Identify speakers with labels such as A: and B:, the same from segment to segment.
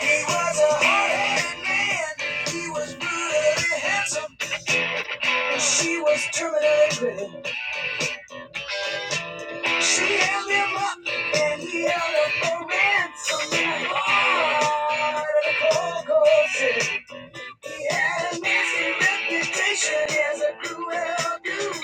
A: He was a hard-headed man. He was brutally handsome. And she was terminally pretty. She held him up and he held up for ransom in the heart of the cold, cold city. He had a nasty reputation as a cruel dude.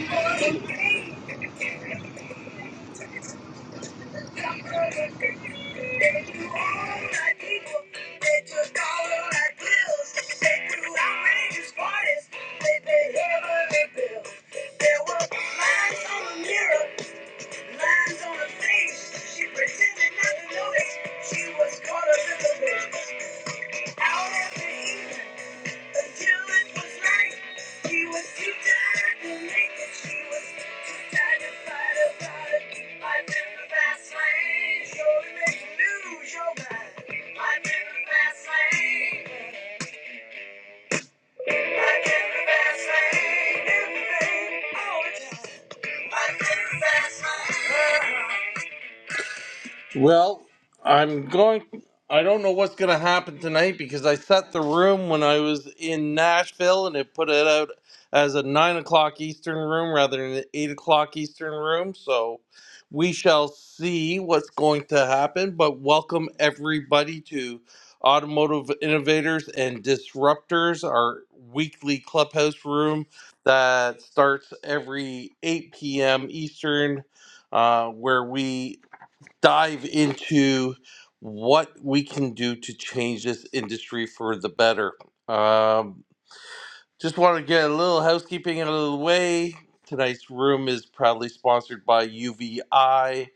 A: Thank you. She pretended not to notice she was caught up in the business. Out after evening. Until it it. it. was was was right, she She too too tired tired to to make it. She was too tired to fight about I'm the fast lane. Sure, Thank you. lose your mind. I'm I'm I'm the the the the fast fast fast lane. lane. lane. all the time. I've been the fast lane. Well, I'm going. I don't know what's going to happen tonight because I set the room when I was in Nashville and it put it out as a nine o'clock Eastern room rather than an eight o'clock Eastern room. So we shall see what's going to happen. But welcome everybody to Automotive Innovators and Disruptors, our weekly clubhouse room that starts every 8 p.m. Eastern uh, where we dive into what we can do to change this industry for the better. Um, just want to get a little housekeeping out of the way. Tonight's room is proudly sponsored by UVI.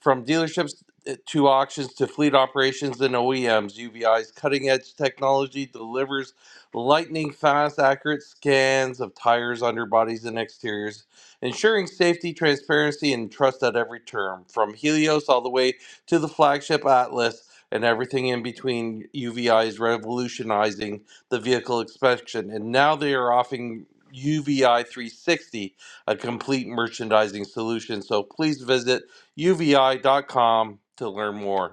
A: From dealerships eh, to auctions to fleet operations and OEMs, UVI's cutting edge technology delivers lightning fast, accurate scans of tires, underbodies, and exteriors, ensuring safety, transparency, and trust at every turn. From Helios all the way to the flagship Atlas and everything in between, UVI is revolutionizing the vehicle inspection, and now they are offering UVI 360, a complete merchandising solution. So please visit UVI dot com to learn more.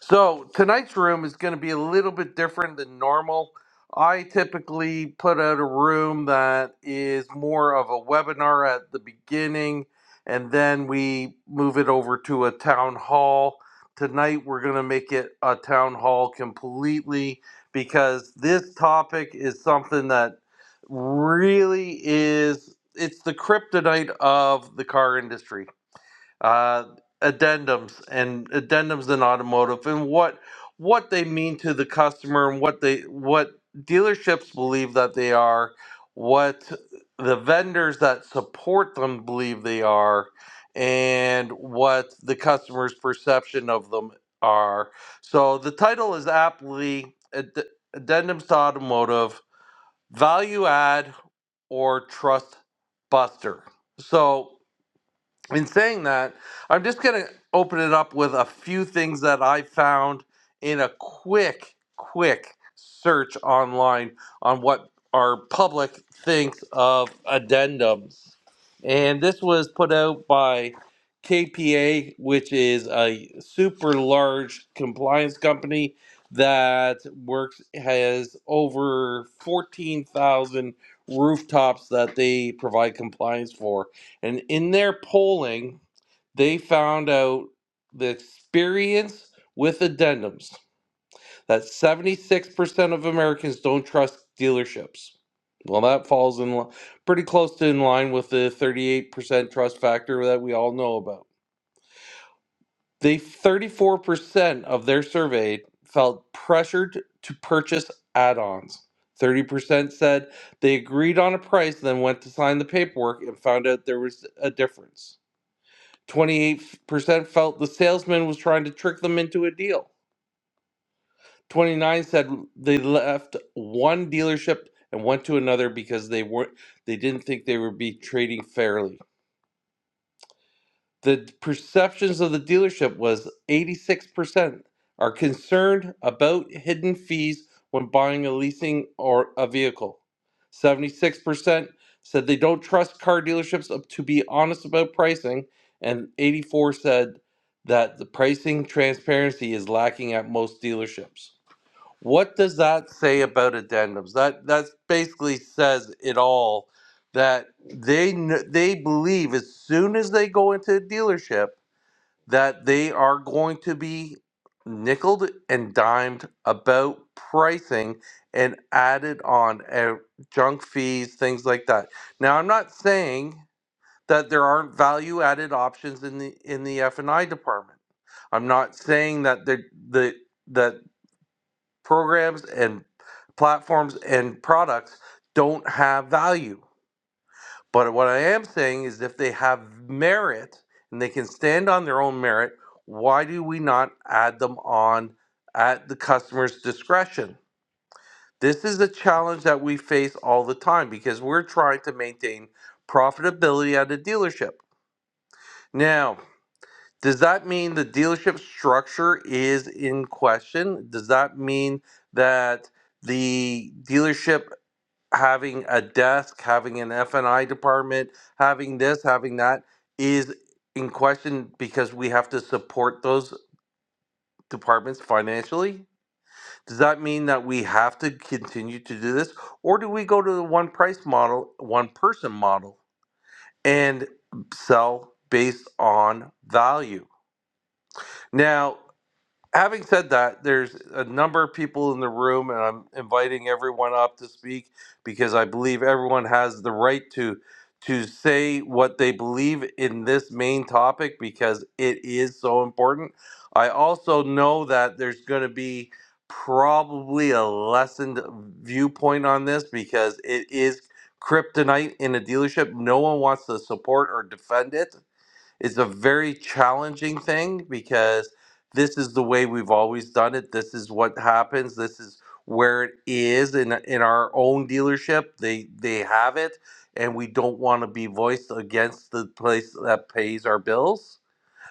A: So tonight's room is going to be a little bit different than normal. I typically put out a room that is more of a webinar at the beginning, and then we move it over to a town hall. Tonight, we're going to make it a town hall completely because this topic is something that really is it's the kryptonite of the car industry uh, addendums and addendums in automotive and what what they mean to the customer and what they what dealerships believe that they are, what the vendors that support them believe they are, and what the customer's perception of them are. So the title is aptly Add- addendums to automotive value add or trust buster. So in saying that, I'm just going to open it up with a few things that I found in a quick, quick search online on what our public thinks of addendums. And this was put out by KPA, which is a super large compliance company that works, has over 14,000 rooftops that they provide compliance for and in their polling, they found out the experience with addendums that 76% of Americans don't trust dealerships. Well, that falls in li- pretty close to in line with the 38% trust factor that we all know about. They 34% of their surveyed felt pressured to purchase add-ons. 30% said they agreed on a price, then went to sign the paperwork and found out there was a difference. 28% felt the salesman was trying to trick them into a deal. 29 said they left one dealership and went to another because they were they didn't think they were be trading fairly. the perceptions of the dealership was 86% are concerned about hidden fees when buying a leasing or a vehicle 76% said they don't trust car dealerships up to be honest about pricing and 84 percent said that the pricing transparency is lacking at most dealerships what does that say about addendums? That that basically says it all. That they kn- they believe as soon as they go into a dealership that they are going to be nickled and dimed about pricing and added on uh, junk fees, things like that. Now, I'm not saying that there aren't value added options in the in the F and I department. I'm not saying that the the that programs and platforms and products don't have value. But what I am saying is if they have merit and they can stand on their own merit, why do we not add them on at the customer's discretion? This is a challenge that we face all the time because we're trying to maintain profitability at a dealership. Now, does that mean the dealership structure is in question? Does that mean that the dealership having a desk, having an F and I department, having this, having that is in question because we have to support those departments financially. Does that mean that we have to continue to do this, or do we go to the one price model, one person model, and sell based on value? Now. having said that, there's a number of people in the room, and I'm inviting everyone up to speak because I believe everyone has the right to to say what they believe in this main topic because it is so important. I also know that there's going to be probably a lessened viewpoint on this because it is kryptonite in a dealership. No one wants to support or defend it it's a very challenging thing because this is the way we've always done it. This is what happens. This is where it is in in our own dealership. They they have it, and we don't want to be voiced against the place that pays our bills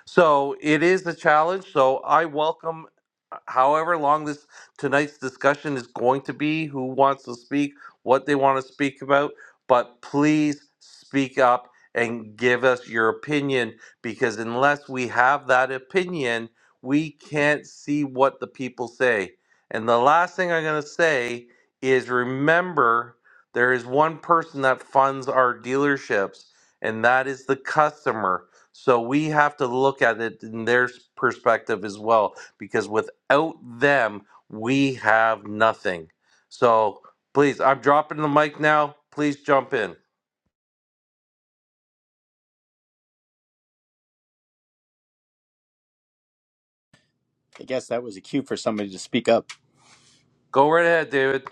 A: so it is a challenge. So I welcome uh, however long this tonight's discussion is going to be, who wants to speak, what they want to speak about, but please speak up and give us your opinion because unless we have that opinion, we can't see what the people say. And the last thing I'm going to say is remember there is one person that funds our dealerships, and that is the customer so we have to look at it in their perspective as well, because without them, we have nothing. So please, I'm dropping the mic now. Please jump in.
B: I guess that was a cue for somebody to speak up.
A: Go right ahead, David.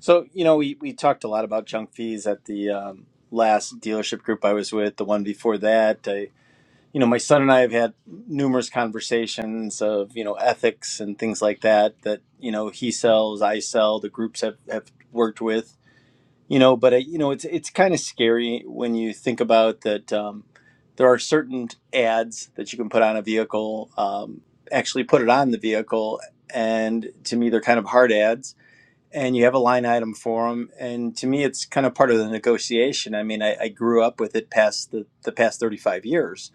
B: So, you know, we, we talked a lot about junk fees at the um, last dealership group I was with, the one before that. I, you know, my son and I have had numerous conversations of, you know, ethics and things like that, that, you know, he sells, I sell, the groups have, have worked with, you know, but, I, you know, it's, it's kind of scary when you think about that um, there are certain ads that you can put on a vehicle, um, actually put it on the vehicle. And to me, they're kind of hard ads and you have a line item for them. And to me, it's kind of part of the negotiation. I mean, I, I grew up with it past the, the past 35 years.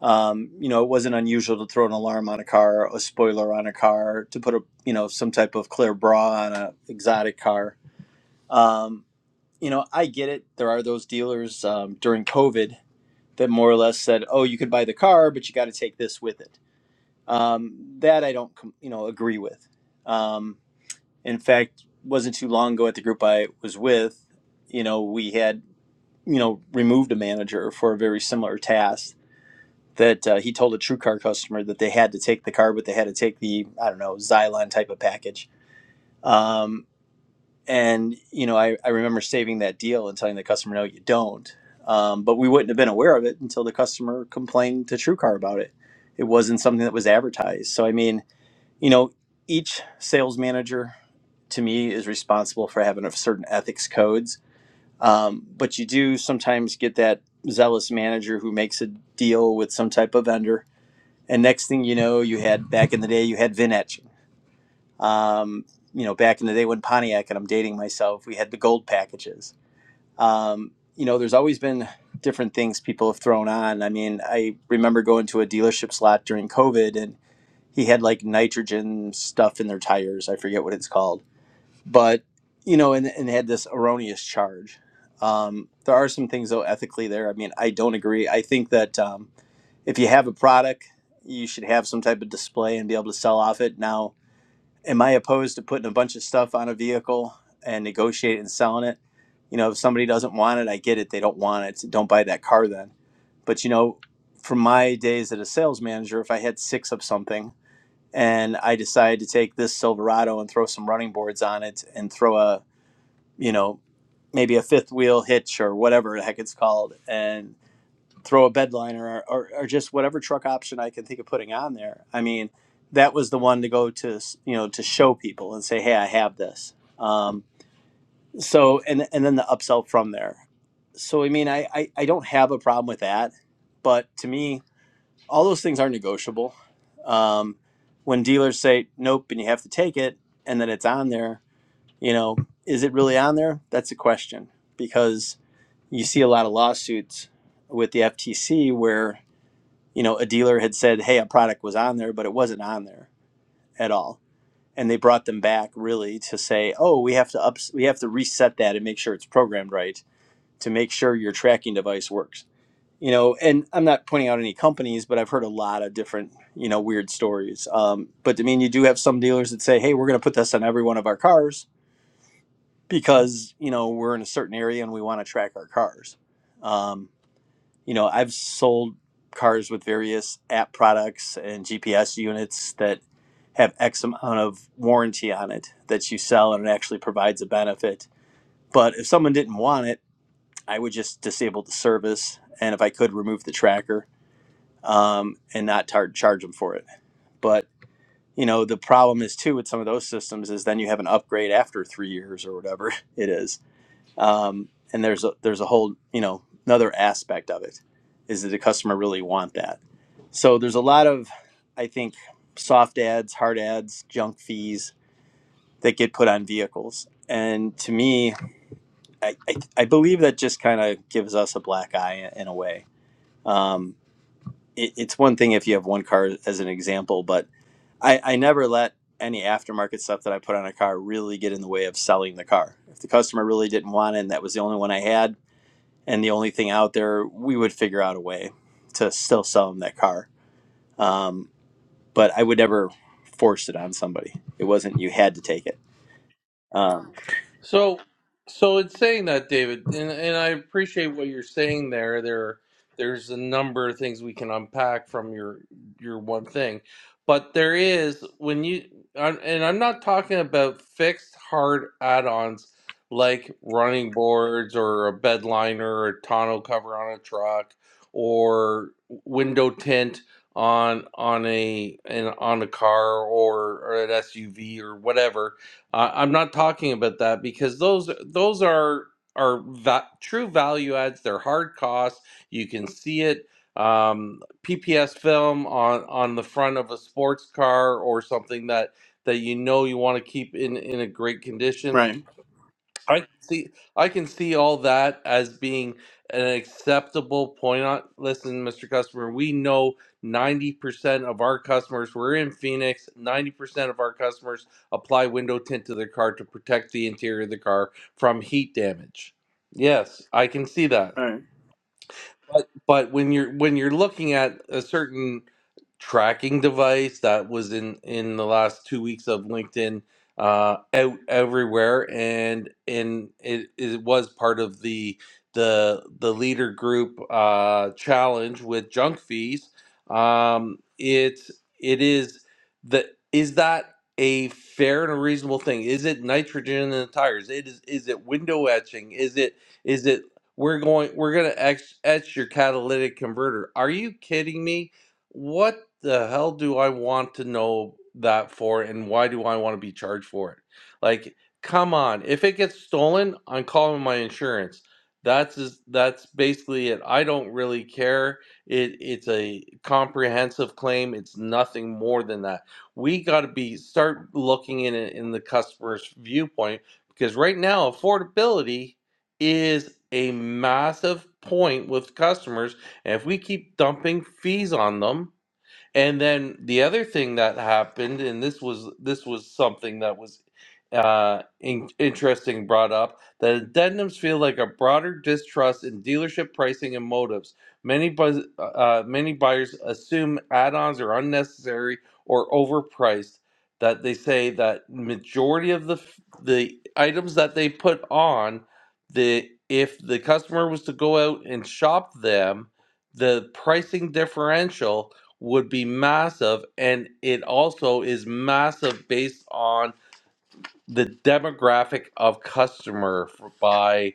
B: Um, you know, it wasn't unusual to throw an alarm on a car, a spoiler on a car, to put a, you know, some type of clear bra on a exotic car. Um, you know, I get it. There are those dealers um, during COVID that more or less said, oh, you could buy the car, but you got to take this with it. Um, that I don't, com- you know, agree with. Um, in fact wasn't too long ago at the group i was with you know we had you know removed a manager for a very similar task that uh, he told a TrueCar customer that they had to take the car but they had to take the i don't know xylon type of package um, and you know I, I remember saving that deal and telling the customer no you don't um, but we wouldn't have been aware of it until the customer complained to TrueCar about it it wasn't something that was advertised so i mean you know each sales manager to me is responsible for having a certain ethics codes. Um, but you do sometimes get that zealous manager who makes a deal with some type of vendor, and next thing you know, you had back in the day you had Vin etching. Um, you know, back in the day when Pontiac and I'm dating myself, we had the gold packages. Um, you know, there's always been different things people have thrown on. I mean, I remember going to a dealership slot during COVID, and he had like nitrogen stuff in their tires. I forget what it's called but you know, and, and had this erroneous charge. Um, there are some things though ethically there. I mean, I don't agree. I think that um, if you have a product, you should have some type of display and be able to sell off it. Now, am I opposed to putting a bunch of stuff on a vehicle and negotiating and selling it? You know, if somebody doesn't want it, I get it. They don't want it. so Don't buy that car then. But you know, from my days as a sales manager, if I had six of something and I decided to take this Silverado and throw some running boards on it and throw a you know, maybe a fifth wheel hitch or whatever the heck it's called, and throw a bedliner or, or, or just whatever truck option I can think of putting on there. I mean, that was the one to go to, you know, to show people and say, hey, I have this. Um, so, and, and then the upsell from there. So, I mean, I, I, I don't have a problem with that, but to me, all those things are negotiable. Um, when dealers say, nope, and you have to take it, and then it's on there, you know, is it really on there? That's a question because you see a lot of lawsuits with the FTC where, you know, a dealer had said, hey, a product was on there, but it wasn't on there at all. And they brought them back really to say, oh, we have to up, we have to reset that and make sure it's programmed right to make sure your tracking device works. You know, and I'm not pointing out any companies, but I've heard a lot of different, you know, weird stories. Um, but I mean, you do have some dealers that say, "Hey, we're going to put this on every one of our cars," because you know we're in a certain area and we want to track our cars. Um, you know, I've sold cars with various app products and GPS units that have X amount of warranty on it that you sell and it actually provides a benefit. But if someone didn't want it, I would just disable the service and if I could remove the tracker um, and not tar- charge them for it. But you know the problem is too with some of those systems is then you have an upgrade after three years or whatever it is um, and there's a there's a whole you know another aspect of it is that the customer really want that so there's a lot of i think soft ads hard ads junk fees that get put on vehicles and to me i, I, I believe that just kind of gives us a black eye in a way um, it, it's one thing if you have one car as an example but I, I never let any aftermarket stuff that i put on a car really get in the way of selling the car if the customer really didn't want it and that was the only one i had and the only thing out there we would figure out a way to still sell them that car um, but i would never force it on somebody it wasn't you had to take it um,
A: So, so in saying that, David, and, and I appreciate what you're saying there. There, there's a number of things we can unpack from your your one thing, but there is when you I'm- and I'm not talking about fixed hard add-ons like running boards or a bed liner or a tonneau cover on a truck or window tint on on a an, on a car or, or an SUV or whatever uh, I'm not talking about that because those those are are va- true value adds. They're hard costs. You can see it. Um, PPS film on on the front of a sports car or something that that you know you want to keep in in a great condition
B: Right.
A: I can see I can see all that as being an acceptable point on listen, Mr. Customer, we know 90% of our customers, we're in Phoenix, 90% of our customers apply window tint to their car to protect the interior of the car from heat damage. Yes, I can see that.
B: Right.
A: But but when you're when you're looking at a certain tracking device that was in in the last two weeks of LinkedIn uh, out everywhere, and and it, it was part of the the the leader group uh, challenge with junk fees. Um, it it is that is that a fair and a reasonable thing? Is it nitrogen in the tires? It is is it window etching? Is its it? we're going we're going to etch, etch your catalytic converter are you kidding me what the hell do i want to know that for and why do i want to be charged for it like come on if it gets stolen i'm calling my insurance that's is. that's basically it i don't really care it it's a comprehensive claim it's nothing more than that we got to be start looking in it in the customer's viewpoint because right now affordability is a massive point with customers. And if we keep dumping fees on them, and then the other thing that happened, and this was this was something that was uh, in, interesting brought up, that addendums feel like a broader distrust in dealership pricing and motives. Many buzz, uh, uh, many buyers assume add-ons are unnecessary or overpriced. That they say that majority of the f- the items that they put on the if the customer was to go out and shop them, the pricing differential would be massive. And it also is massive based on the demographic of customer for, by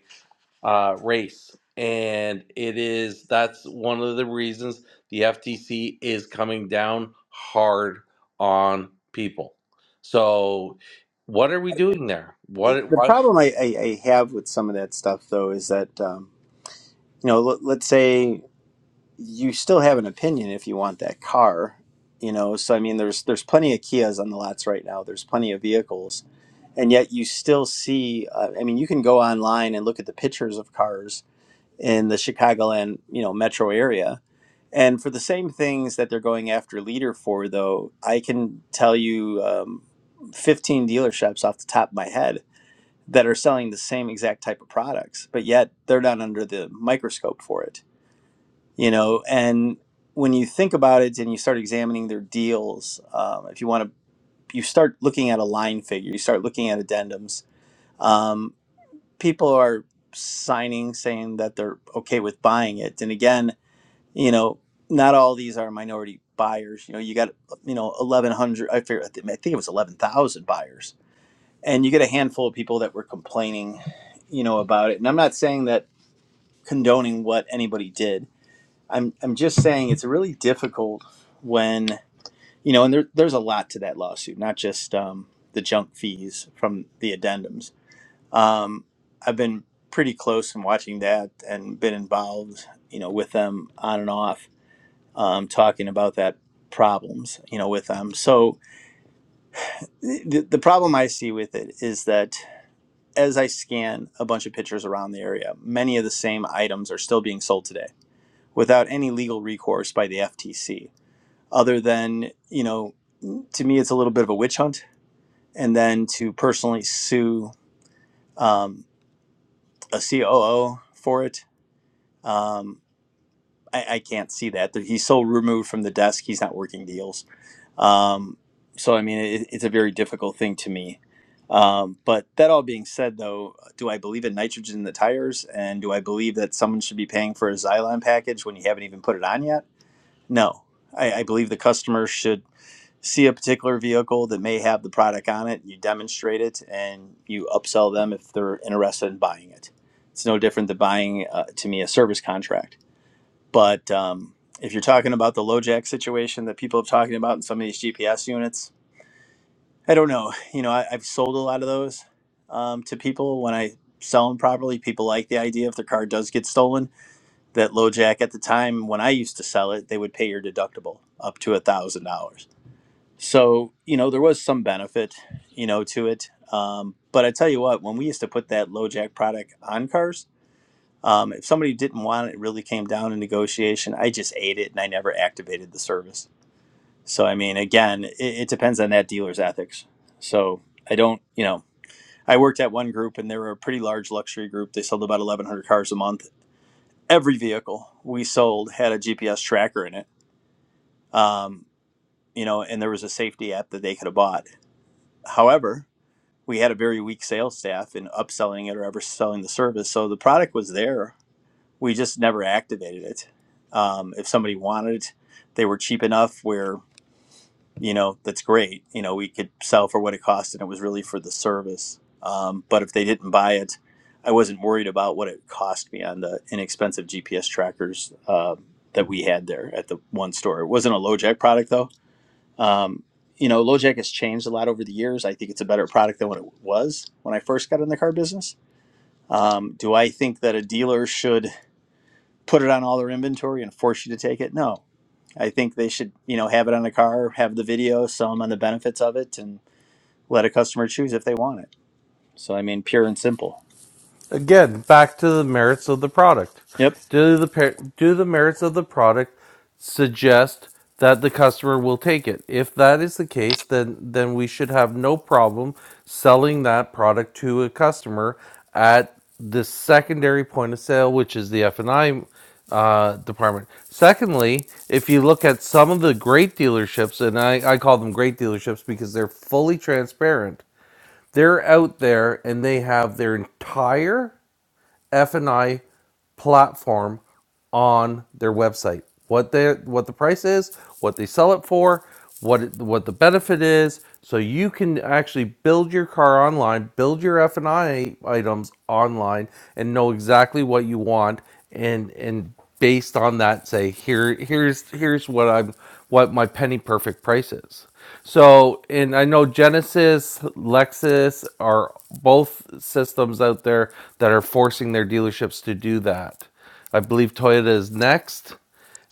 A: uh, race. And it is, that's one of the reasons the FTC is coming down hard on people. So, what are we doing there? What,
B: the
A: why?
B: problem I, I, I have with some of that stuff though is that um, you know let, let's say you still have an opinion if you want that car you know so i mean there's there's plenty of kias on the lots right now there's plenty of vehicles and yet you still see uh, i mean you can go online and look at the pictures of cars in the Chicagoland, you know, metro area. And for the same things that they're going after leader for, though, I can tell you um, 15 dealerships off the top of my head that are selling the same exact type of products, but yet they're not under the microscope for it, you know. And when you think about it and you start examining their deals, um, if you want to, you start looking at a line figure, you start looking at addendums. Um, people are signing saying that they're okay with buying it. And again, you know, not all these are minority buyers. You know, you got you know eleven hundred. I figure I thi- I think it was eleven thousand buyers, and you get a handful of people that were complaining, you know, about it. And I'm not saying that condoning what anybody did. I'm I'm just saying it's really difficult when you know, and there, there's a lot to that lawsuit, not just um, the junk fees from the addendums. Um, I've been pretty close in watching that and been involved, you know, with them on and off um, talking about that problems, you know, with them. So the, the problem I see with it is that as I scan a bunch of pictures around the area, many of the same items are still being sold today without any legal recourse by the FTC, other than, you know, to me, it's a little bit of a witch hunt. And then to personally sue um, a COO for it, um, I, I can't see that. He's so removed from the desk, he's not working deals Um, so, I mean, it, it's a very difficult thing to me. Um, but that all being said, though, do I believe in nitrogen in the tires? And do I believe that someone should be paying for a Xylon package when you haven't even put it on yet? No. I, I believe the customer should see a particular vehicle that may have the product on it, you demonstrate it, and you upsell them if they're interested in buying it. It's no different than buying, uh, to me, a service contract. But um, if you're talking about the LoJack situation that people have talking about in some of these GPS units, I don't know. You know, I, I've sold a lot of those um, to people. When I sell them properly, people like the idea if their car does get stolen. That low jack at the time when I used to sell it, they would pay your deductible up to a thousand dollars. So you know there was some benefit, you know, to it. Um, but I tell you what, when we used to put that low jack product on cars, um, if somebody didn't want it, it really came down in negotiation. I just ate it and I never activated the service. So I mean, again, it, it depends on that dealer's ethics. So I don't, you know, I worked at one group and they were a pretty large luxury group. They sold about 1,100 cars a month. Every vehicle we sold had a GPS tracker in it, um, you know, and there was a safety app that they could have bought. However, we had a very weak sales staff in upselling it or ever selling the service. So the product was there. We just never activated it. Um, if somebody wanted it, they were cheap enough where. you know that's great you know we could sell for what it cost and it was really for the service um, but if they didn't buy it i wasn't worried about what it cost me on the inexpensive gps trackers uh, that we had there at the one store it wasn't a LoJack product though um, you know LoJack has changed a lot over the years i think it's a better product than what it was when i first got in the car business um, do i think that a dealer should put it on all their inventory and force you to take it no I think they should, you know, have it on the car, have the video, sell them on the benefits of it, and let a customer choose if they want it. So I mean, pure and simple.
A: Again, back to the merits of the product.
B: Yep.
A: Do the do the merits of the product suggest that the customer will take it? If that is the case, then then we should have no problem selling that product to a customer at the secondary point of sale, which is the F and I uh, department. Secondly, if you look at some of the great dealerships, and I, I call them great dealerships because they're fully transparent, they're out there and they have their entire F&I platform on their website. What they what the price is, what they sell it for, what it, what the benefit is, so you can actually build your car online, build your F&I items online and know exactly what you want and and based on that say here here's here's what I'm what my penny perfect price is. So, and I know Genesis, Lexus are both systems out there that are forcing their dealerships to do that. I believe Toyota is next,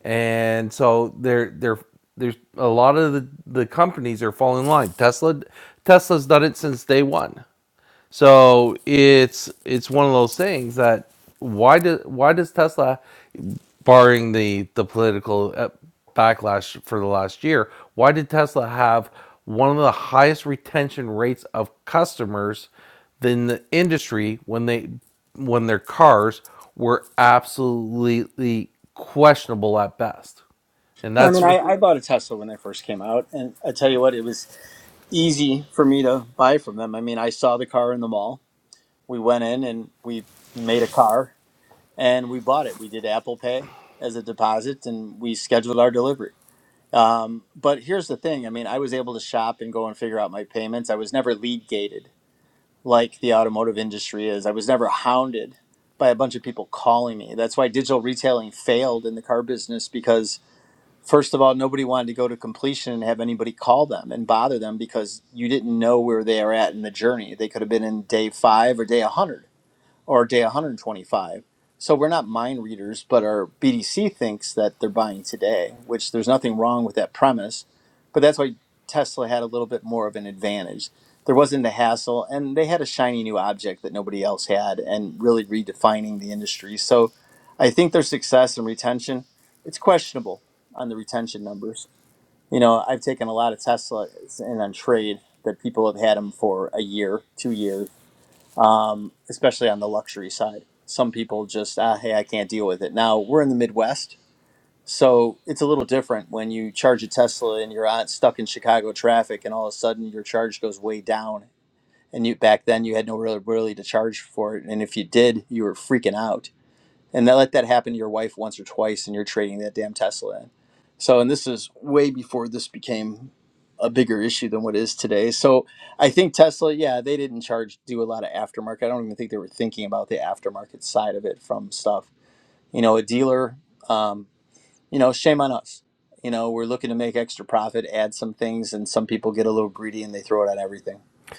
A: and so they're they're there's a lot of the, the companies are falling in line. Tesla Tesla's done it since day one. So it's it's one of those things that why do why does Tesla barring the the political uh, backlash for the last year, why did Tesla have one of the highest retention rates of customers than the industry when they when their cars were absolutely questionable at best? And
B: I
A: that's
B: mean, I, I bought a Tesla when they first came out, and I tell you what, it was easy for me to buy from them. I mean, I saw the car in the mall. We went in and we made a car and we bought it. We did Apple Pay as a deposit, and we scheduled our delivery. Um, but here's the thing: I mean, I was able to shop and go and figure out my payments. I was never lead gated like the automotive industry is. I was never hounded by a bunch of people calling me. That's why digital retailing failed in the car business because, first of all, nobody wanted to go to completion and have anybody call them and bother them because you didn't know where they are at in the journey. They could have been in day five or day 100 or day 125. So we're not mind readers, but our BDC thinks that they're buying today, which there's nothing wrong with that premise. But that's why Tesla had a little bit more of an advantage. There wasn't the hassle, and they had a shiny new object that nobody else had and really redefining the industry. So I think their success and retention, it's questionable on the retention numbers. You know, I've taken a lot of Teslas in on trade that people have had them for a year, two years um, especially on the luxury side. Some people just, ah, hey, I can't deal with it. Now we're in the Midwest, so it's a little different when you charge a Tesla and you're on, stuck in Chicago traffic, and all of a sudden your charge goes way down. And you back then you had no really really to charge for it, and if you did, you were freaking out and they let that happen to your wife once or twice and you're trading that damn tesla in so and this is way before this became a bigger issue than what it is today so i think tesla yeah they didn't charge do a lot of aftermarket i don't even think they were thinking about the aftermarket side of it from stuff you know a dealer um, you know shame on us you know we're looking to make extra profit add some things and some people get a little greedy and they throw it on everything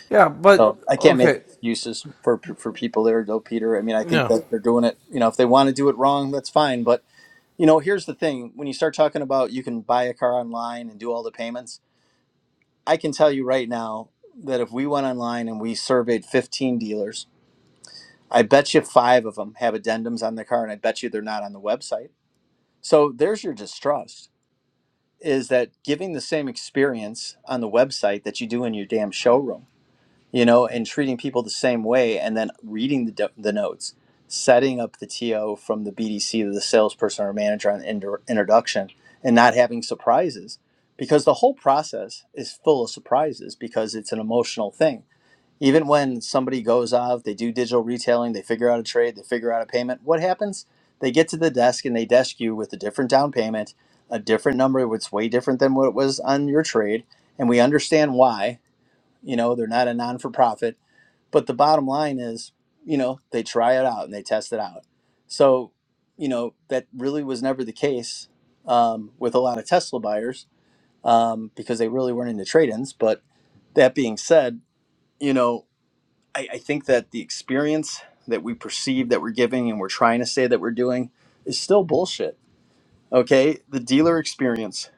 A: yeah, but
B: so I can't make
A: okay,
B: excuses for for people there, though, Peter. I mean, I think
A: yeah.
B: that they're doing it. You know, if they want to do it wrong, that's fine. But you know, here's the thing: when you start talking about you can buy a car online and do all the payments, I can tell you right now that if we went online and we surveyed 15 dealers, I bet you five of them have addendums on their car, and I bet you they're not on the website. So there's your distrust: is that giving the same experience on the website that you do in your damn showroom? you know, and treating people the same way, and then reading the, do- the notes, setting up the TO from the BDC to the salesperson or manager on inter- introduction, and not having surprises because the whole process is full of surprises because it's an emotional thing. Even when somebody goes out, they do digital retailing, they figure out a trade, they figure out a payment, what happens? They get to the desk and they desk you with a different down payment, a different number, which is way different than what it was on your trade. And we understand why. You know, they're not a non for profit but the bottom line is, you know, they try it out and they test it out. So, you know, that really was never the case um, with a lot of Tesla buyers um, because they really weren't into trade ins. But that being said, you know, I, I think that the experience that we perceive that we're giving and we're trying to say that we're doing is still bullshit. Okay. The dealer experience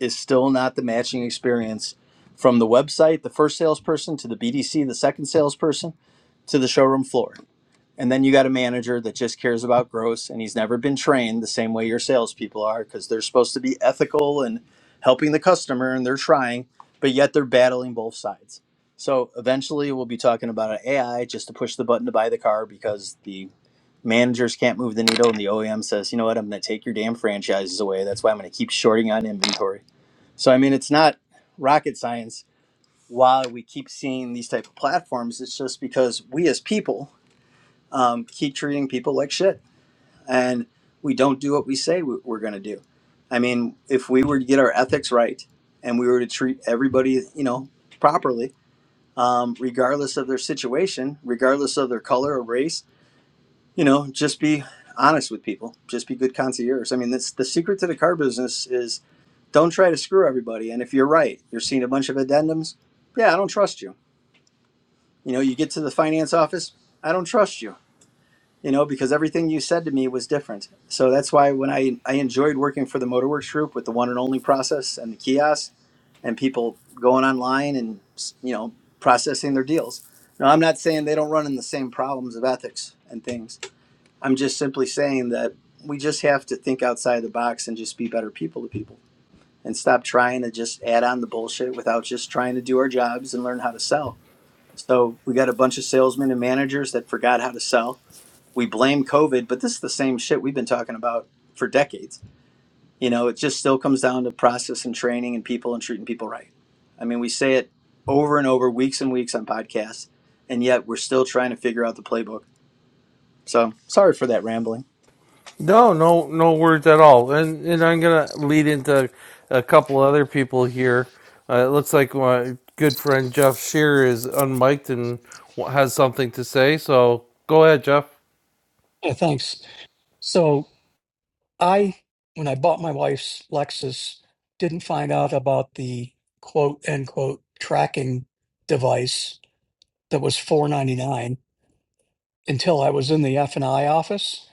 B: is still not the matching experience from the website, the first salesperson, to the BDC, the second salesperson, to the showroom floor and then you got a manager that just cares about gross and he's never been trained the same way your salespeople are because they're supposed to be ethical and helping the customer and they're trying, but yet they're battling both sides. So eventually we'll be talking about an AI just to push the button to buy the car because the managers can't move the needle and the OEM says, you know what, I'm going to take your damn franchises away. That's why I'm going to keep shorting on inventory. So, I mean, it's not rocket science. Why we keep seeing these type of platforms, it's just because we as people um, keep treating people like shit and we don't do what we say we- we're going to do i mean if we were to get our ethics right and we were to treat everybody you know properly um, regardless of their situation regardless of their color or race you know just be honest with people just be good concierge i mean that's the secret to the car business is don't try to screw everybody and if you're right you're seeing a bunch of addendums yeah i don't trust you you know you get to the finance office i don't trust you you know, because everything you said to me was different. So that's why when I I enjoyed working for the Motorworks Group with the one and only process and the kiosk, and people going online and you know processing their deals. Now I'm not saying they don't run in the same problems of ethics and things. I'm just simply saying that we just have to think outside the box and just be better people to people and stop trying to just add on the bullshit without just trying to do our jobs and learn how to sell. So we got a bunch of salesmen and managers that forgot how to sell we blame COVID, but this is the same shit we've been talking about for decades. You know, it just still comes down to process and training and people and treating people right. I mean, we say it over and over, weeks and weeks on podcasts, and yet we're still trying to figure out the playbook. So sorry for that rambling.
A: No, no, no words at all. And and I'm gonna lead into a couple other people here. Uh, it looks like my good friend Jeff Shear is unmiked and wa- has something to say. So go ahead, Jeff.
C: Yeah, thanks. So I, when I bought my wife's Lexus, didn't find out about the quote end quote tracking device that was four ninety nine until I was in the F and I office.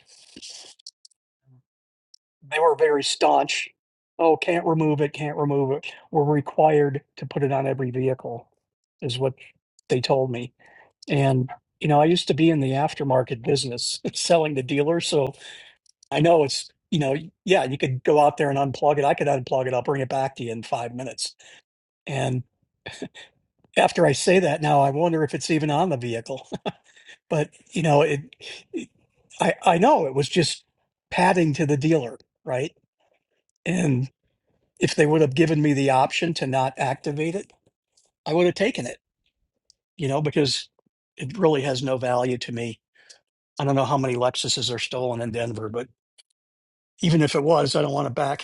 C: They were very staunch. Oh, can't remove it, can't remove it. We're required to put it on every vehicle, is what they told me. And you know, I used to be in the aftermarket business, selling to dealers, so I know it's, you know, yeah, you could go out there and unplug it. I could unplug it. I'll bring it back to you in five minutes. And after I say that now, I wonder if it's even on the vehicle. But, you know, it, it- I, I know it was just padding to the dealer, right? And if they would have given me the option to not activate it, I would have taken it, you know, because it really has no value to me. I don't know how many Lexuses are stolen in Denver, but even if it was, I don't want it back.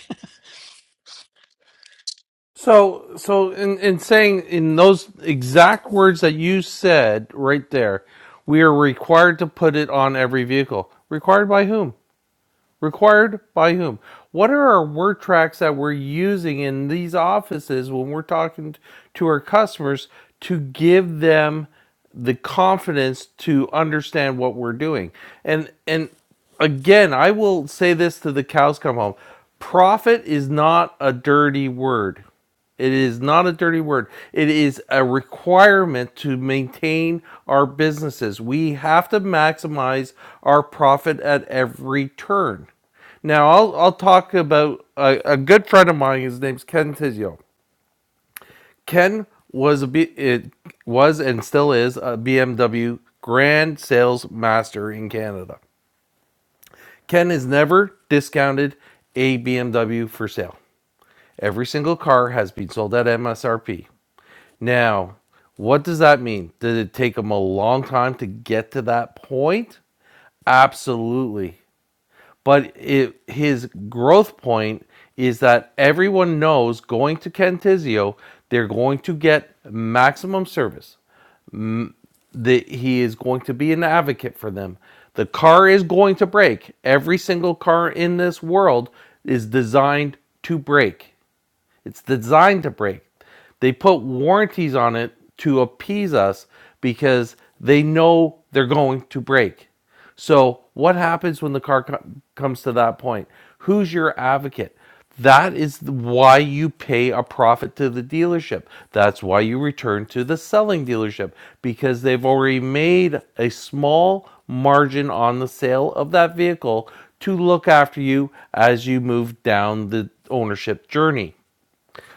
A: So so in in saying in those exact words that you said right there, we are required to put it on every vehicle. Required by whom? Required by whom? What are our word tracks that we're using in these offices when we're talking to our customers to give them the confidence to understand what we're doing? And and again, I will say this to the cows come home. Profit is not a dirty word. It is not a dirty word. It is a requirement to maintain our businesses. We have to maximize our profit at every turn. Now, I'll, I'll talk about a, a good friend of mine. His name's Ken Tizio. Ken was a B, it was and still is a BMW Grand Sales Master in Canada. Ken has never discounted a BMW for sale. Every single car has been sold at MSRP. Now, what does that mean? Did it take them a long time to get to that point? Absolutely. But it, his growth point is that everyone knows going to Kentizio, they're going to get maximum service. That he is going to be an advocate for them. The car is going to break. Every single car in this world is designed to break. It's designed to break. They put warranties on it to appease us because they know they're going to break. So, what happens when the car co- comes to that point? Who's your advocate? That is why you pay a profit to the dealership. That's why you return to the selling dealership because they've already made a small margin on the sale of that vehicle to look after you as you move down the ownership journey.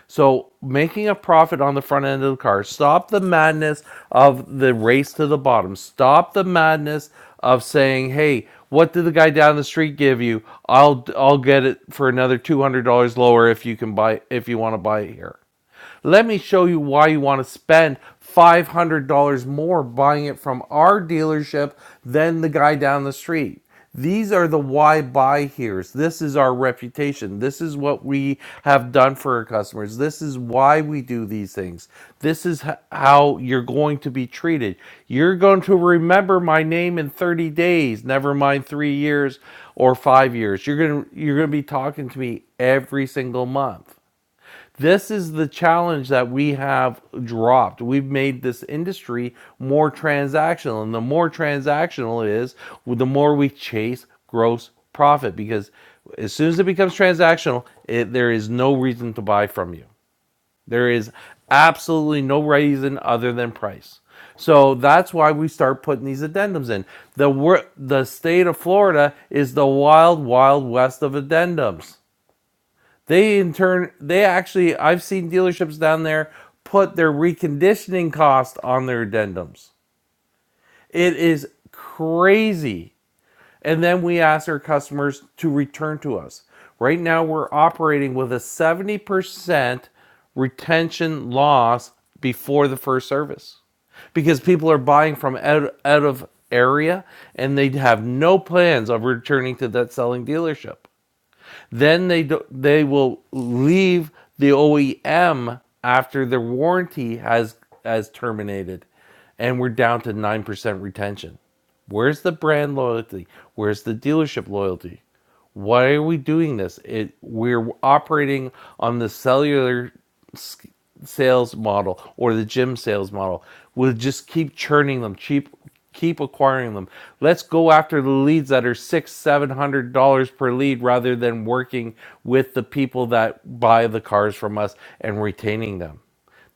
A: So making a profit on the front end of the car. Stop the madness of the race to the bottom. Stop the madness of saying, "Hey, what did the guy down the street give you? I'll I'll get it for another two hundred dollars lower if you can buy if you want to buy it here." Let me show you why you want to spend $500 more buying it from our dealership than the guy down the street. These are the why buy here's. This is our reputation. This is what we have done for our customers. This is why we do these things. This is how you're going to be treated. You're going to remember my name in 30 days, never mind 3 years or 5 years. You're going to you're going to be talking to me every single month. This is the challenge that we have dropped. We've made this industry more transactional. And the more transactional it is, the more we chase gross profit because as soon as it becomes transactional, it, there is no reason to buy from you. There is absolutely no reason other than price. So that's why we start putting these addendums in. The the state of Florida is the wild, wild west of addendums. They in turn, they actually, I've seen dealerships down there put their reconditioning cost on their addendums. It is crazy. And then we ask our customers to return to us. Right now, we're operating with a 70% retention loss before the first service because people are buying from out, out of area and they have no plans of returning to that selling dealership. Then they do, they will leave the OEM after their warranty has has terminated, and we're down to nine percent retention. Where's the brand loyalty? Where's the dealership loyalty? Why are we doing this? It we're operating on the cellular sales model or the gym sales model. We'll just keep churning them, cheap Keep acquiring them. Let's go after the leads that are six, seven hundred dollars per lead rather than working with the people that buy the cars from us and retaining them.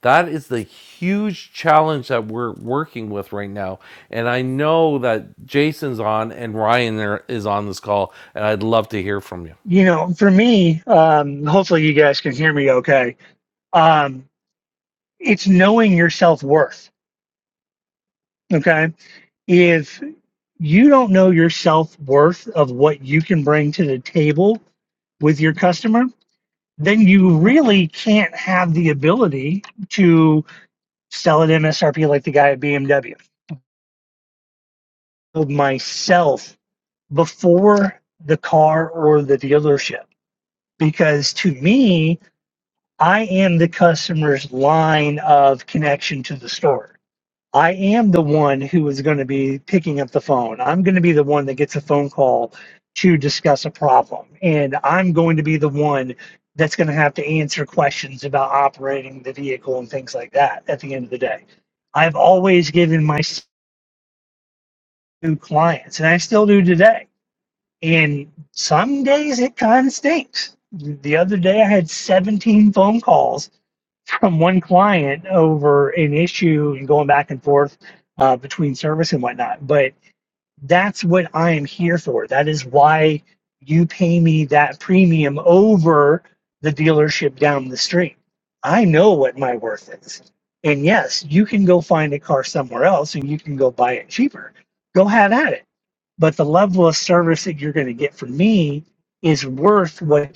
A: That is the huge challenge that we're working with right now. And I know that Jason's on and Ryan there is on this call, and I'd love to hear from you.
D: you know, for me, um, hopefully you guys can hear me okay. Um, it's knowing your self worth. Okay. If you don't know your self worth of what you can bring to the table with your customer, then you really can't have the ability to sell at MSRP like the guy at BMW. Build Myself before the car or the dealership. Because to me, I am the customer's line of connection to the store. I am the one who is going to be picking up the phone. I'm going to be the one that gets a phone call to discuss a problem. And I'm going to be the one that's going to have to answer questions about operating the vehicle and things like that at the end of the day. I've always given my s- clients, and I still do today. And some days it kind of stinks. The other day I had 17 phone calls from one client over an issue and going back and forth uh, between service and whatnot. But that's what I am here for. That is why you pay me that premium over the dealership down the street. I know what my worth is. And yes, you can go find a car somewhere else and you can go buy it cheaper. Go have at it. But the level of service that you're going to get from me is worth what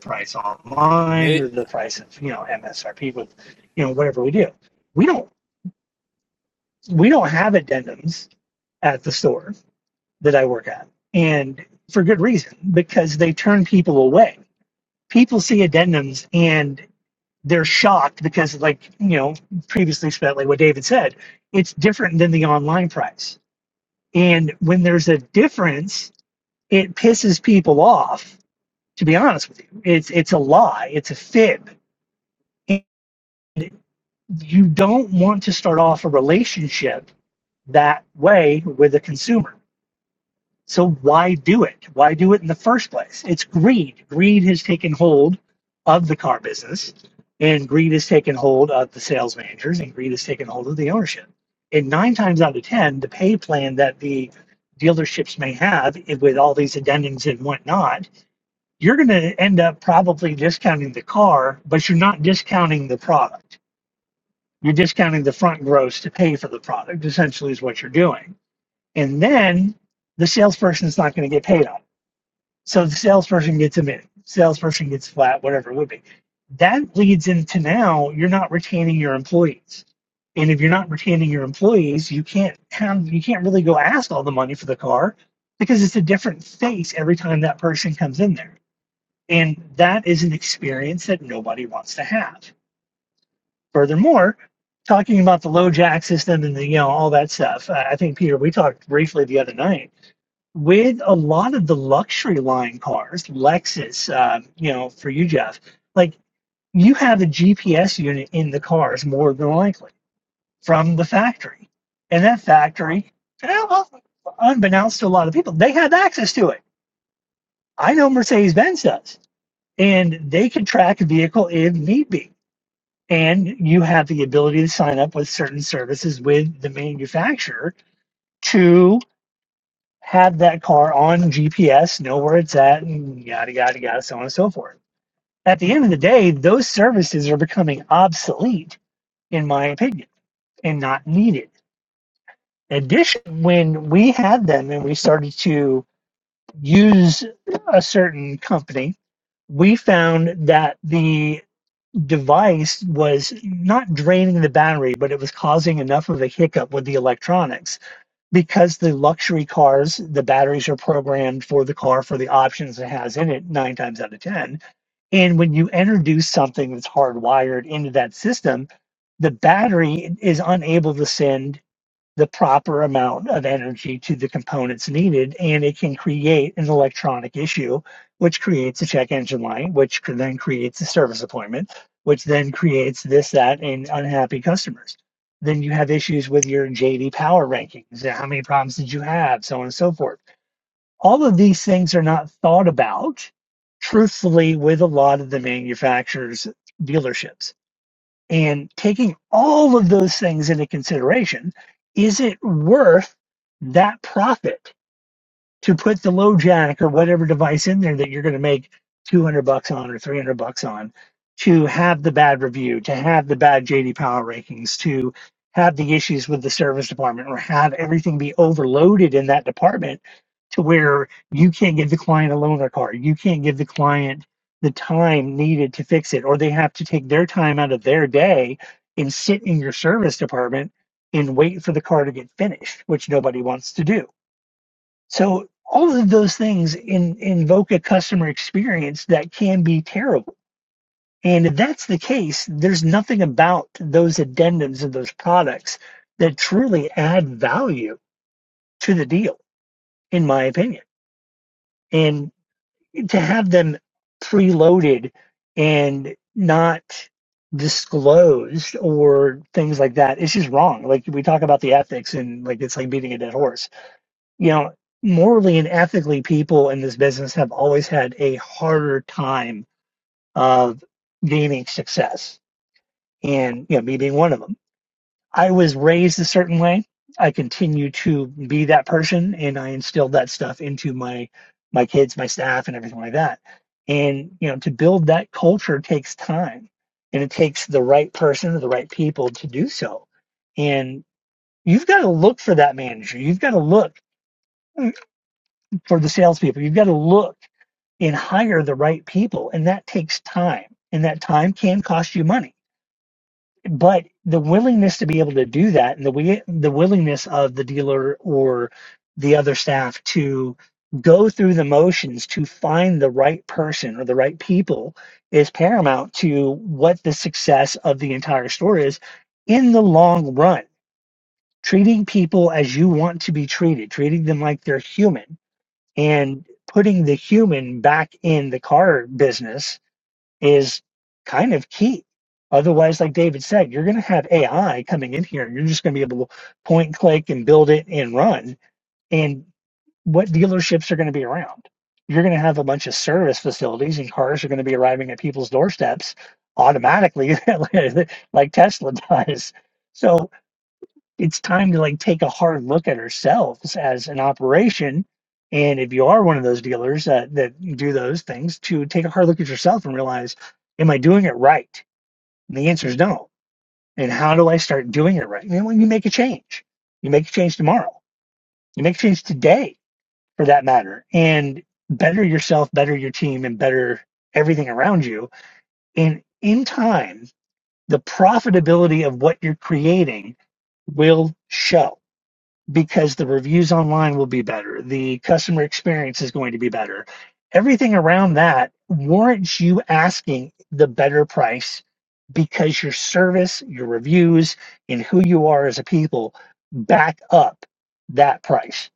D: price online or the price of you know MSRP with you know whatever we do. We don't we don't have addendums at the store that I work at, and for good reason because they turn people away. People see addendums and they're shocked because, like you know, previously spent like what David said, it's different than the online price. And when there's a difference, it pisses people off. To be honest with you, it's it's a lie. It's a fib and. you don't want to start off a relationship that way with a consumer. So why do it? Why do it in the first place? It's greed. Greed has taken hold of the car business, and greed has taken hold of the sales managers, and greed has taken hold of the ownership. And nine times out of ten, the pay plan that the dealerships may have with all these addendums and whatnot, you're going to end up probably discounting the car, but you're not discounting the product you're discounting the front gross to pay for the product, essentially, is what you're doing. And then the salesperson is not going to get paid on it. So the salesperson gets a minute, salesperson gets flat, whatever it would be. That leads into now you're not retaining your employees. And if you're not retaining your employees, you can't have you can't really go ask all the money for the car because it's a different face every time that person comes in there. And that is an experience that nobody wants to have Furthermore, talking about the low jack system and the, you know all that stuff. I think Peter, we talked briefly the other night with a lot of the luxury line cars, Lexus, um, you know, for you, Jeff, like you have a GPS unit in the cars more than likely from the factory. And that factory, well, well, unbeknownst to a lot of people, they have access to it. I know Mercedes Benz does, and they can track a vehicle if need be and you have the ability to sign up with certain services with the manufacturer to have that car on GPS, know where it's at, and yada, yada, yada, so on and so forth. At the end of the day, those services are becoming obsolete, in my opinion, and not needed. In addition, when we had them and we started to use a certain company, we found that the device was not draining the battery, but it was causing enough of a hiccup with the electronics because the luxury cars, the batteries are programmed for the car for the options it has in it nine times out of 10. And when you introduce something that's hardwired into that system, the battery is unable to send the proper amount of energy to the components needed, and it can create an electronic issue, which creates a check engine light, which could then creates a service appointment, which then creates this, that, and unhappy customers. Then you have issues with your JD Power rankings. uh, How many problems did you have? So on and so forth. All of these things are not thought about truthfully with a lot of the manufacturers' dealerships and taking all of those things into consideration, is it worth that profit? to put the low jack or whatever device in there that you're going to make 200 bucks on or 300 bucks on to have the bad review to have the bad jd power rankings to have the issues with the service department or have everything be overloaded in that department to where you can't give the client a loaner card you can't give the client the time needed to fix it or they have to take their time out of their day and sit in your service department and wait for the car to get finished which nobody wants to do so all of those things in, invoke a customer experience that can be terrible. And if that's the case, there's nothing about those addendums of those products that truly add value to the deal, in my opinion. And to have them preloaded and not disclosed or things like that, it's just wrong. Like we talk about the ethics and like it's like beating a dead horse you know, morally and ethically, people in this business have always had a harder time of gaining success, and you know, me being one of them. I was raised a certain way. I continue to be that person, and I instilled that stuff into my my kids, my staff, and everything like that. And you know, to build that culture takes time, and it takes the right person or the right people to do so. And you've got to look for that manager. You've got to look. hmm, for the salespeople. You've got to look and hire the right people, and that takes time. And that time can cost you money. But the willingness to be able to do that, and the the willingness of the dealer or the other staff to go through the motions to find the right person or the right people is paramount to what the success of the entire store is in the long run. Treating people as you want to be treated, treating them like they're human and putting the human back in the car business is kind of key. Otherwise, like David said, you're going to have AI coming in here and you're just going to be able to point, click, and build it and run. And what dealerships are going to be around? You're going to have a bunch of service facilities and cars are going to be arriving at people's doorsteps automatically, like Tesla does. So, it's time to like take a hard look at ourselves as an operation. And if you are one of those dealers that, that do those things, to take a hard look at yourself and realize, am I doing it right? And the answer is no. And how do I start doing it right? And then when you make a change, you make a change tomorrow, you make a change today for that matter, and better yourself, better your team, and better everything around you. And in time, the profitability of what you're creating will show because the reviews online will be better. The customer experience is going to be better. Everything around that warrants you asking the better price because your service, your reviews, and who you are as a people back up that price.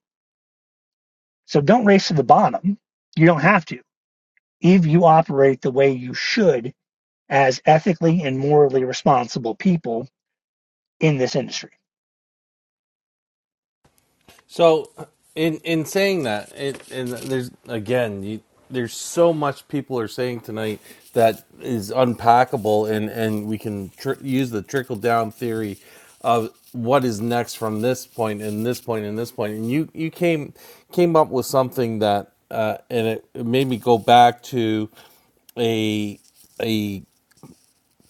D: So don't race to the bottom. You don't have to. If you operate the way you should as ethically and morally responsible people in this industry.
A: So, in in saying that, it and there's again, you, there's so much people are saying tonight that is unpackable, and and we can tr- use the trickle down theory of what is next from this point and this point and this point. And you you came came up with something that, uh, and it, it made me go back to a a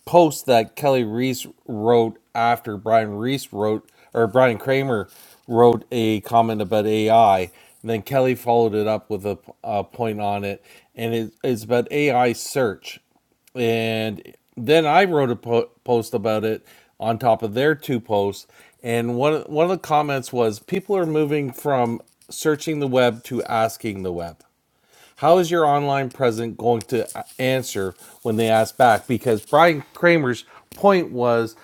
A: post that Kelly Reese wrote after Brian Reese wrote or Brian Kramer wrote a comment about AI. And then Kelly followed it up with a, a point on it, and it, it's about AI search. And then I wrote a po- post about it on top of their two posts. And one one of the comments was people are moving from searching the web to asking the web how is your online presence going to uh, answer when they ask back? Because Brian Kramer's point was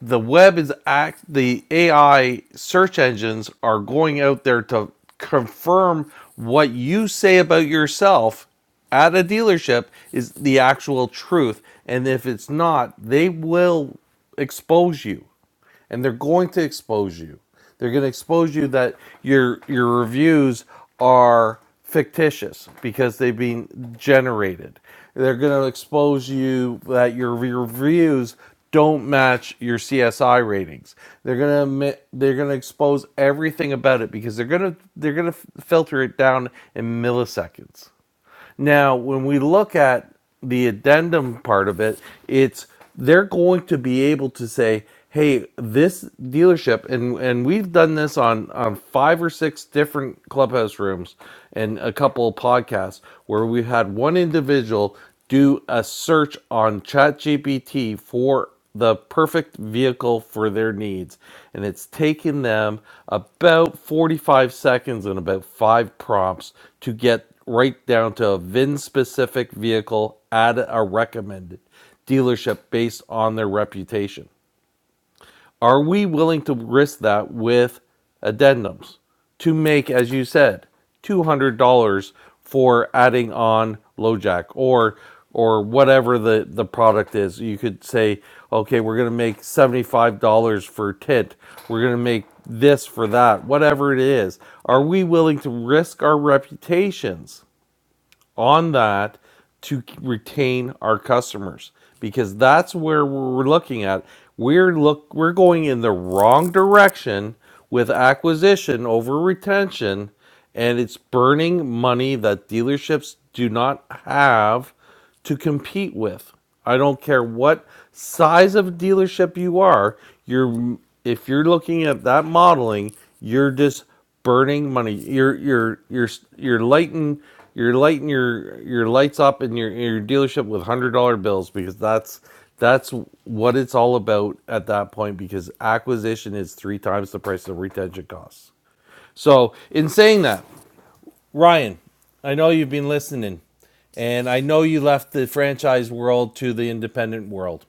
A: the web is act the AI search engines are going out there to confirm what you say about yourself at a dealership is the actual truth. And if it's not, they will expose you and they're going to expose you. They're going to expose you that your your reviews are fictitious because they've been generated. They're going to expose you that your re- reviews don't match your CSI ratings. They're going to admit, they're going to expose everything about it because they're going to they're going to filter it down in milliseconds. Now, when we look at the addendum part of it, it's they're going to be able to say, "Hey, this dealership," and and we've done this on on five or six different clubhouse rooms and a couple of podcasts where we had one individual do a search on ChatGPT for the perfect vehicle for their needs. And it's taken them about 45 seconds and about five prompts to get right down to a VIN specific vehicle at a recommended dealership based on their reputation. Are we willing to risk that with addendums to make, as you said, two hundred dollars for adding on LoJack or or whatever the the product is? You could say, okay, we're going to make seventy five dollars for tint. We're going to make this for that, whatever it is. Are we willing to risk our reputations? on that to retain our customers because that's where we're looking at. We're look we're going in the wrong direction with acquisition over retention and it's burning money that dealerships do not have to compete with. I don't care what size of dealership you are. You're if you're looking at that modeling, you're just burning money. You're you're you're you're lighting you're lighting your your lights up in your your dealership with one hundred dollar bills because that's that's what it's all about at that point because acquisition is three times the price of retention costs. So in saying that, Ryan, I know you've been listening, and I know you left the franchise world to the independent world.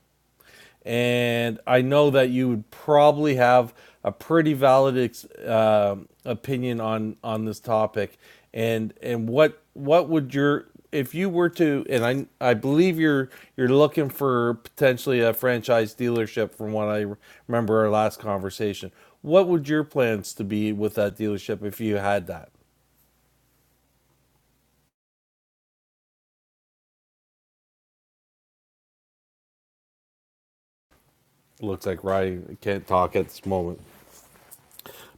A: And I know that you would probably have a pretty valid ex- um opinion on, on this topic. And and what what would your if you were to and I I believe you're you're looking for potentially a franchise dealership from what I remember our last conversation. What would your plans to be with that dealership if you had that? Looks like Ryan can't talk at this moment.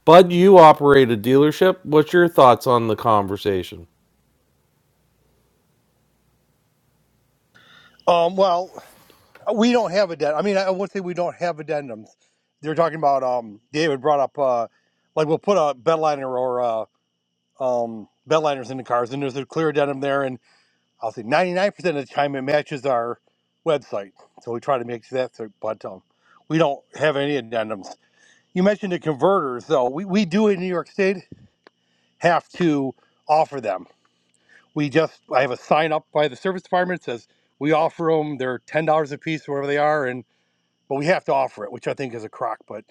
A: Bud, you operate a dealership. What's your thoughts on the conversation?
E: Um, well, we don't have addendum. I mean, I would say we don't have addendums. They were talking about um, David brought up uh, like we'll put a bedliner or uh, um, bedliners in the cars, and there's a clear addendum there, and I'll say 99% of the time it matches our website, so we try to make that. So, but um, we don't have any addendums. You mentioned the converters, though. We we do in New York State have to offer them. We just I have a sign up by the service department that says we offer them. They're ten dollars a piece, whatever they are, and but we have to offer it, which I think is a crock, but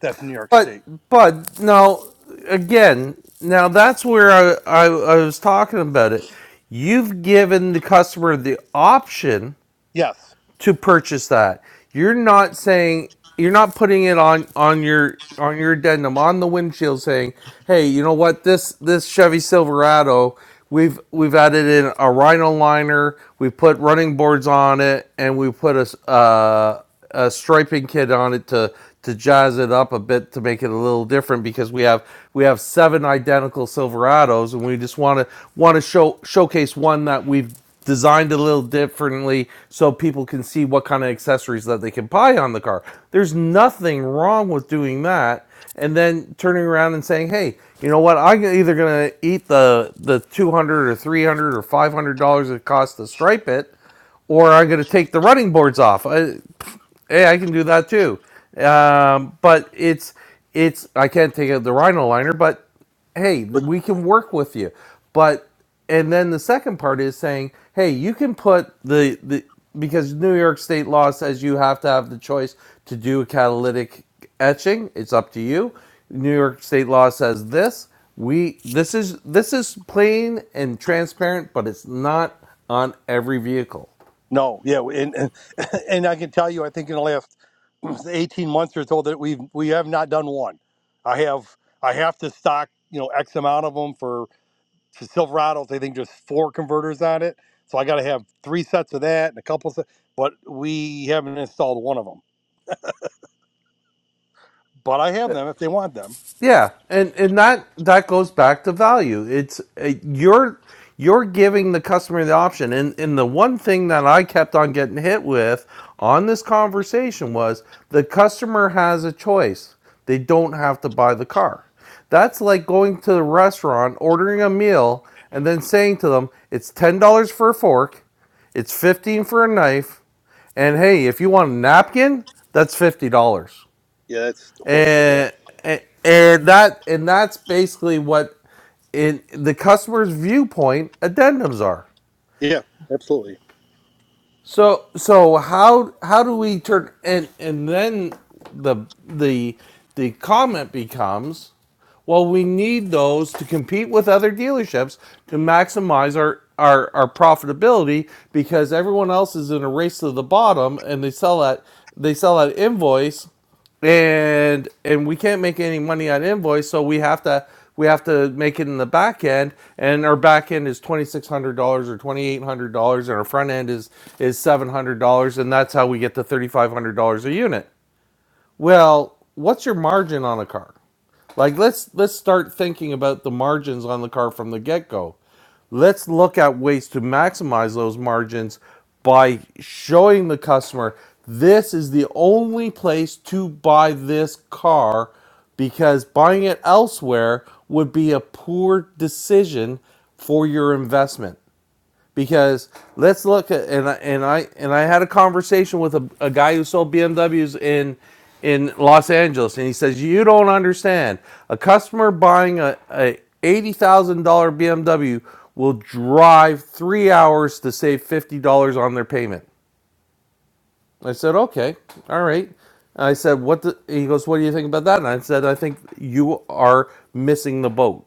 E: that's New York
A: But,
E: State.
A: Bud, now again, now that's where I, I, I was talking about it. You've given the customer the option
E: Yes.
A: to purchase that. You're not saying you're not putting it on on your on your addendum on the windshield saying, "Hey, you know what? This this Chevy Silverado, we've we've added in a Rhino liner, we put running boards on it, and we put a." uh, a striping kit on it to to jazz it up a bit to make it a little different because we have we have seven identical Silverados and we just want to want to show showcase one that we've designed a little differently so people can see what kind of accessories that they can buy on the car. There's nothing wrong with doing that and then turning around and saying, "Hey, you know what? I'm either going to eat the the 200 or 300 or 500 dollars it costs to stripe it." or I'm going to take the running boards off. I, Hey, I can do that too. Um, but it's it's I can't take out the rhino liner, but hey,
E: But
A: we can work with you. But and then the second part is saying, hey, you can put the the because New York State law says you have to have the choice to do a catalytic etching. It's up to you. New York State law says this. We this is this is plain and transparent, but it's not on every vehicle.
E: no, yeah, and, and and I can tell you, I think in the last eighteen months or so that we've we have not done one. I have I have to stock you know X amount of them for, for Silverados. I think just four converters on it, so I got to have three sets of that and a couple. sets. but we haven't installed one of them. But I have them if they want them.
A: Yeah, and and that that goes back to value. It's uh, you're you're giving the customer the option, and and the one thing that I kept on getting hit with on this conversation was the customer has a choice. They don't have to buy the car. That's like going to the restaurant, ordering a meal, and then saying to them, "It's ten dollars for a fork, it's fifteen dollars for a knife, and hey, if you want a napkin, that's fifty dollars."
E: Yeah, that's horseshit.
A: and, and that and that's basically what in the customer's viewpoint addendums are
E: Yeah, absolutely.
A: so so how how do we turn and and then the the the comment becomes well, we need those to compete with other dealerships to maximize our, our, our profitability because everyone else is in a race to the bottom and they sell that they sell that invoice and and we can't make any money on invoice, so we have to we have to make it in the back end, and our back end is twenty six hundred dollars or twenty eight hundred dollars, and our front end is is seven hundred dollars, and that's how we get to thirty five hundred dollars a unit. Well, what's your margin on a car? Like let's let's start thinking about the margins on the car from the get-go. Let's look at ways to maximize those margins by showing the customer this is the only place to buy this car because buying it elsewhere would be a poor decision for your investment because let's look at and I, and I and I had a conversation with a, a guy who sold BMWs in in Los Angeles, and he says you don't understand. A customer buying a, a eighty thousand dollar BMW will drive three hours to save fifty dollars on their payment. I said okay, all right. I said what? The, he goes, what do you think about that? And I said I think you are missing the boat.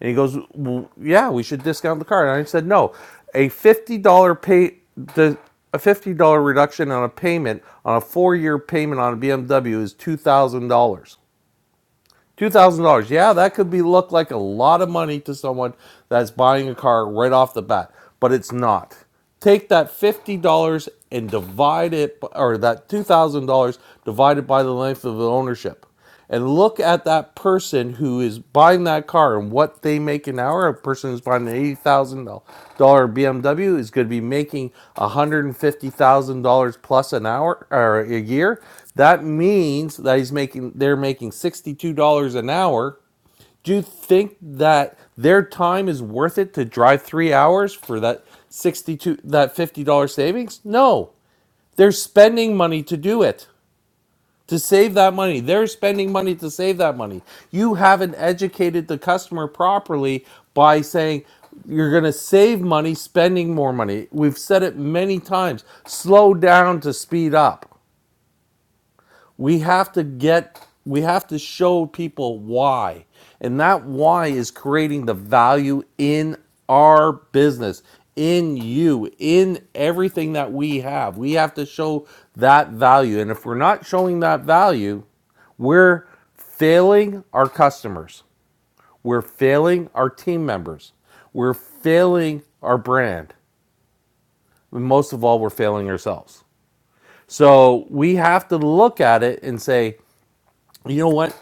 A: And he goes, well, yeah, we should discount the car. And I said, no, a fifty dollar pay the a fifty dollar reduction on a payment on a four year payment on a BMW is two thousand dollars. Two thousand dollars. Yeah, that could be look like a lot of money to someone that's buying a car right off the bat, but it's not. Take that fifty dollars and divide it, or that two thousand dollars divided by the length of the ownership, and look at that person who is buying that car and what they make an hour. A person who's buying an eighty thousand dollar BMW is going to be making one hundred and fifty thousand dollars plus an hour or a year. That means that he's making they're making $62 an hour. Do you think that their time is worth it to drive 3 hours for that 62 that $50 savings? No. They're spending money to do it. To save that money. They're spending money to save that money. You haven't educated the customer properly by saying you're going to save money spending more money. We've said it many times. Slow down to speed up we have to get we have to show people why and that why is creating the value in our business in you in everything that we have we have to show that value and if we're not showing that value we're failing our customers we're failing our team members we're failing our brand and most of all we're failing ourselves so we have to look at it and say you know what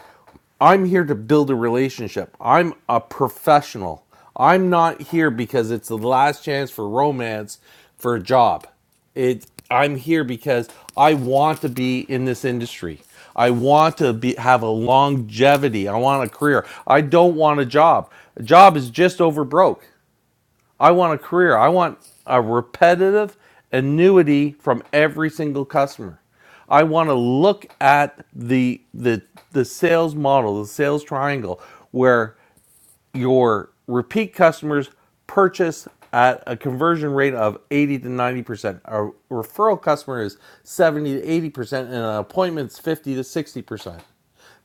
A: I'm here to build a relationship. I'm a professional. I'm not here because it's the last chance for romance for a job. It I'm here because I want to be in this industry. I want to be have a longevity. I want a career. I don't want a job. A job is just over broke. I want a career. I want a repetitive annuity from every single customer. I want to look at the the the sales model, the sales triangle, where your repeat customers purchase at a conversion rate of 80 to 90 percent. A referral customer is 70 to 80 percent, and an appointment's 50 to 60 percent.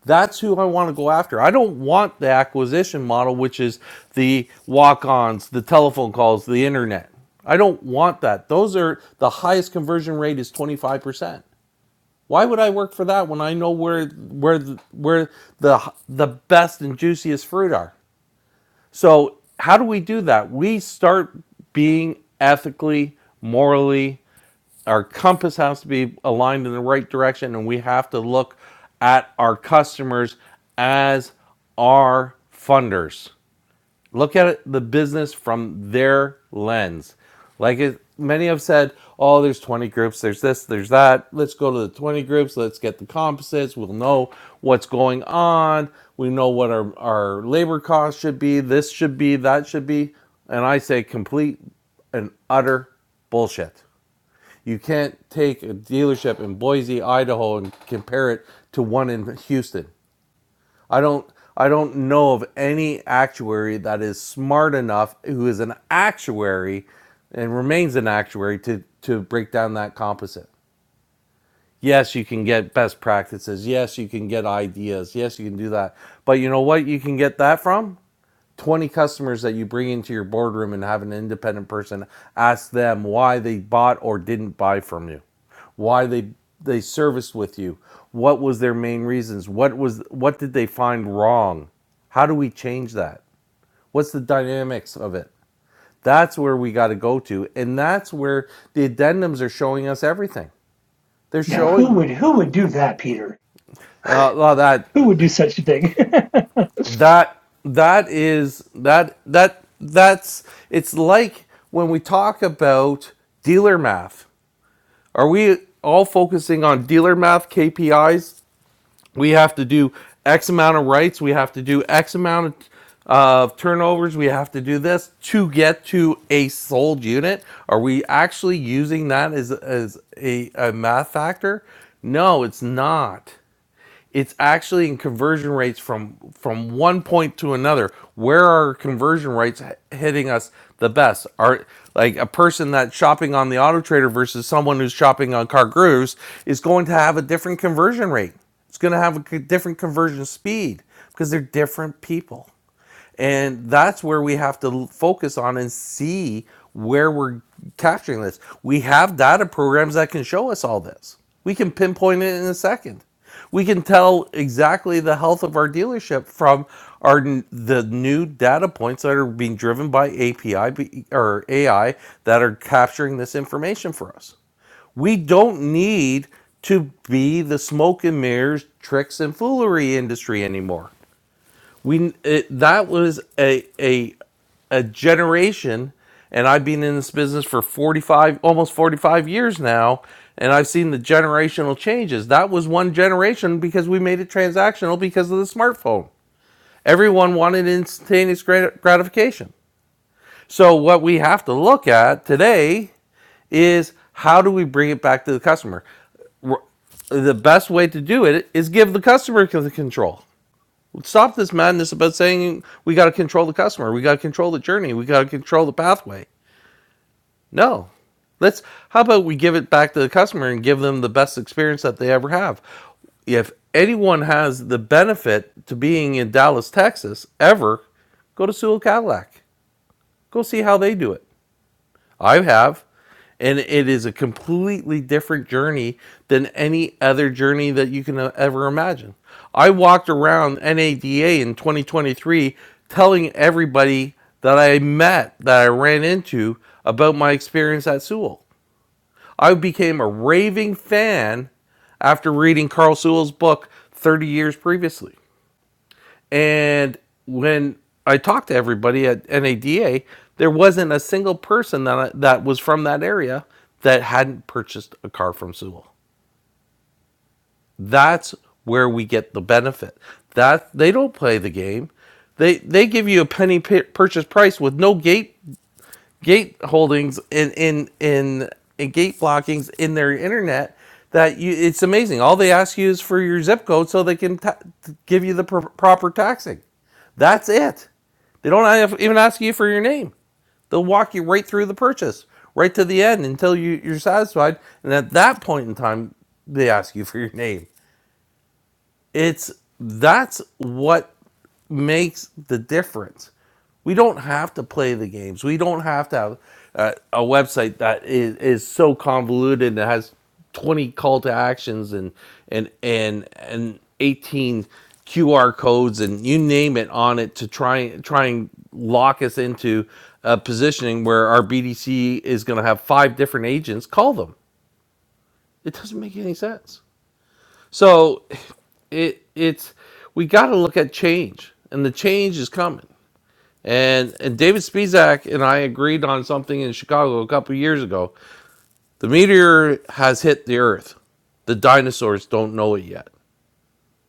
A: That's who I want to go after. I don't want the acquisition model, which is the walk ons, the telephone calls, the internet. I don't want that. Those are the highest conversion rate is 25%. Why would I work for that when I know where where where the the best and juiciest fruit are? So, how do we do that? We start being ethically, morally our compass has to be aligned in the right direction and we have to look at our customers as our funders look at it, the business from their lens like it, many have said oh there's 20 groups there's this there's that let's go to the 20 groups let's get the composites we'll know what's going on we know what our, our labor costs should be this should be that should be and i say complete and utter bullshit you can't take a dealership in Boise, Idaho, and compare it to one in Houston. I don't. I don't know of any actuary that is smart enough who is an actuary and remains an actuary to to break down that composite. Yes, you can get best practices. Yes, you can get ideas. Yes, you can do that. But you know what you can get that from? 20 customers that you bring into your boardroom and have an independent person ask them why they bought or didn't buy from you why they they serviced with you what was their main reasons what was what did they find wrong how do we change that what's the dynamics of it that's where we got to go to and that's where the addendums are showing us everything they're
D: Now, who
A: showing
D: would who would do that, Peter?
A: uh, well that
D: Who would do such a thing?
A: that that is that that that's it's like when we talk about dealer math are we all focusing on dealer math kpis we have to do x amount of rights we have to do x amount of of uh, turnovers we have to do this to get to a sold unit are we actually using that as as a, a math factor no it's not it's actually in conversion rates from from one point to another where are conversion rates h- hitting us the best are like a person that's shopping on the auto trader versus someone who's shopping on CarGurus is going to have a different conversion rate it's going to have a c- different conversion speed because they're different people and that's where we have to focus on and see where we're capturing this. We have data programs that can show us all this. We can pinpoint it in a second. We can tell exactly the health of our dealership from our the new data points that are being driven by API or AI that are capturing this information for us. We don't need to be the smoke and mirrors, tricks and foolery industry anymore. We it, that was a a a generation, and I've been in this business for forty five, almost forty five years now, and I've seen the generational changes. That was one generation because we made it transactional because of the smartphone. Everyone wanted instantaneous gratification. So what we have to look at today is how do we bring it back to the customer? The best way to do it is give the customer the control stop this madness about saying we got to control the customer, we got to control the journey, we got to control the pathway. No. Let's how about we give it back to the customer and give them the best experience that they ever have. If anyone has the benefit to being in Dallas, Texas ever, go to Sewell Cadillac. Go see how they do it. I have. And it is a completely different journey than any other journey that you can uh, ever imagine. I walked around NADA in 2023 telling everybody that I met, that I ran into, about my experience at Sewell. I became a raving fan after reading Carl Sewell's book 30 years previously. And when I talked to everybody at NADA, there wasn't a single person that that was from that area that hadn't purchased a car from Sewell. That's where we get the benefit. That they don't play the game. They they give you a penny purchase price with no gate gate holdings in in in, in gate blockings in their internet that you it's amazing. All they ask you is for your zip code so they can ta give you the pr- proper taxing. That's it. They don't even ask you for your name. They'll walk you right through the purchase, right to the end until you, you're satisfied. And at that point in time, they ask you for your name it's that's what makes the difference. We don't have to play the games. We don't have to have uh, a website that is, is so convoluted that has 20 call to actions and and and and 18 QR codes and you name it on it to try try and lock us into a positioning where our BDC is going to have five different agents call them. It doesn't make any sense. So it it's we got to look at change, and the change is coming. And and David Spizak and I agreed on something in Chicago a couple of years ago. The meteor has hit the Earth. The dinosaurs don't know it yet.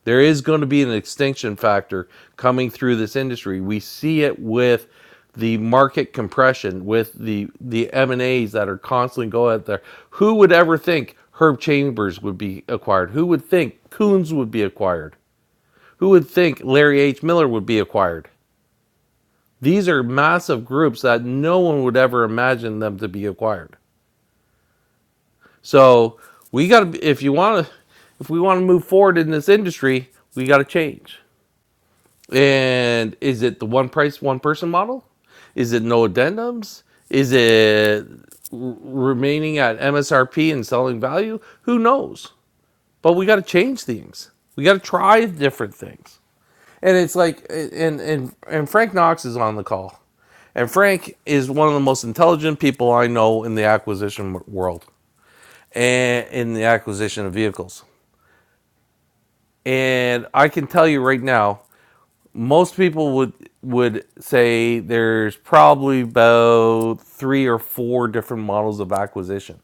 A: There is going to be an extinction factor coming through this industry. We see it with the market compression, with the the M and A's that are constantly going out there. Who would ever think Herb Chambers would be acquired? Who would think Coons would be acquired? Who would think Larry H. Miller would be acquired? These are massive groups that no one would ever imagine them to be acquired. So we got to, if you want to, if we want to move forward in this industry, we got to change. And is it the one price, one person model? Is it no addendums? Is it r- remaining at MSRP and selling value? Who knows? But we got to change things. We got to try different things. and it's like and and and Frank Knox is on the call, and Frank is one of the most intelligent people I know in the acquisition world and in the acquisition of vehicles. And I can tell you right now, most people would would say there's probably about three or four different models of acquisition.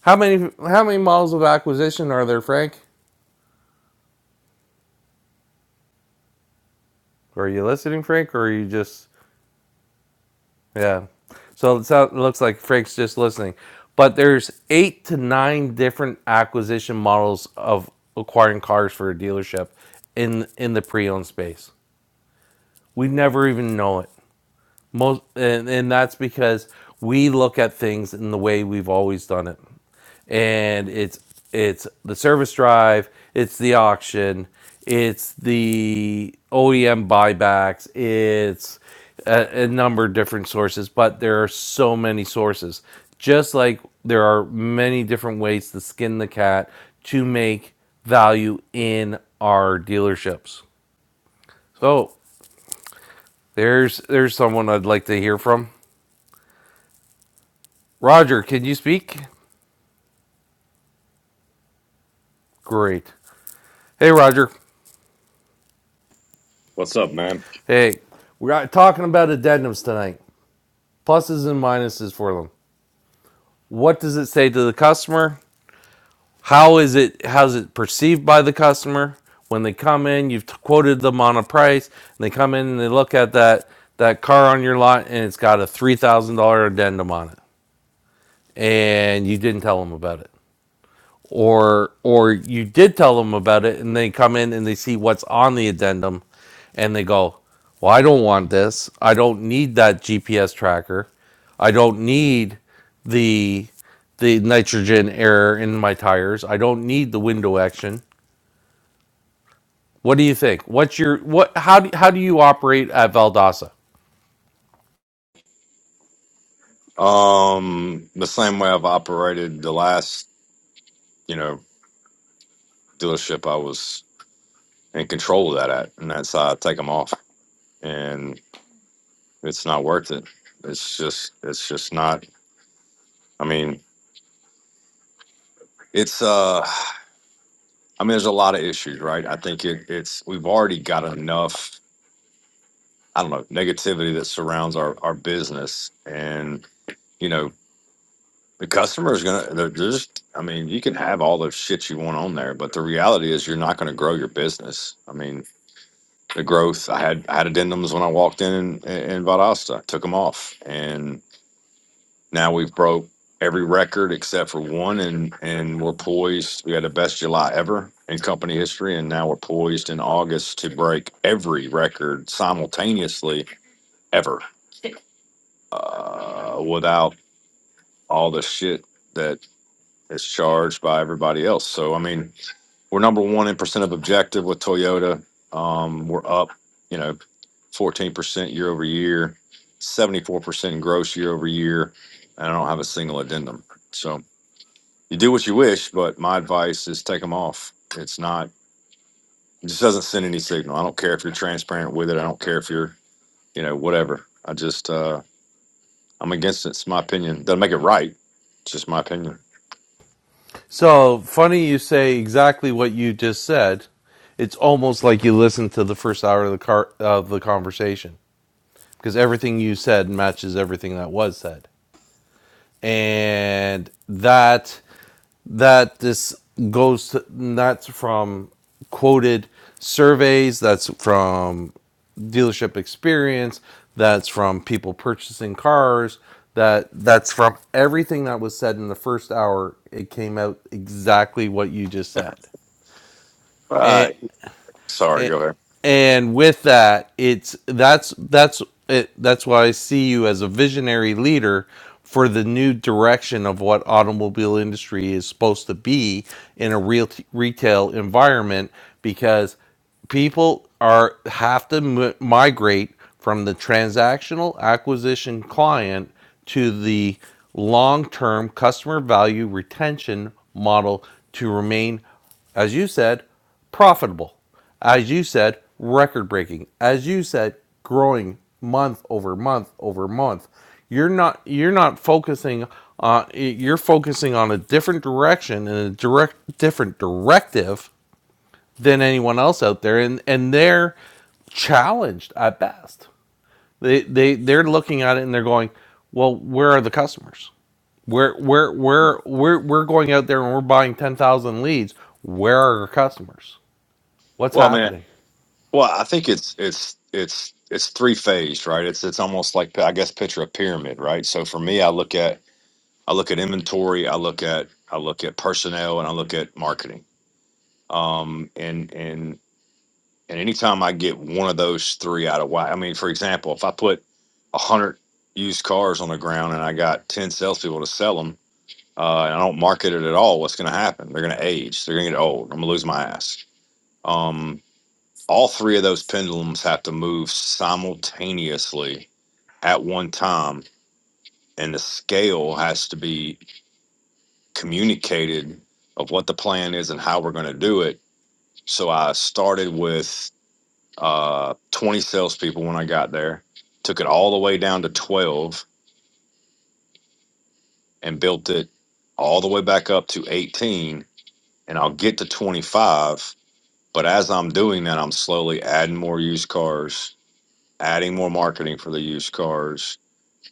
A: How many how many models of acquisition are there, Frank? Are you listening, Frank, or are you just Yeah. So it sound- looks like Frank's just listening. But there's eight to nine different acquisition models of acquiring cars for a dealership in in the pre-owned space. We never even know it. Most, and, and that's because we look at things in the way we've always done it. And it's it's the service drive, it's the auction, it's the OEM buybacks, it's a, a number of different sources, but there are so many sources. Just like there are many different ways to skin the cat to make value in our dealerships. So there's there's someone I'd like to hear from. Roger, can you speak? Great. Hey, Roger.
F: What's up, man?
A: Hey, we're talking about addendums tonight. Pluses and minuses for them. What does it say to the customer? How is it? How's it perceived by the customer when they come in? You've quoted them on a price, and they come in and they look at that that car on your lot, and it's got a three thousand dollar addendum on it, and you didn't tell them about it. or or you did tell them about it and they come in and they see what's on the addendum and they go well i don't want this i don't need that gps tracker i don't need the the nitrogen air in my tires i don't need the window action what do you think what's your what how do, how do you operate at valdosta
F: Um, the same way I've operated the last, you know, dealership I was in control of that at, and that's how I take them off, and it's not worth it. It's just, it's just not. I mean, it's. uh I mean, there's a lot of issues, right? I think it, it's. We've already got enough. I don't know negativity that surrounds our our business, and you know. The customer's gonna they're just I mean, you can have all the shit you want on there, but the reality is you're not gonna grow your business. I mean, the growth I had I had addendums when I walked in in, in Valdosta, took them off. And now we've broke every record except for one and and we're poised. We had the best July ever in company history and now we're poised in August to break every record simultaneously ever. Uh, without all the shit that is charged by everybody else. So I mean, we're number one in percent of objective with Toyota. Um, we're up, you know, fourteen percent year over year, seventy four percent in gross year over year, and I don't have a single addendum. So you do what you wish, but my advice is take them off. It's not. It just doesn't send any signal. I don't care if you're transparent with it. I don't care if you're, you know, whatever. I just, uh, I'm against it. It's my opinion. Doesn't make it right. It's just my opinion.
A: so funny you say exactly what you just said it's almost like you listened to the first hour of the car of the conversation because everything you said matches everything that was said and that that this goes to, that's from quoted surveys that's from dealership experience that's from people purchasing cars that that's from everything that was said in the first hour it came out exactly what you just said and.
F: Right. Sorry.
A: A-
F: Go ahead.
A: and with that it's that's that's it, that's why i see you as a visionary leader for the new direction of what automobile industry is supposed to be in a real t- retail environment because people are have to m- migrate from the transactional acquisition client to the long-term customer value retention model to remain as you said profitable as you said, record breaking. As you said, growing month over month over month. You're not you're not focusing on you're focusing on a different direction and a direct different directive than anyone else out there and and they're challenged at best. They they they're looking at it and they're going, "Well, where are the customers? We're we're we're we're we're going out there and we're buying 10,000 leads. Where are our customers? What's
F: Well, I mean,
A: happening?"
F: Well, I think it's it's it's it's three phased, right? It's it's almost like I guess picture a pyramid, right? So for me, I look at I look at inventory, I look at I look at personnel, and I look at marketing. Um, and and and anytime I get one of those three out of whack, I mean, for example, if I put a hundred used cars on the ground and I got ten salespeople to sell them, uh, and I don't market it at all, what's going to happen? They're going to age. They're going to get old. I'm going to lose my ass. Um, all three of those pendulums have to move simultaneously at one time and the scale has to be communicated of what the plan is and how we're going to do it so i started with uh, 20 salespeople when i got there took it all the way down to 12 and built it all the way back up to 18 and i'll get to 25 but as i'm doing that i'm slowly adding more used cars adding more marketing for the used cars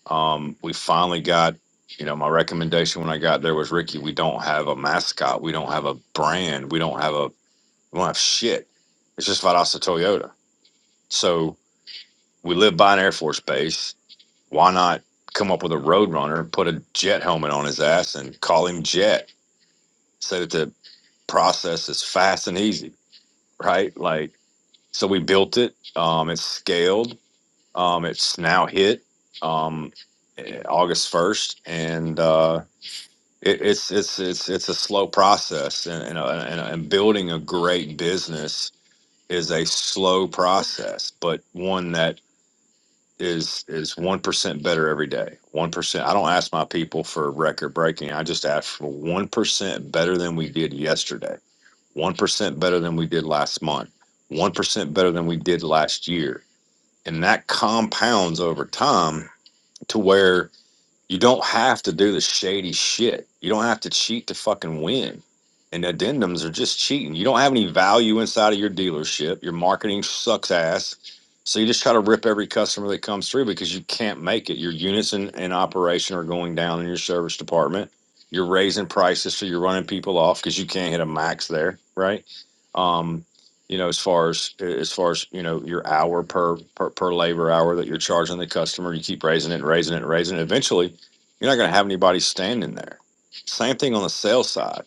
F: Um, we finally got, you know, my recommendation when I got there was Ricky, we don't have a mascot. We don't have a brand. We don't have a, we don't have shit. It's just Vadasa Toyota. So we live by an Air Force base. Why not come up with a road runner, put a jet helmet on his ass and call him Jet so that the process is fast and easy, right? Like, so we built it. Um, it's scaled. Um, it's now hit um, eh, August 1st. And, uh, it, it's it's it's it's a slow process, and and, uh, and and building a great business is a slow process, but one that is is one percent better every day. One percent. I don't ask my people for record breaking. I just ask for one percent better than we did yesterday. One percent better than we did last month. One percent better than we did last year, and that compounds over time to where you don't have to do the shady shit. You don't have to cheat to fucking win. And addendums are just cheating. You don't have any value inside of your dealership. Your marketing sucks ass. So you just try to rip every customer that comes through because you can't make it. Your units in, in operation are going down in your service department. You're raising prices, so you're running people off because you can't hit a max there, right? Um, you know, as far as as far as you know, your hour per per, per labor hour that you're charging the customer, you keep raising it and raising it and raising it. Eventually, you're not going to have anybody standing there. Same thing on the sales side.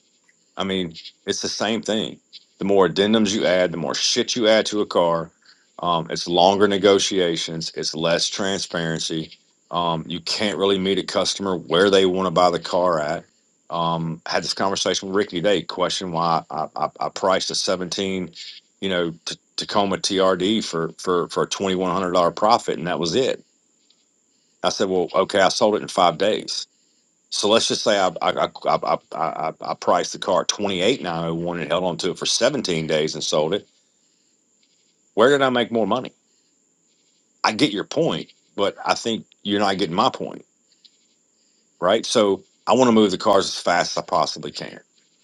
F: I mean, it's the same thing. The more addendums you add, the more shit you add to a car. Um, it's longer negotiations. It's less transparency. Um, you can't really meet a customer where they want to buy the car at. Um, had this conversation with Ricky today. Question why I, I, I priced a 17, you know, t- Tacoma TRD for for for a 2100 dollar profit, and that was it. I said, well, okay, I sold it in five days so let's just say I I I I, I, I I priced the car at twenty eight nine oh one and held on to it for seventeen days and sold it. Where did I make more money? I get your point, but I think you're not getting my point, right? So I want to move the cars as fast as I possibly can.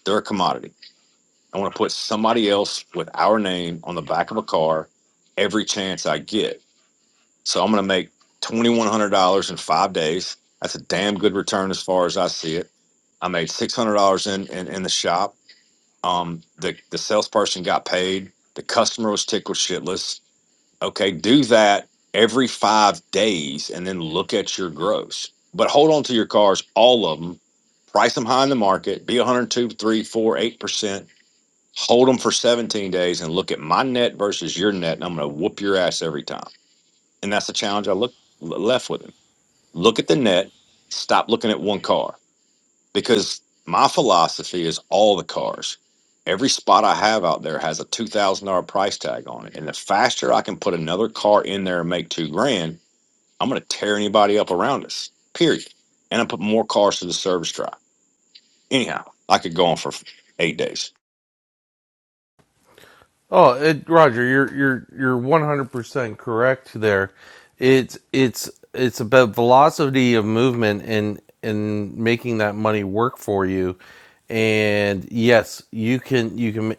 F: They're a commodity. I want to put somebody else with our name on the back of a car every chance I get. So I'm going to make twenty one hundred dollars in five days. That's a damn good return as far as I see it. I made six hundred dollars in, in in the shop. Um, the the salesperson got paid. The customer was tickled shitless. Okay, do that every five days, and then look at your gross. But hold on to your cars, all of them. Price them high in the market. Be one hundred, two, three, four, eight percent. Hold them for 17 days and look at my net versus your net, and I'm going to whoop your ass every time. And that's the challenge I look left with him. Look at the net. Stop looking at one car because my philosophy is all the cars. Every spot I have out there has a two thousand dollar price tag on it, and the faster I can put another car in there and make two grand, I'm going to tear anybody up around us. Period. And I put more cars to the service drive. Anyhow, I could go on for eight days.
A: Oh, it, Roger, you're you're you're one hundred percent correct there. It's it's it's about velocity of movement and and making that money work for you. And yes, you can you can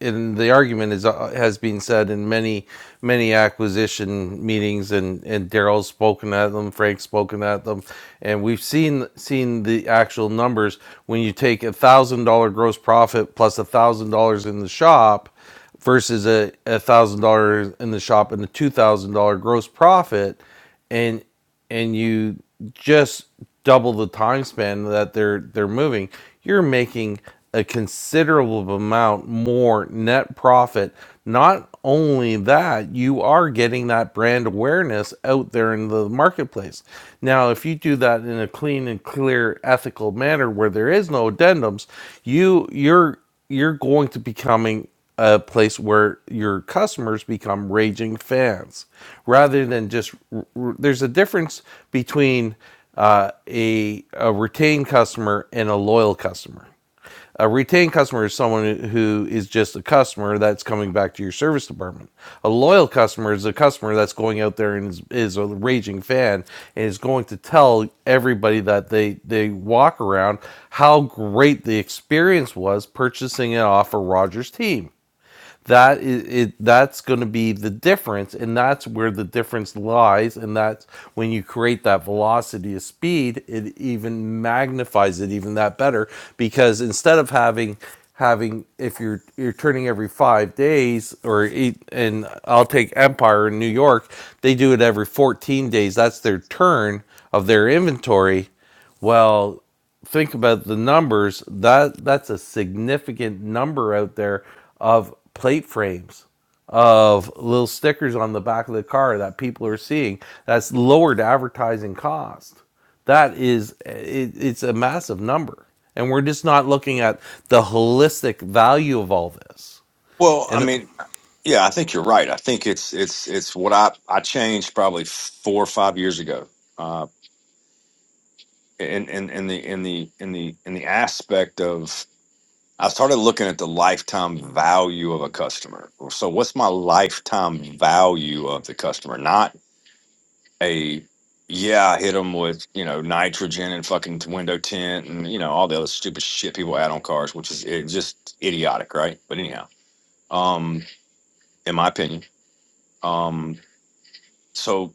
A: and the argument is uh, has been said in many many acquisition meetings and and Daryl's spoken at them Frank's spoken at them and we've seen seen the actual numbers when you take a thousand dollar gross profit plus a thousand dollars in the shop versus a, a thousand dollars in the shop and a two thousand dollar gross profit and and you just double the time span that they're they're moving you're making a considerable amount more net profit not only that you are getting that brand awareness out there in the marketplace now if you do that in a clean and clear ethical manner where there is no addendums you you're you're going to becoming a place where your customers become raging fans rather than just there's a difference between uh, a, a retained customer and a loyal customer a retained customer is someone who is just a customer that's coming back to your service department. A loyal customer is a customer that's going out there and is, is a raging fan and is going to tell everybody that they they walk around how great the experience was purchasing it off a Rogers team that is it that's going to be the difference and that's where the difference lies and that's when you create that velocity of speed it even magnifies it even that better because instead of having having if you're you're turning every five days or eight and i'll take empire in new york they do it every 14 days that's their turn of their inventory well, think about the numbers. That that's a significant number out there of plate frames, of little stickers on the back of the car that people are seeing. That's lowered advertising cost. That is, it, it's a massive number, and we're just not looking at the holistic value of all this.
F: Well, I
A: And
F: mean, yeah, I think you're right. I think it's it's it's what I I changed probably four or five years ago. Uh, in in in the in the in the in the aspect of I started looking at the lifetime value of a customer. So, what's my lifetime value of the customer? Not a, yeah, I hit them with, you know, nitrogen and fucking window tint and, you know, all the other stupid shit people add on cars, which is it's just idiotic, right? But, anyhow, um, in my opinion. Um, so,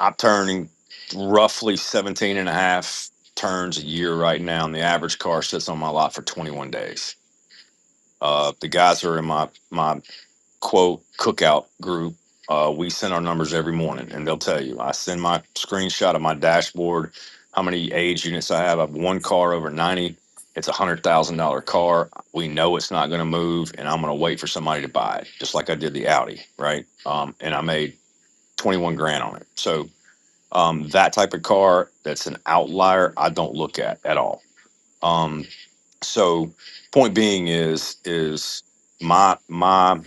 F: I'm turning roughly 17 and a half turns a year right now. And the average car sits on my lot for 21 days. Uh, the guys that are in my, my quote cookout group. Uh, we send our numbers every morning, and they'll tell you. I send my screenshot of my dashboard, how many age units I have. I have one car over ninety. It's a one hundred thousand dollar car. We know it's not going to move, and I'm going to wait for somebody to buy it, just like I did the Audi, right? Um, and I made twenty one grand on it. So um, that type of car that's an outlier, I don't look at at all. Um, so point being is is my my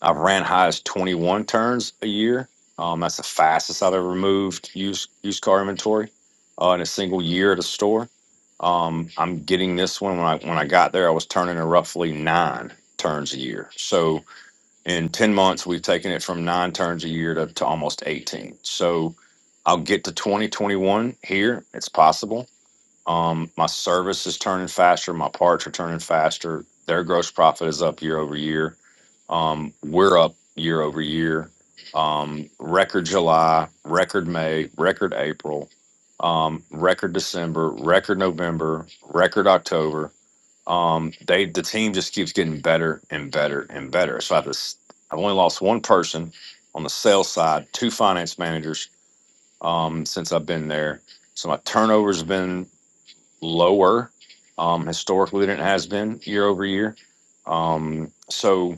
F: I've ran high as 21 turns a year. Um, that's the fastest I've ever moved used used car inventory uh, in a single year at a store. Um, I'm getting this one when I when I got there, I was turning in roughly nine turns a year. So in 10 months, we've taken it from nine turns a year to, to almost 18. So I'll get to 2021 here. It's possible. Um, my service is turning faster. My parts are turning faster. Their gross profit is up year over year. Um, we're up year over year. Um, record July, record May, record April, um, record December, record November, record October. Um, they the team just keeps getting better and better and better. So I just I've only lost one person on the sales side, two finance managers um, since I've been there. So my turnover's been lower um, historically than it has been year over year. Um, so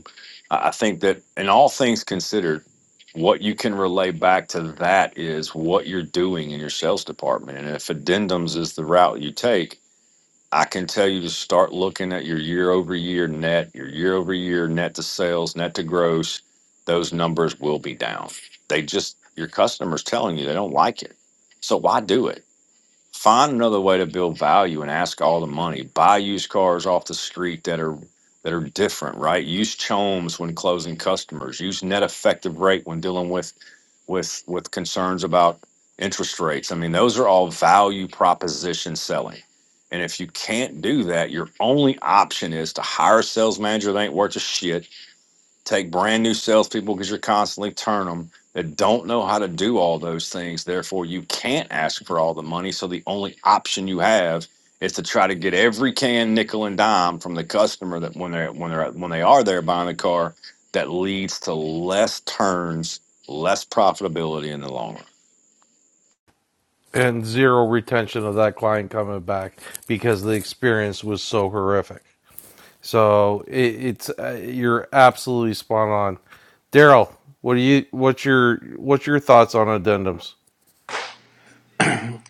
F: I I think that in all things considered, what you can relay back to that is what you're doing in your sales department. And if addendums is the route you take, I can tell you to start looking at your year over year net, your year over year net to sales, net to gross. Those numbers will be down. They just, your customer's telling you they don't like it. So why do it? find another way to build value and ask all the money. Buy used cars off the street that are that are different, right? Use chomes when closing customers. Use net effective rate when dealing with with with concerns about interest rates. I mean, those are all value proposition selling. And if you can't do that, your only option is to hire a sales manager that ain't worth a shit take brand new salespeople because you're constantly turn them that don't know how to do all those things. Therefore, you can't ask for all the money. So the only option you have is to try to get every can nickel and dime from the customer that when they're when they're when they are there buying the car, that leads to less turns, less profitability in the long run.
A: and zero retention of that client coming back because the experience was so horrific. So it, it's uh, you're absolutely spot on, Daryl. What do you what's your what's your thoughts on addendums?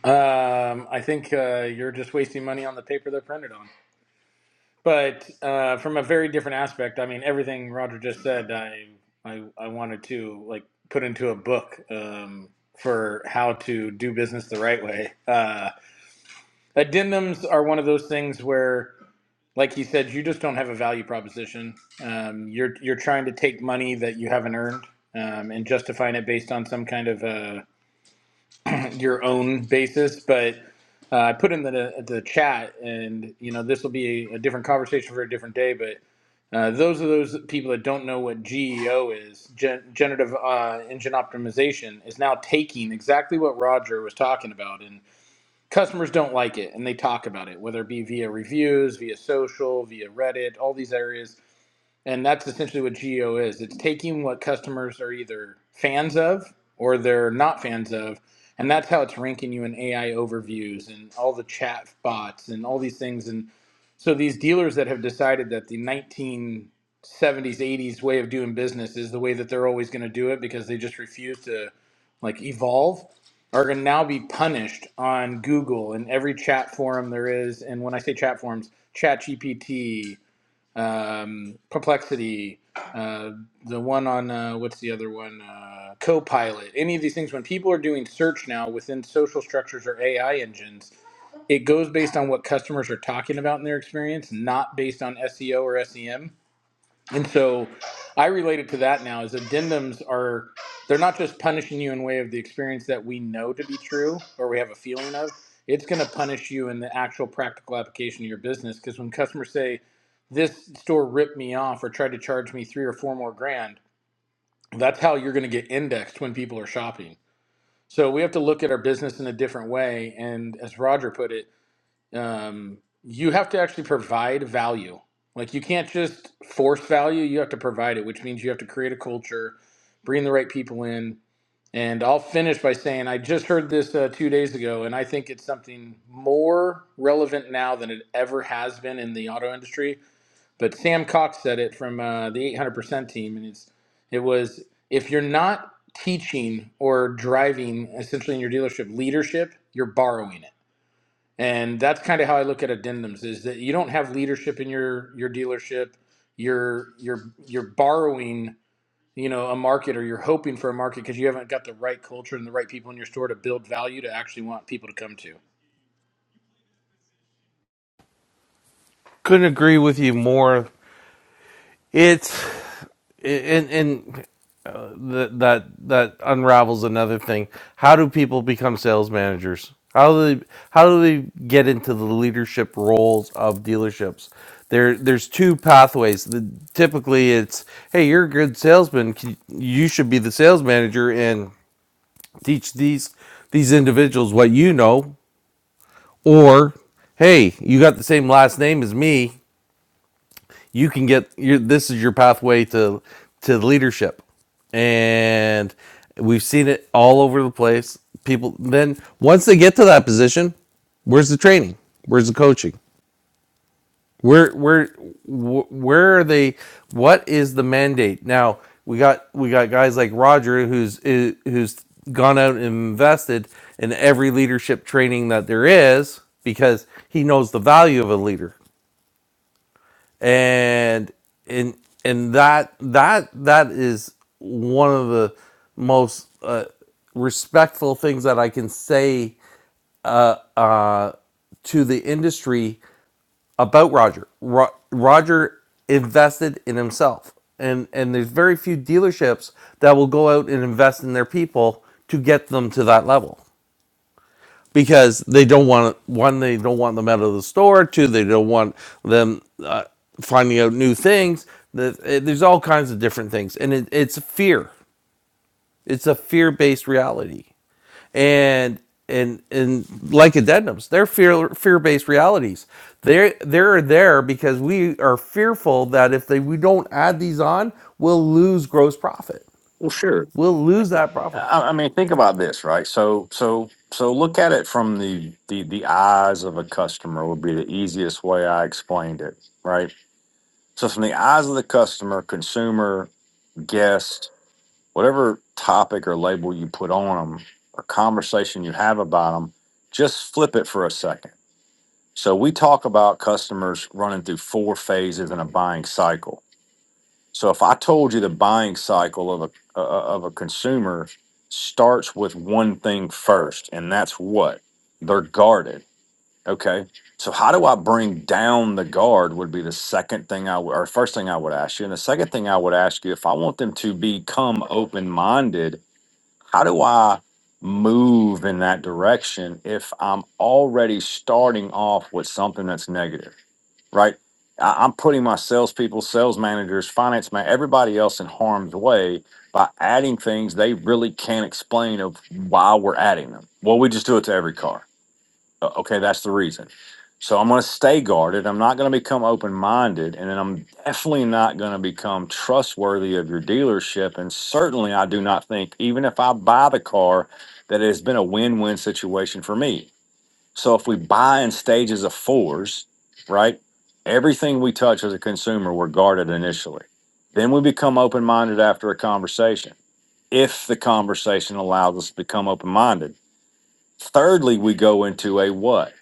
G: Um, I think uh, you're just wasting money on the paper they're printed on. But uh, from a very different aspect, I mean, everything Roger just said, I I, I wanted to like put into a book um, for how to do business the right way. Uh, addendums are one of those things where, like he said, you just don't have a value proposition. Um, you're you're trying to take money that you haven't earned um, and justifying it based on some kind of uh. your own basis, but uh, I put in the the chat, and you know this will be a, a different conversation for a different day. But uh, those are those people that don't know what GEO is, gen- generative uh, engine optimization, is now taking exactly what Roger was talking about, and customers don't like it, and they talk about it, whether it be via reviews, via social, via Reddit, all these areas and that's essentially what geo is. It's taking what customers are either fans of or they're not fans of, and that's how it's ranking you in AI overviews and all the chat bots and all these things. And so these dealers that have decided that the 1970s, 80s way of doing business is the way that they're always going to do it because they just refuse to like evolve are going to now be punished on Google and every chat forum there is. And when I say chat forums, ChatGPT um, Perplexity, uh, the one on uh, what's the other one? Uh, Copilot. Any of these things, when people are doing search now within social structures or AI engines, it goes based on what customers are talking about in their experience, not based on SEO or SEM. And so I relate it to that now is addendums are they're not just punishing you in way of the experience that we know to be true or we have a feeling of. It's going to punish you in the actual practical application of your business because when customers say this store ripped me off or tried to charge me 3 or 4 more grand, that's how you're going to get indexed when people are shopping. So we have to look at our business in a different way and as Roger put it, um, you have to actually provide value. Like you can't just force value, you have to provide it, which means you have to create a culture, bring the right people in. And I'll finish by saying I just heard this uh, two days ago, and I think it's something more relevant now than it ever has been in the auto industry. But Sam Cox said it from uh, the 800% team, and it's it was if you're not teaching or driving essentially in your dealership leadership, you're borrowing it and that's kind of how I look at addendums is that you don't have leadership in your your dealership you're you're you're borrowing you know a market or you're hoping for a market because you haven't got the right culture and the right people in your store to build value to actually want people to come to
A: Couldn't agree with you more. It's and and th- that that unravels another thing. How do people become sales managers? How do they how do they get into the leadership roles of dealerships? There there's two pathways. The, typically, it's hey, you're a good salesman. Can- You should be the sales manager and teach these these individuals what you know or hey you got the same last name as me you can get your this is your pathway to to leadership and we've seen it all over the place people then once they get to that position where's the training where's the coaching Where where where are they? What is the mandate now? We got we got guys like Roger who's who's gone out and invested in every leadership training that there is because he knows the value of a leader, and and and that that that is one of the most uh, respectful things that I can say uh, to the industry about Roger. Ro- Roger invested in himself, and and there's very few dealerships that will go out and invest in their people to get them to that level because they don't want one, they don't want them out of the store. Two, they don't want them uh, finding out new things. The- eh, There's all kinds of different things, and it, it's fear. It's a fear-based reality and and and like addendums they're fear fear-based realities they're they're there because we are fearful that if they, we don't add these on we'll lose gross profit
F: Well, sure.
A: we'll lose that profit
F: I, I mean, think about this, right? So, so, so, look at it from the the the eyes of a customer would be the easiest way I explained it, right? So, from the eyes of the customer, consumer, guest, whatever topic or label you put on them or conversation you have about them, just flip it for a second. So, we talk about customers running through four phases in a buying cycle. So, if I told you the buying cycle of a uh, uh, of a consumer starts with one thing first, and that's what they're guarded Okay. So how do I bring down the guard would be the second thing I would, or first thing I would ask you. And the second thing I would ask you, if I want them to become open minded, how do I move in that direction if I'm already starting off with something that's negative, right? I, I'm putting my salespeople, sales managers, finance man, everybody else in harm's way by adding things they really can't explain of why we're adding them. Well, we just do it to every car uh, Okay, that's the reason. So I'm going to stay guarded. I'm not going to become open minded. And then I'm definitely not going to become trustworthy of your dealership. And certainly, I do not think, even if I buy the car, that it has been a win win situation for me. So if we buy in stages of fours, right? Everything we touch as a consumer, we're guarded initially. Then we become open minded after a conversation, if the conversation allows us to become open minded. Thirdly, we go into a what?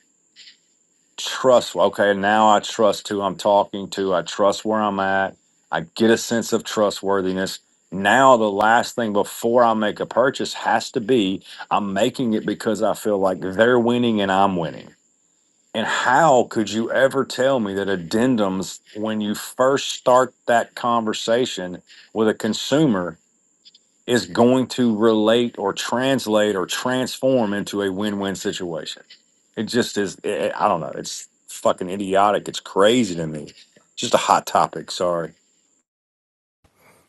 F: trust okay now i trust who i'm talking to i trust where i'm at i get a sense of trustworthiness now the last thing before i make a purchase has to be i'm making it because i feel like they're winning and i'm winning and how could you ever tell me that addendums when you first start that conversation with a consumer is going to relate or translate or transform into a win-win situation. It just is. i I don't know. It's fucking idiotic. It's crazy to me. Just a hot topic. Sorry.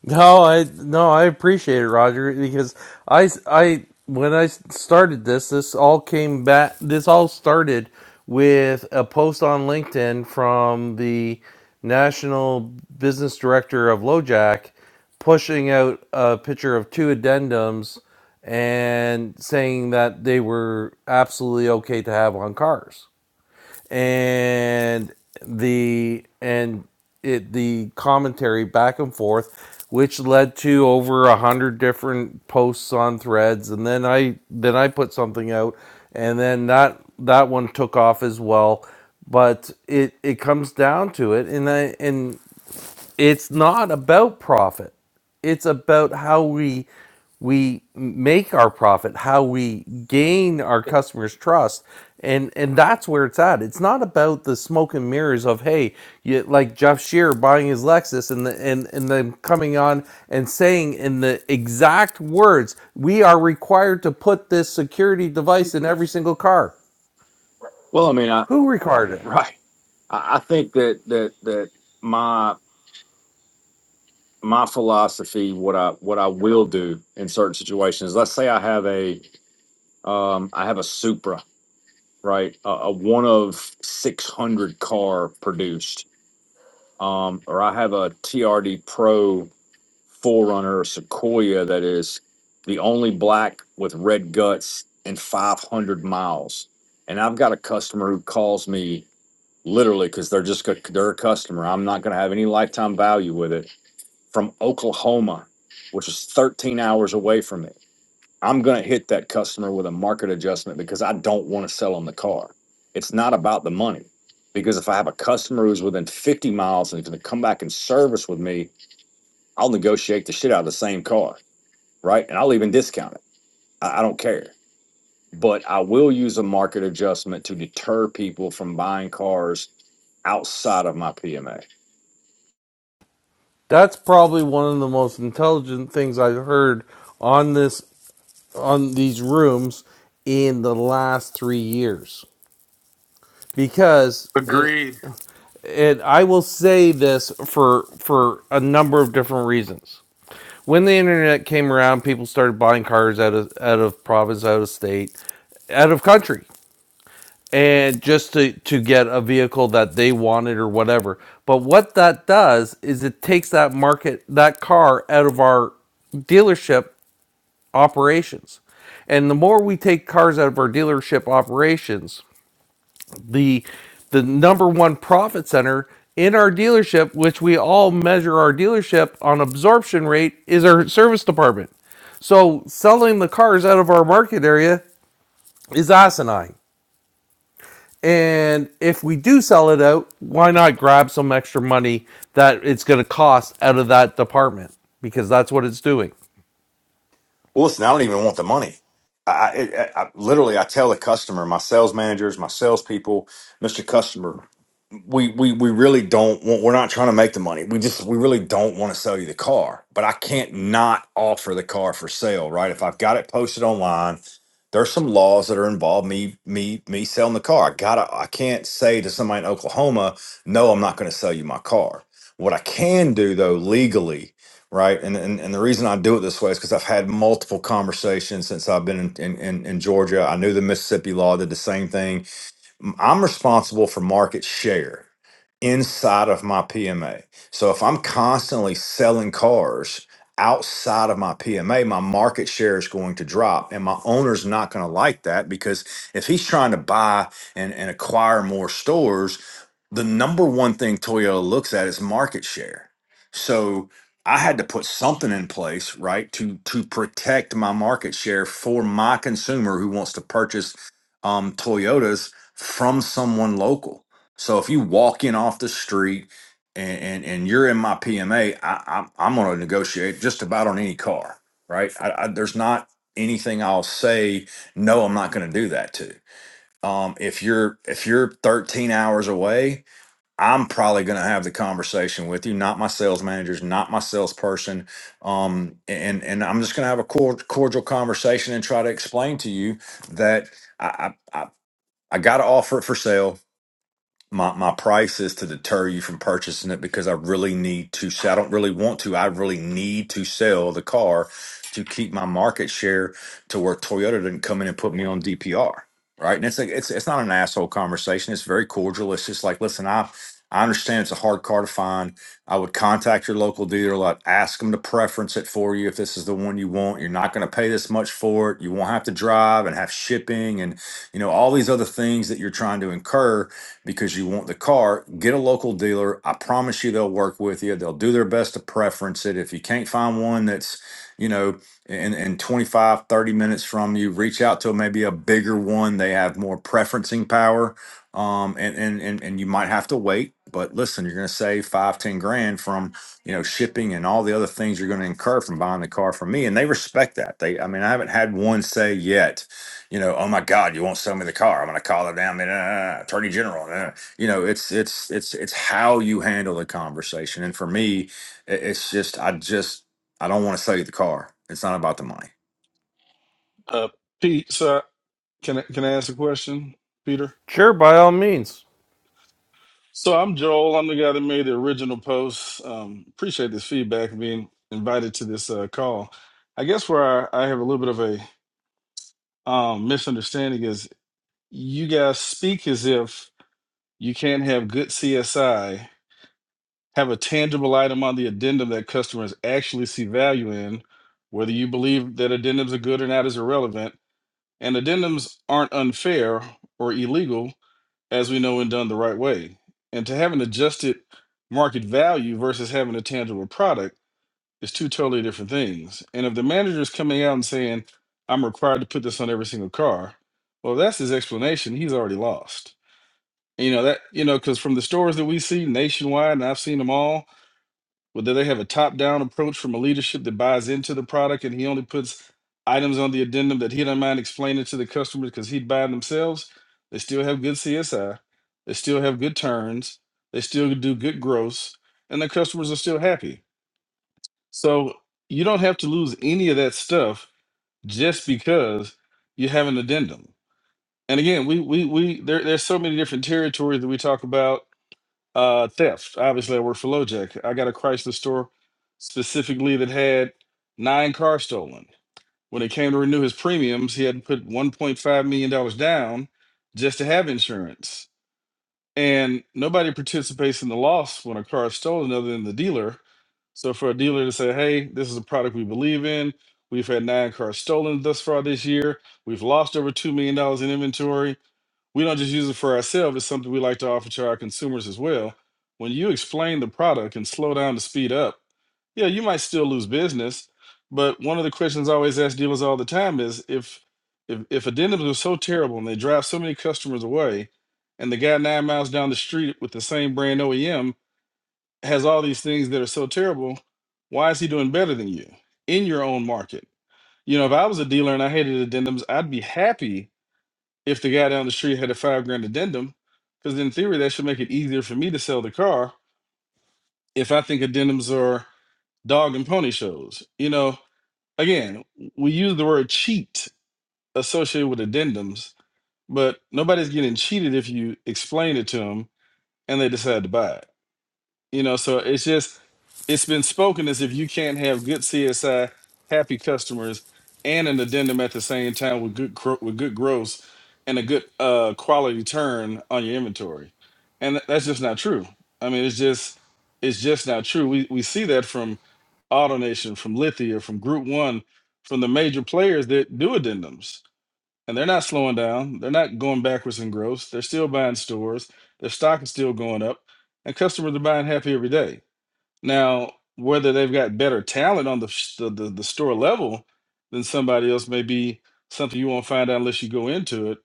A: No, I no, I appreciate it, Roger, because I I when I started this, this all came back. This all started with a post on LinkedIn from the national business director of LoJack, pushing out a picture of two addendums and saying that they were absolutely okay to have on cars and the and it the commentary back and forth which led to over a hundred different posts on threads and then i then i put something out and then that that one took off as well but it it comes down to it and i and it's not about profit it's about how we we make our profit how we gain our customers trust and and that's where it's at it's not about the smoke and mirrors of hey you, like jeff shear buying his lexus and the, and and them coming on and saying in the exact words we are required to put this security device in every single car
F: Well, I mean, I
A: who required it
F: right. I, I think that that that my my philosophy, what I what I will do in certain situations. Let's say I have a um, I have a Supra, right, a, a one of six hundred car produced, um, or I have a TRD Pro Forerunner or Sequoia that is the only black with red guts in 500 miles. And I've got a customer who calls me literally because they're just a, they're a customer. I'm not going to have any lifetime value with it from Oklahoma, which is 13 hours away from me. I'm going to hit that customer with a market adjustment because I don't want to sell them the car. It's not about the money. Because if I have a customer who's within 50 miles and is going to come back and service with me, I'll negotiate the shit out of the same car right? And I'll even discount it. I, I don't care. But I will use a market adjustment to deter people from buying cars outside of my PMA.
A: that's probably one of the most intelligent things I've heard on this on these rooms in the last three years because and
G: Agreed.
A: and I will say this for for a number of different reasons. When the internet came around, people started buying cars out of out of province, out of state, out of country, and just to to get a vehicle that they wanted or whatever. But what that does is it takes that market that car out of our dealership operations. And the more we take cars out of our dealership operations, the the number one profit center in our dealership, which we all measure our dealership on absorption rate, is our service department. So selling the cars out of our market area is asinine. And if we do sell it out, why not grab some extra money that it's going to cost out of that department? Because that's what it's doing.
F: Well, listen, I don't even want the money. I, I, I I- literally, I tell the customer, my sales managers, my salespeople, Mister Customer, we we we really don't want. We're not trying to make the money. We just we really don't want to sell you the car. But I can't not offer the car for sale, right? If I've got it posted online, there's some laws that are involved me me me selling the car. I gotta. I can't say to somebody in Oklahoma, no, I'm not going to sell you my car. What I can do though legally right? And and, and the reason I do it this way is because I've had multiple conversations since I've been in, in, in, in Georgia. I knew the Mississippi law did the same thing. M- I'm responsible for market share inside of my PMA. So if I'm constantly selling cars outside of my PMA, my market share is going to drop. And my owner's not going to like that because if he's trying to buy and, and acquire more stores, the number one thing Toyota looks at is market share. So I had to put something in place, right, to to protect my market share for my consumer who wants to purchase um, Toyotas from someone local. So if you walk in off the street and and, and you're in my PMA, I, am I'm going to negotiate just about on any car, right? I, I, there's not anything I'll say no, I'm not going to do that to. Um, if you're if you're 13 hours away, I'm probably going to have the conversation with you, not my sales managers, not my salesperson, um, and and I'm just going to have a cor- cordial conversation and try to explain to you that I I, I I got to offer it for sale my my price is to deter you from purchasing it because I really need to. s- I don't really want to. I really need to sell the car to keep my market share to where Toyota didn't come in and put me on DPR. Right, and it's like it's it's not an asshole conversation. It's very cordial. It's just like, listen, I I understand it's a hard car to find. I would contact your local dealer lot, ask them to preference it for you if this is the one you want. You're not going to pay this much for it. You won't have to drive and have shipping and you know all these other things that you're trying to incur because you want the car, get a local dealer. I promise you they'll work with you. They'll do their best to preference it. If you can't find one that's, you know, in, in 25 30 minutes from you, reach out to maybe a bigger one. They have more preferencing power. Um, and, and, and, and you might have to wait, but listen, you're going to save five ten grand from, you know, shipping and all the other things you're going to incur from buying the car from me. And they respect that. They, I mean, I haven't had one say yet you know, oh my God, you won't sell me the car. I'm going to call it down. uh, attorney general. uh." You know, it's it's it's it's how you handle the conversation. And for me, i- it's just I just I don't want to sell you the car. It's not about the money.
H: Uh, Pete, so can I, can I ask a question, Peter?
A: Sure, by all means.
H: So I'm Joel. I'm the guy that made the original post. Um, appreciate this feedback and being invited to this uh, call. I guess where I, I have a little bit of a um, misunderstanding is you guys speak as if you can't have good CSI, have a tangible item on the addendum that customers actually see value in. Whether you believe that addendums are good or not is irrelevant, and addendums aren't unfair or illegal as we know, when done the right way. And to have an adjusted market value versus having a tangible product is two totally different things. And if the manager is coming out and saying, I'm required to put this on every single car, well, that's his explanation. He's already lost. And, you know, that, you know, because from the stores that we see nationwide, and I've seen them all, whether they have a top down approach from a leadership that buys into the product and he only puts items on the addendum that he don't mind explaining to the customers because he'd buy them themselves, they still have good CSI. They still have good turns. They still do good gross and the customers are still happy. So you don't have to lose any of that stuff just because you have an addendum. And again, we we we there, there's so many different territories that we talk about uh, theft. Obviously, I work for LoJack. I got a Chrysler store specifically that had nine cars stolen. When it came to renew his premiums, he had to put $1.5 million dollars down just to have insurance. And nobody participates in the loss when a car is stolen other than the dealer. So for a dealer to say, hey, this is a product we believe in, we've had nine cars stolen thus far this year, we've lost over $2 million dollars in inventory we don't just use it for ourselves, it's something we like to offer to our consumers as well. When you explain the product and slow down to speed up, yeah, you might still lose business. But one of the questions I always ask dealers all the time is if if, if addendums are so terrible and they drive so many customers away, and the guy nine miles down the street with the same brand OEM has all these things that are so terrible, why is he doing better than you in your own market? You know, if I was a dealer and I hated addendums, I'd be happy if the guy down the street had a five grand addendum, because in theory that should make it easier for me to sell the car if I think addendums are dog and pony shows. You know, again, we use the word cheat associated with addendums, but nobody's getting cheated if you explain it to them and they decide to buy it. You know, so it's just it's been spoken as if you can't have good CSI, happy customers, and an addendum at the same time with good gro- with good growth and a good uh, quality turn on your inventory, and th- that's just not true. I mean, it's just it's just not true. We we see that from AutoNation, from Lithia, from Group One, from the major players that do addendums and they're not slowing down. They're not going backwards in growth. They're still buying stores. Their stock is still going up, and customers are buying happy every day. Now, whether they've got better talent on the s- the, the, the store level than somebody else may be something you won't find out unless you go into it.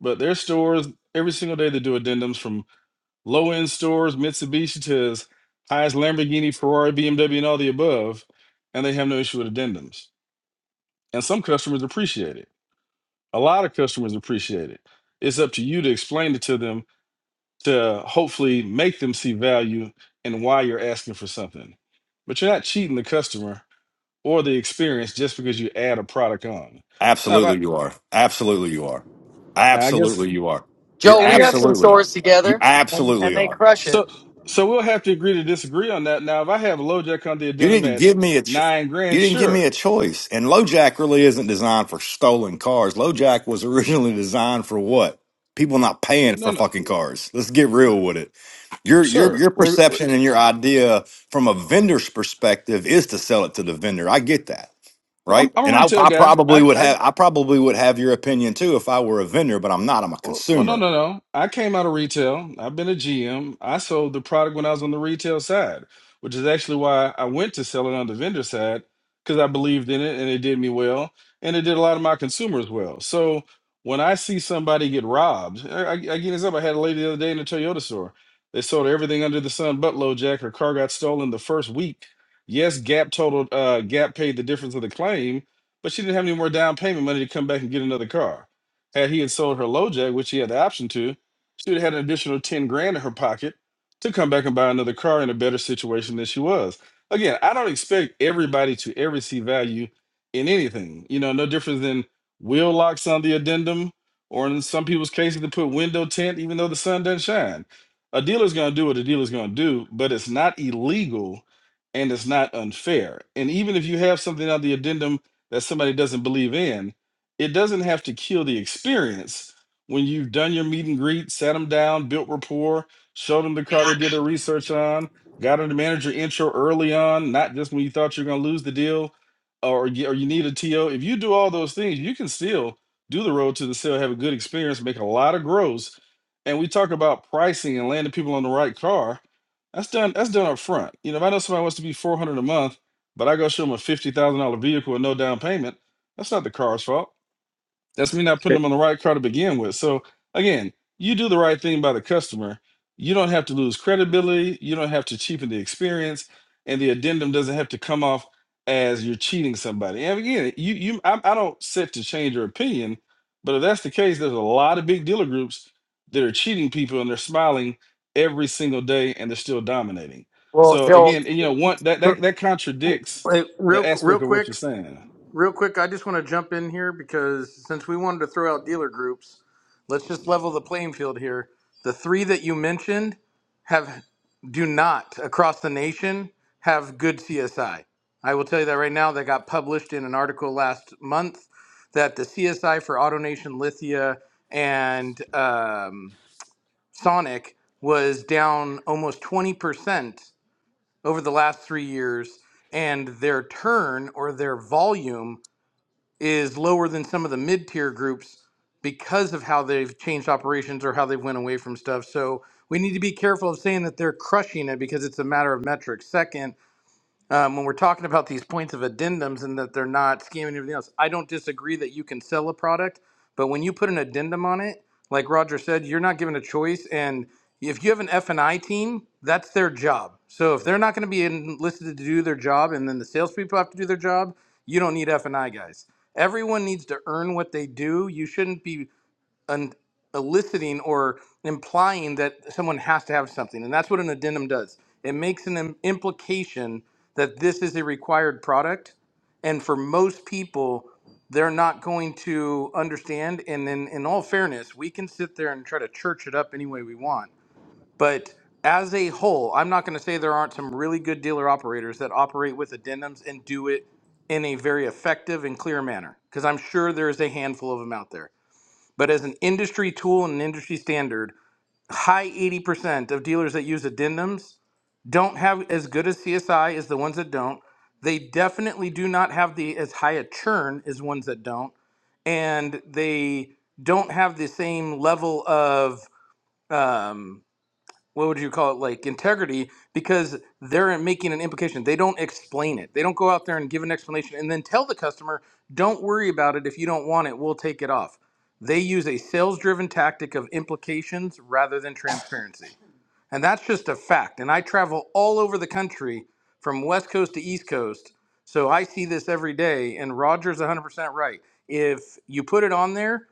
H: But their stores every single day they do addendums from low end stores, Mitsubishi to as high as Lamborghini, Ferrari, BMW, and all the above, and they have no issue with addendums. And some customers appreciate it a lot of customers appreciate it. It's up to you to explain it to them to hopefully make them see value and why you're asking for something. But you're not cheating the customer or the experience just because you add a product on. Now, if
F: Absolutely, you are. Absolutely, you are.
H: I, I guess,
F: Absolutely, you are. You
I: Joe,
H: and
I: we
H: again,
I: have
H: eh,
I: some
F: absolutely are.
I: stores
F: You
I: together, and,
F: absolutely
I: and they
F: are.
I: crush it.
H: so so we'll have to agree to disagree on that. Now, if I have a low jack on the
F: You
H: addendum
F: didn't
H: at
F: give me a ch-
H: nine
F: you
H: grand,
F: didn't give me
H: sure.
F: a choice. And LoJack really isn't designed for stolen cars. LoJack was originally designed for what? People not paying for
H: No, no,
F: fucking cars. Let's get real with it. Your your
H: sir.
F: your
H: We're, we're,
F: perception and your idea from a vendor's perspective is to sell it to the vendor. I get that.
H: I'm,
F: Right?
H: I'm a
F: And I,
H: retail
F: I
H: guy.
F: probably
H: I,
F: would
H: I
F: have I probably would have your opinion too if I were a vendor, but I'm not. I'm a
H: Well, well, no,
F: consumer.
H: no, no. I came out of retail. I've been a GM. I sold the product when I was on the retail side, which is actually why I went to selling on the vendor side because I believed in it and it did me well, and it did a lot of my consumers well. So when I see somebody get robbed, I, I, I give this up. I had a lady the other day in the Toyota store. They sold everything under the sun but low jack. Her car got stolen the first week. Yes, Gap totaled. Uh, Gap paid the difference of the claim, but she didn't have any more down payment money to come back and get another car. Had he had sold her LoJack, which he had the option to, she would have had an additional ten grand in her pocket to come back and buy another car in a better situation than she was. Again, I don't expect everybody to ever see value in anything. You know, no different than wheel locks on the addendum, or in some people's cases, to put window tint even though the sun doesn't shine. A dealer's going to do what a dealer's going to do, but it's not illegal and it's not unfair. And even if you have something on the addendum that somebody doesn't believe in, it doesn't have to kill the experience when you've done your meet and greet, sat them down, built rapport, showed them the car they did their research on, got them the manager intro early on, not just when you thought you were going to lose the deal or, y- or you need a TO. If you do all those things, you can still do the road to the sale, have a good experience, make a lot of gross. And we talk about pricing and landing people on the right car. That's done. That's done up front. You know, if I know somebody wants to be four hundred a month, but I go show them a fifty thousand dollar vehicle with no down payment, that's not the car's fault that's me not putting them
G: Hey,
H: on the right car to begin with. So again, you do the right thing by the customer. You don't have to lose credibility. You don't have to cheapen the experience, and the addendum doesn't have to come off as you're cheating somebody. And again, you you I, I don't set to change your opinion, but if that's the case, there's a lot of big dealer groups that are cheating people and they're smiling every single day and they're still dominating.
I: Well,
H: So
I: Joel,
H: again, and, you know, one that that that contradicts the
G: real real
H: aspect of what you're
G: quick.
H: saying.
G: Real quick, I just want to jump in here because since we wanted to throw out dealer groups, let's just level the playing field here. The three that you mentioned have do not across the nation have good CSI. I I will tell you that right now. That got published in an article last month that the CSI for AutoNation Lithia and um, Sonic was down almost twenty percent over the last three years, and their turn or their volume is lower than some of the mid tier groups because of how they've changed operations or how they went away from stuff. So we need to be careful of saying that they're crushing it because it's a matter of metrics. Second, um, when we're talking about these points of addendums and that they're not scamming and everything else, I don't disagree that you can sell a product, but when you put an addendum on it, like Roger said, you're not given a choice. And if you have an F and I team, that's their job. So if they're not going to be enlisted to do their job, and then the salespeople have to do their job, you don't need F and I guys. Everyone needs to earn what they do. You shouldn't be an eliciting or implying that someone has to have something. And that's what an addendum does. It makes an im- implication that this is a required product. And for most people, they're not going to understand. And then, in all fairness, we can sit there and try to church it up any way we want. But as a whole, I'm not going to say there aren't some really good dealer operators that operate with addendums and do it in a very effective and clear manner, because I'm sure there's a handful of them out there. But as an industry tool and an industry standard, high 80% of dealers that use addendums don't have as good a CSI as the ones that don't. They definitely do not have the as high a churn as ones that don't, and they don't have the same level of um, what would you call it like integrity because they're making an implication they don't explain it they don't go out there and give an explanation and then tell the customer don't worry about it if you don't want it we'll take it off they use a sales driven tactic of implications rather than transparency and that's just a fact and i travel all over the country from west coast to east coast so i see this every day and roger's 100% right if you put it on there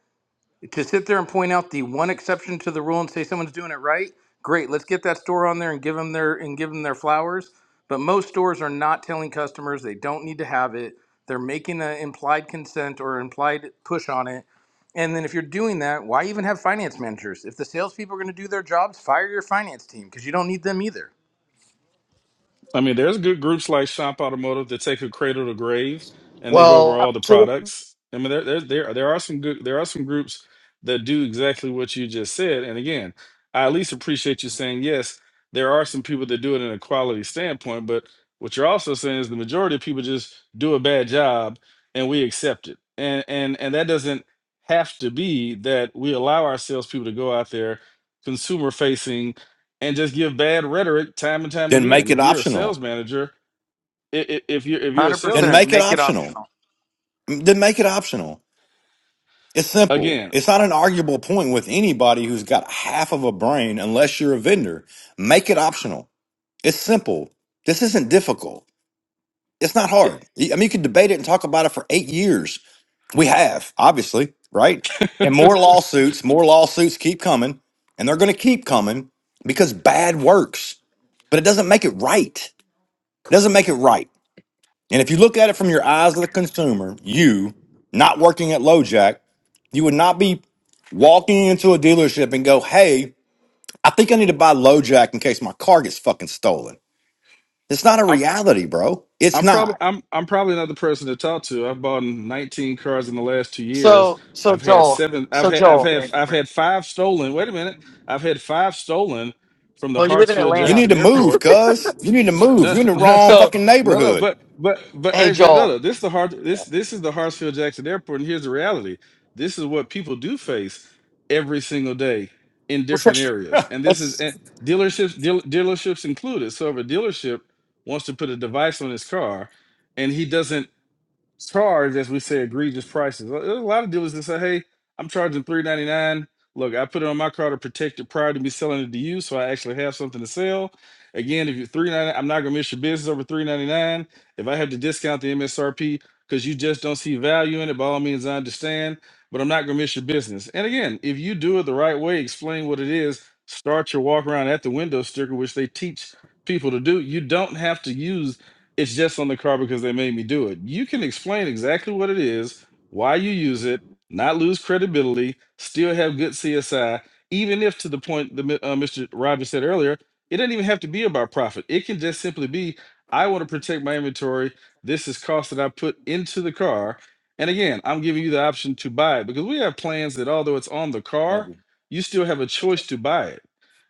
G: to sit there and point out the one exception to the rule and say someone's doing it right, great. Let's get that store on there and give them their and give them their flowers. But most stores are not telling customers they don't need to have it. They're making an implied consent or implied push on it. And then if you're doing that, why even have finance managers? If the salespeople are going to do their jobs, fire your finance team because you don't need them either.
H: I mean, there's good groups like Shop Automotive that take a cradle to grave and they go over
I: well,
H: all the products. I mean, there there there, there are some good there are some groups that do exactly what you just said. And again, I at least appreciate you saying yes. There are some people that do it in a quality standpoint, but what you're also saying is the majority of people just do a bad job and we accept it. And and and that doesn't have to be that we allow our salespeople to go out there consumer facing and just give bad rhetoric time and time
F: Then make
H: again.
F: it
H: If you're a
F: optional.
H: sales manager, i- i- if you're if
G: one
H: you're a
G: Hundred
F: Then
H: salesman,
G: percent,
F: make it
G: make it
F: optional.
G: optional.
F: Then make it optional. It's simple.
H: again,
F: It's not an arguable point with anybody who's got half of a brain unless you're a vendor. Make it optional. It's simple. This isn't difficult. It's not hard. I mean, you could debate it and talk about it for eight years. We have, obviously, right? And more
H: I'm
F: lawsuits, more lawsuits keep coming, and they're going to keep coming because bad works, but it doesn't make it right. It doesn't make it right. And if you look at it from your eyes of the consumer, you not working at LoJack, you would not be walking into a dealership and go, "Hey, I think I need to buy LoJack in case my car gets fucking stolen." It's not a reality, bro. It's
H: I'm probably
F: not.
H: I'm I'm probably not the person to talk to. I've bought 19 cars in the last two years.
I: so so
H: I've had
I: Joel,
H: seven. I've
I: so
H: had I've
I: Joel.
H: had I've had five stolen. Wait a minute. I've had five stolen from the
I: Well, you live in
H: Hartsfield
F: You
I: Atlanta,
F: need
H: Jackson
F: to move,
H: Airport
F: cuz. You need to move.
H: No,
F: You're in the
H: no,
F: wrong
I: so
F: fucking
H: no, no,
F: neighborhood.
H: but but but
I: hey,
H: hey, but no,
I: Joel.
H: no, this is the hard this this is the Hartsfield Jackson Airport, and here's the reality. This is what people do face every single day in
I: It's,
H: different areas. And this is
I: it's-
H: and dealerships deal, dealerships included. So if a dealership wants to put a device on his car and he doesn't charge, as we say, egregious prices. There's a lot of dealers that say, "Hey, I'm charging three ninety nine. Look, I put it on my car to protect it prior to me selling it to you, so I actually have something to sell." Again, if you're three ninety, I'm not gonna miss your business over three ninety nine. If I have to discount the MSRP because you just don't see value in it, by all means, I understand, but I'm not gonna miss your business. And again, if you do it the right way, explain what it is, start your walk around at the window sticker, which they teach people to do. You don't have to use it's just on the car because they made me do it. You can explain exactly what it is, why you use it, not lose credibility, still have good CSI, even if to the point that Mi- uh, Mr. Rogers said earlier, it doesn't even have to be about profit. It can just simply be, I want to protect my inventory. This is cost that I put into the car. And again, I'm giving you the option to buy it because we have plans that although it's on the car, you still have a choice to buy it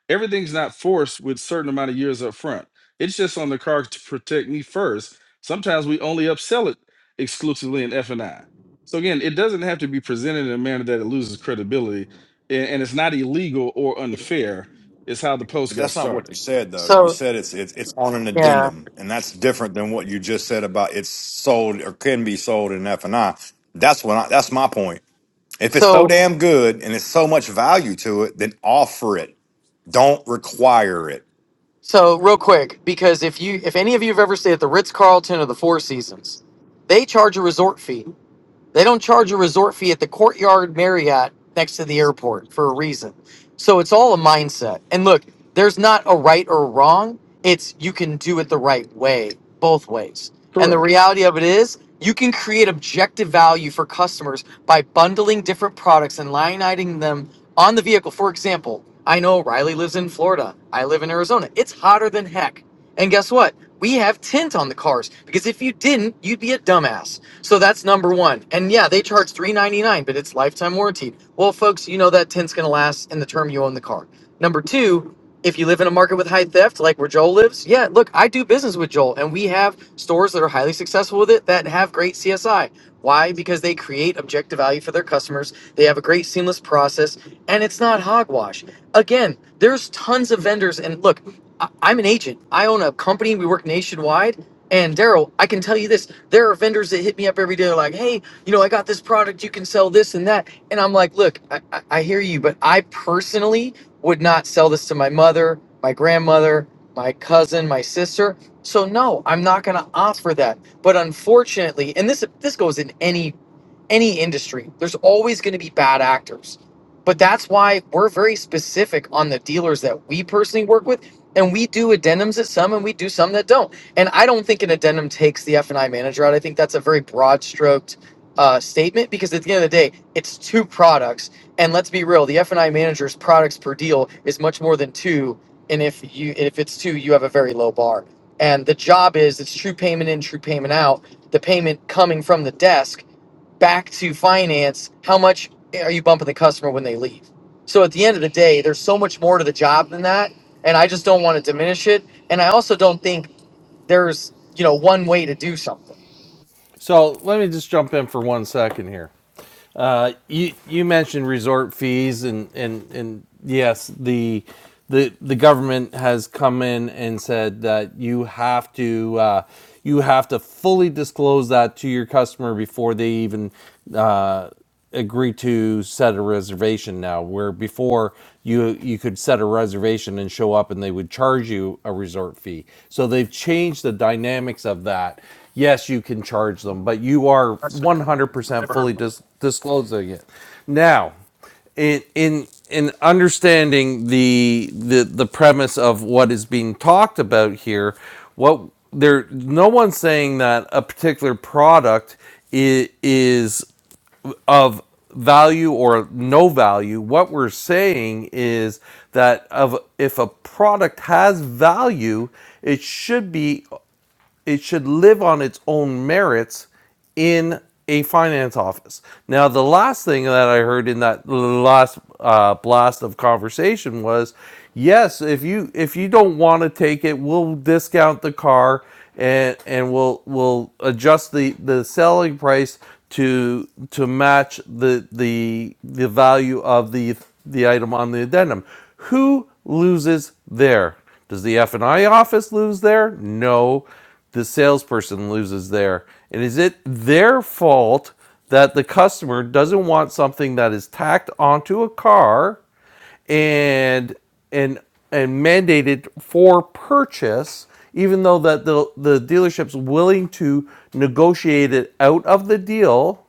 H: everything's not forced with certain amount of years up front. It's just on the car to protect me first. Sometimes we only upsell it exclusively in F and I. So again, it doesn't have to be presented in a manner that it loses credibility, a- and it's not illegal or unfair. Is how the post
F: But
H: got
F: that's not what
H: started.
F: you said, though. You
I: so
F: said it's it's it's on an
I: yeah.
F: addendum, and that's different than what you just said about it's sold or can be sold in F and I. That's what I, that's my point If it's so
I: So
F: damn good and it's so much value to it, then offer it. Don't require it.
I: so real quick, because if you if any of you have ever stayed at the Ritz Carlton or the Four Seasons, they charge a resort fee. They don't charge a resort fee at the Courtyard Marriott next to the airport for a reason. So it's all a mindset. And look, there's not a right or wrong. It's you can do it the right way, both ways. And the
H: Correct.
I: reality of it is, you can create objective value for customers by bundling different products and line iteming them on the vehicle. For example, I know Riley lives in Florida. I live in Arizona. It's hotter than heck. And guess what? We have tint on the cars because if you didn't, you'd be a dumbass. So that's number one. And yeah, they charge 399 but it's lifetime warranty. Well, folks, you know that tint's going to last in the term you own the car. Number two, if you live in a market with high theft, like where Joel lives, yeah, look, I do business with Joel, and we have stores that are highly successful with it that have great CSI. Why? Because they create objective value for their customers. They have a great seamless process, and it's not hogwash. Again, there's tons of vendors, and look, I, I'm an agent. I own a company. We work nationwide. And Daryl, I can tell you this: there are vendors that hit me up every day, like, "Hey, you know, I got this product. You can sell this and that." And I'm like, "Look, I, I, I hear you, but I personally would not sell this to my mother, my grandmother, my cousin, my sister. So no, I'm not going to offer that." But unfortunately, and this this goes in any any industry, there's always going to be bad actors. But that's why we're very specific on the dealers that we personally work with and we do addendums at some and we do some that don't and i don't think an addendum takes the f&i manager out i think that's a very broad stroked uh, statement because at the end of the day it's two products and let's be real the f&i manager's products per deal is much more than two and if you if it's two you have a very low bar and the job is it's true payment in true payment out the payment coming from the desk back to finance how much are you bumping the customer when they leave so at the end of the day, there's so much more to the job than that, and I just don't want to diminish it. And I also don't think there's you know one way to do something.
A: So let me just jump in for one second here. Uh, you you mentioned resort fees and and and yes, the the the government has come in and said that you have to uh, you have to fully disclose that to your customer before they even uh, agree to set a reservation now where before you you could set a reservation and show up and they would charge you a resort fee so they've changed the dynamics of that yes, you can charge them, but you are 100% fully dis- disclosing it. Now, in in in understanding the the the premise of what is being talked about here, what there no one's saying that a particular product is, is of value or no value. What we're saying is that of if a product has value, it should be it should live on its own merits in a finance office. Now, the last thing that I heard in that last uh, blast of conversation was, yes, if you if you don't want to take it, we'll discount the car and and we'll we'll adjust the the selling price to to match the the the value of the the item on the addendum. Who loses there? Does the F&I office lose there? No the salesperson loses there. And is it their fault that the customer doesn't want something that is tacked onto a car and and and mandated for purchase, even though that the the dealership's willing to negotiate it out of the deal?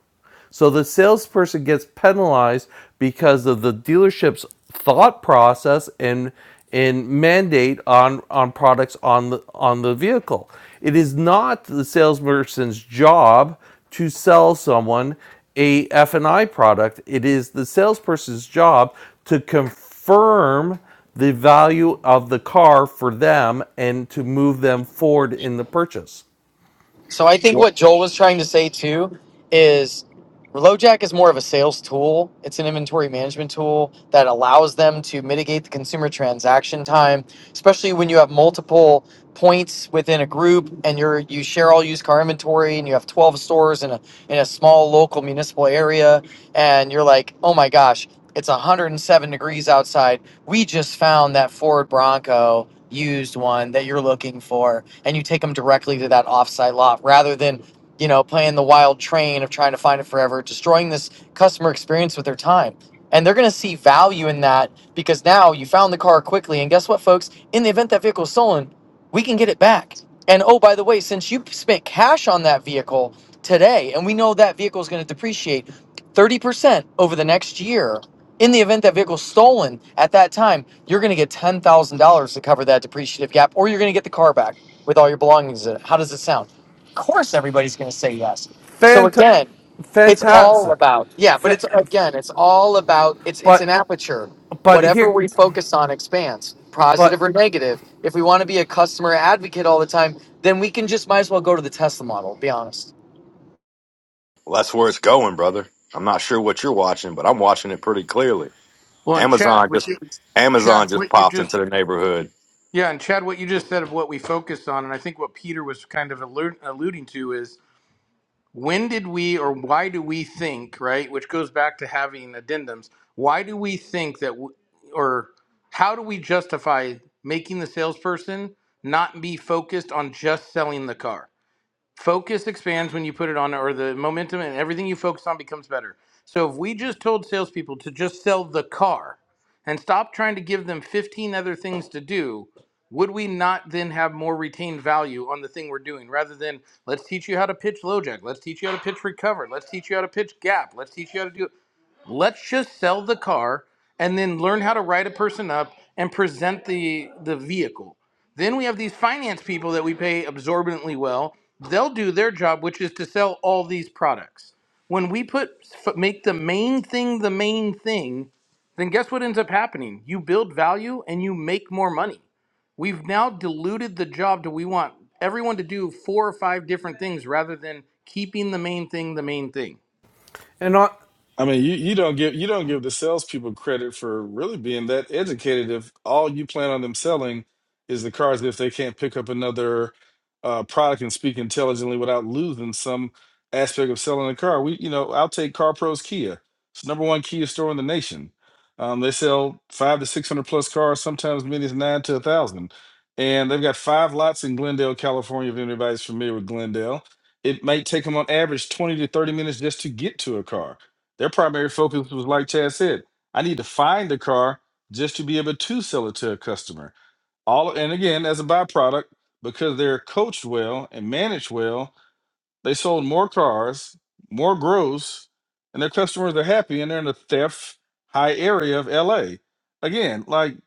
A: So the salesperson gets penalized because of the dealership's thought process and and mandate on on products on the on the vehicle. It is not the salesperson's job to sell someone a F and i product. It is the salesperson's job to confirm the value of the car for them and to move them forward in the purchase.
I: So I think
H: Well.
I: what Joel was trying to say too is LoJack is more of a sales tool. It's an inventory management tool that allows them to mitigate the consumer transaction time, especially when you have multiple points within a group and you're you share all used car inventory and you have 12 stores in a in a small local municipal area and you're like, "Oh my gosh, it's 107 degrees outside. We just found that Ford Bronco used one that you're looking for." and you take them directly to that offsite lot rather than you know playing the wild train of trying to find it forever, destroying this customer experience with their time. And they're going to see value in that because now you found the car quickly. And guess what, folks? In the event that vehicle is stolen, we can get it back. And oh, by the way, since you spent cash on that vehicle today, and we know that vehicle is going to depreciate 30% over the next year, in the event that vehicle's stolen at that time, you're going to get $10,000 to cover that depreciative gap, or you're going to get the car back with all your belongings in it. How does it sound? Of course, everybody's going to say yes. So
A: Fant-
I: again, it's all
A: fantastic.
I: about yeah, but
A: Fa-
I: it's again, it's all about it's it's an
A: but
I: aperture.
A: but
I: Whatever
A: here,
I: we focus on expands, positive
A: but
I: or negative. If we want to be a customer advocate all the time, then we can just might as well go to the Tesla model. Be honest.
F: Well, that's where it's going, brother. I'm not sure what you're watching, but I'm watching it pretty clearly.
G: Well, and Chad,
F: Amazon
G: would
F: just
G: you,
F: Amazon
G: Chad,
F: just
G: what you
F: popped
G: just
F: into the neighborhood.
G: Yeah, and Chad, what you just said of what we focus on, and I think what Peter was kind of allu- alluding to is when did we or why do we think, right? Which goes back to having addendums. Why do we think that, w- or how do we justify making the salesperson not be focused on just selling the car? focus expands when you put it on or the momentum and everything you focus on becomes better so if we just told salespeople to just sell the car and stop trying to give them 15 other things to do would we not then have more retained value on the thing we're doing rather than let's teach you how to pitch LoJack, let's teach you how to pitch recover let's teach you how to pitch gap let's teach you how to do it. Let's just sell the car and then learn how to write a person up and present the the vehicle. Then we have these finance people that we pay absorbently well. They'll do their job, which is to sell all these products. When we put f- make the main thing the main thing, then guess what ends up happening? You build value and you make more money. We've now diluted the job to we want everyone to do four or five different things rather than keeping the main thing the main thing.
A: and on.
H: I mean, you, you don't give you don't give the salespeople credit for really being that educated if all you plan on them selling is the cars if they can't pick up another uh, product and speak intelligently without losing some aspect of selling a car. We, you know, I'll take Car Pros Kia. It's the number one Kia store in the nation. Um, they sell five to six hundred plus cars, sometimes many as nine to a thousand, and they've got five lots in Glendale, California. If anybody's familiar with Glendale, it might take them on average twenty to thirty minutes just to get to a car their primary focus was, like Chad said, I need to find the car just to be able to sell it to a customer. All and again, as a byproduct, because they're coached well and managed well, they sold more cars, more gross, and their customers are happy, and they're in the theft high area of LA. Again, like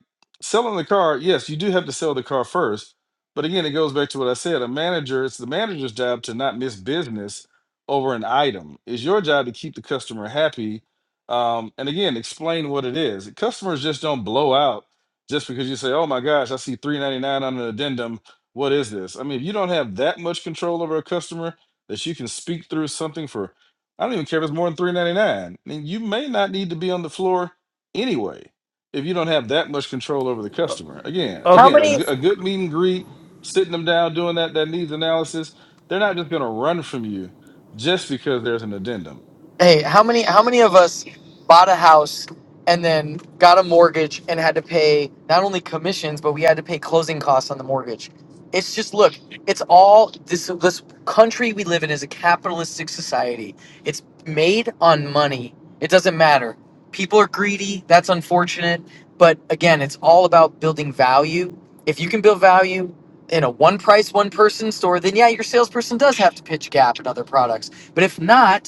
H: selling the car, yes, you do have to sell the car first. But again, it goes back to what I said. A manager, it's the manager's job to not miss business over an item. It's your job to keep the customer happy. Um, and again, explain what it is. Customers just don't blow out just because you say, "Oh my gosh, I see 3.99 on an addendum. What is this?" I mean, if you don't have that much control over a customer, that you can speak through something for I don't even care if it's more than three ninety nine. I mean, you may not need to be on the floor anyway if you don't have that much control over the customer. Again,
I: How
A: Okay,
H: again, a,
A: uh,
I: many?
H: g- a good meet and greet, sitting them down, doing that that needs analysis. They're not just going to run from you just because there's an addendum.
I: Hey, how many how many of us bought a house and then got a mortgage and had to pay not only commissions but we had to pay closing costs on the mortgage? It's just look, it's all this this country we live in is a capitalistic society. It's made on money. It doesn't matter. People are greedy. That's unfortunate, but again, it's all about building value. If you can build value in a one price one person store, then yeah, your salesperson does have to pitch Gap and other products. But if not,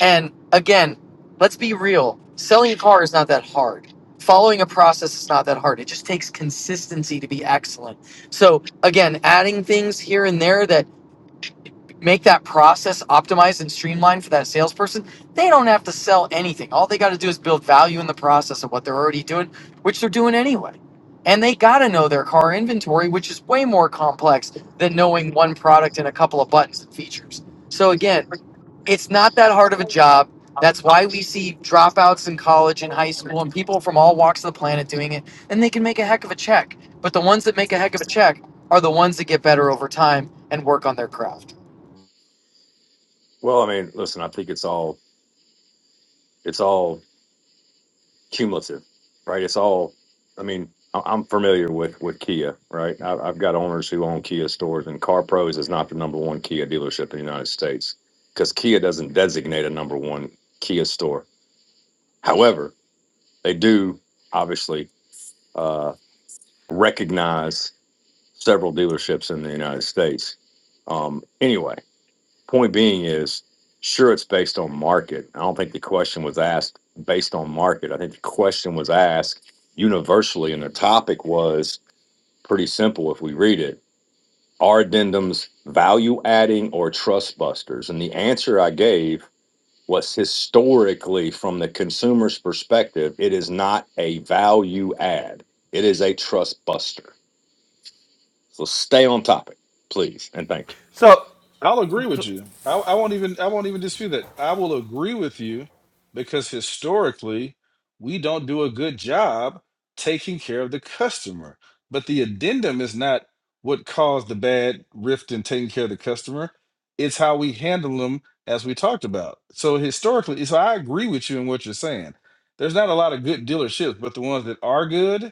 I: and again, let's be real. Selling a car is not that hard. Following a process is not that hard. It just takes consistency to be excellent. So again, adding things here and there that make that process optimized and streamlined for that salesperson, they don't have to sell anything. All they got to do is build value in the process of what they're already doing, which they're doing anyway. And they got to know their car inventory, which is way more complex than knowing one product and a couple of buttons and features. So again, it's not that hard of a job. That's why we see dropouts in college and high school and people from all walks of the planet doing it, and they can make a heck of a check. But the ones that make a heck of a check are the ones that get better over time and work on their craft.
F: Well, I mean, listen, I think it's all it's all cumulative, right? It's all. I mean, I- I'm familiar with with Kia, right? I- I've got owners who own Kia stores, and Car Pros is not the number one Kia dealership in the United States because Kia doesn't designate a number one Kia store. However, they do obviously uh, recognize several dealerships in the United States. Um, anyway Point being is, sure, it's based on market. I don't think the question was asked based on market. I think the question was asked universally, and the topic was pretty simple if we read it. Are addendums value adding or trust busters? And the answer I gave was historically, from the consumer's perspective, it is not a value add, it is a trust buster. So stay on topic, please, and thank
A: so
H: I'll agree with you. I, I won't even I won't even dispute that. I will agree with you because historically we don't do a good job taking care of the customer. But the addendum is not what caused the bad rift in taking care of the customer. It's how we handle them as we talked about. So historically, so I agree with you in what you're saying. There's not a lot of good dealerships, but the ones that are good,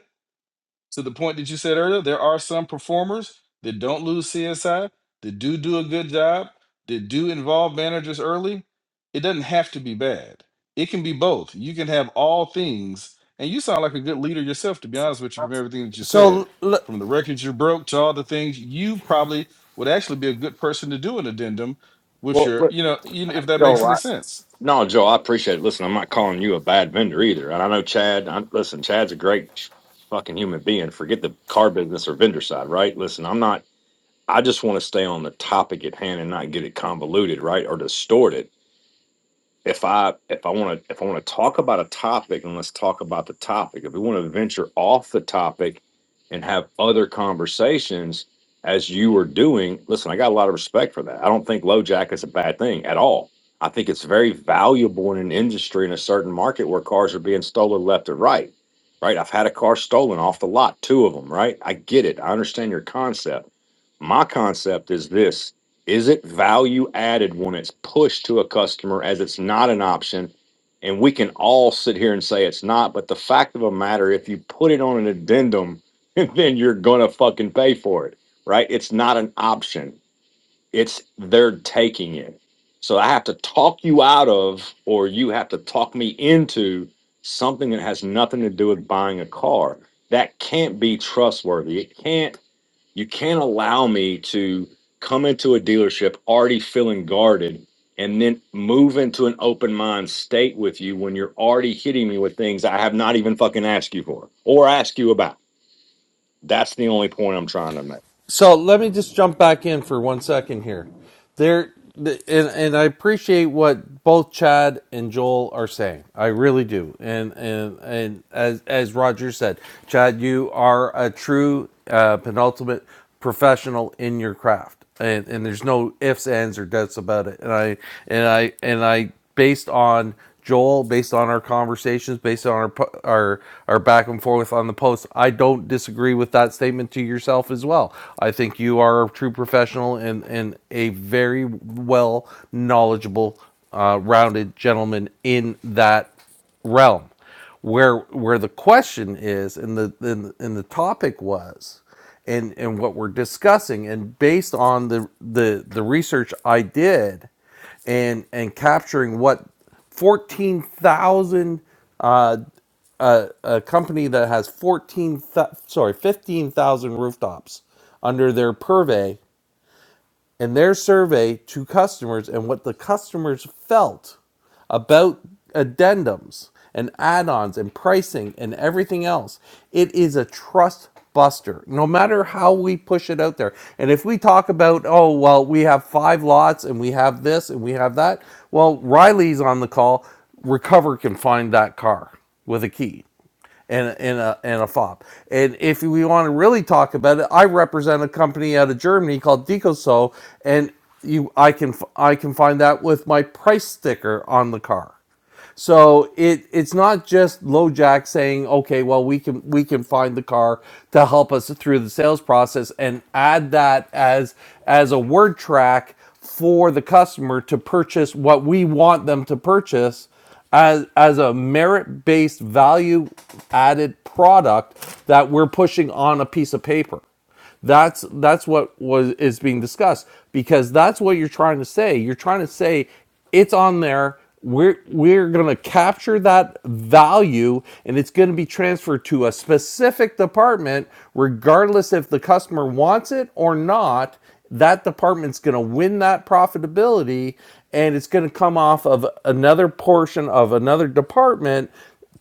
H: to the point that you said earlier, there are some performers that don't lose CSI, that do do a good job, that do involve managers early. It doesn't have to be bad. It can be both. You can have all things, and you sound like a good leader yourself, to be honest with you,
F: you.
H: from everything that you said,
A: so
H: from the records you broke to all the things you probably would actually be a good person to do an addendum with your,
F: Well,
H: you know, you- if that makes
F: Joe,
H: any
F: I,
H: sense.
F: no, Joe, I appreciate it. Listen, I'm not calling you a bad vendor either. And I know Chad, I, listen, Chad's a great fucking human being. Forget the car business or vendor side, right? Listen, I'm not, I just want to stay on the topic at hand and not get it convoluted, right? Or distorted if I if I want to if I want to talk about a topic, and let's talk about the topic. If we want to venture off the topic and have other conversations, as you were doing, listen, I got a lot of respect for that. I don't think low jack is a bad thing at all. I think it's very valuable in an industry in a certain market where cars are being stolen left and right. Right? I've had a car stolen off the lot, two of them. Right? I get it. I understand your concept. My concept is this. Is it value added when it's pushed to a customer as it's not an option? And we can all sit here and say it's not, but the fact of the matter, if you put it on an addendum, then you're gonna fucking pay for it, right? It's not an option. It's they're taking it. So I have to talk you out of, or you have to talk me into something that has nothing to do with buying a car. That can't be trustworthy. It can't you can't allow me to come into a dealership already feeling guarded and then move into an open mind state with you when you're already hitting me with things I have not even fucking asked you for or asked you about. That's the only point I'm trying to make.
A: so let me just jump back in for one second here. There, the, and and I appreciate what both Chad and Joel are saying. I really do. And and and as as Roger said, Chad, you are a true uh, penultimate professional in your craft. left, and, and there's no ifs, ands, or doubts about it. And I and I and I based on Joel, based on our conversations, based on our our our back and forth on the post, I don't disagree with that statement to yourself as well. I think you are a true professional and and a very well knowledgeable, uh, rounded gentleman in that realm where where the question is and the and, and the topic was and and what we're discussing and based on the the the research I did and and capturing what 14,000 uh, uh, a company that has 14 th- sorry 15,000 rooftops under their purvey and their survey to customers and what the customers felt about addendums and add-ons and pricing and everything else it is a trust buster no matter how we push it out there and if we talk about oh well we have five lots and we have this and we have that well riley's on the call recover can find that car with a key and and a and a fop. And if we want to really talk about it, I represent a company out of Germany called Decoso, and you I can I can find that with my price sticker on the car. So it it's not just LoJack saying, okay, well we can we can find the car to help us through the sales process and add that as as a word track for the customer to purchase what we want them to purchase as as a merit based value added product that we're pushing on a piece of paper. That's that's what was is being discussed because that's what you're trying to say. You're trying to say it's on there. We're we're gonna capture that value and it's gonna be transferred to a specific department, regardless if the customer wants it or not. That department's gonna win that profitability and it's gonna come off of another portion of another department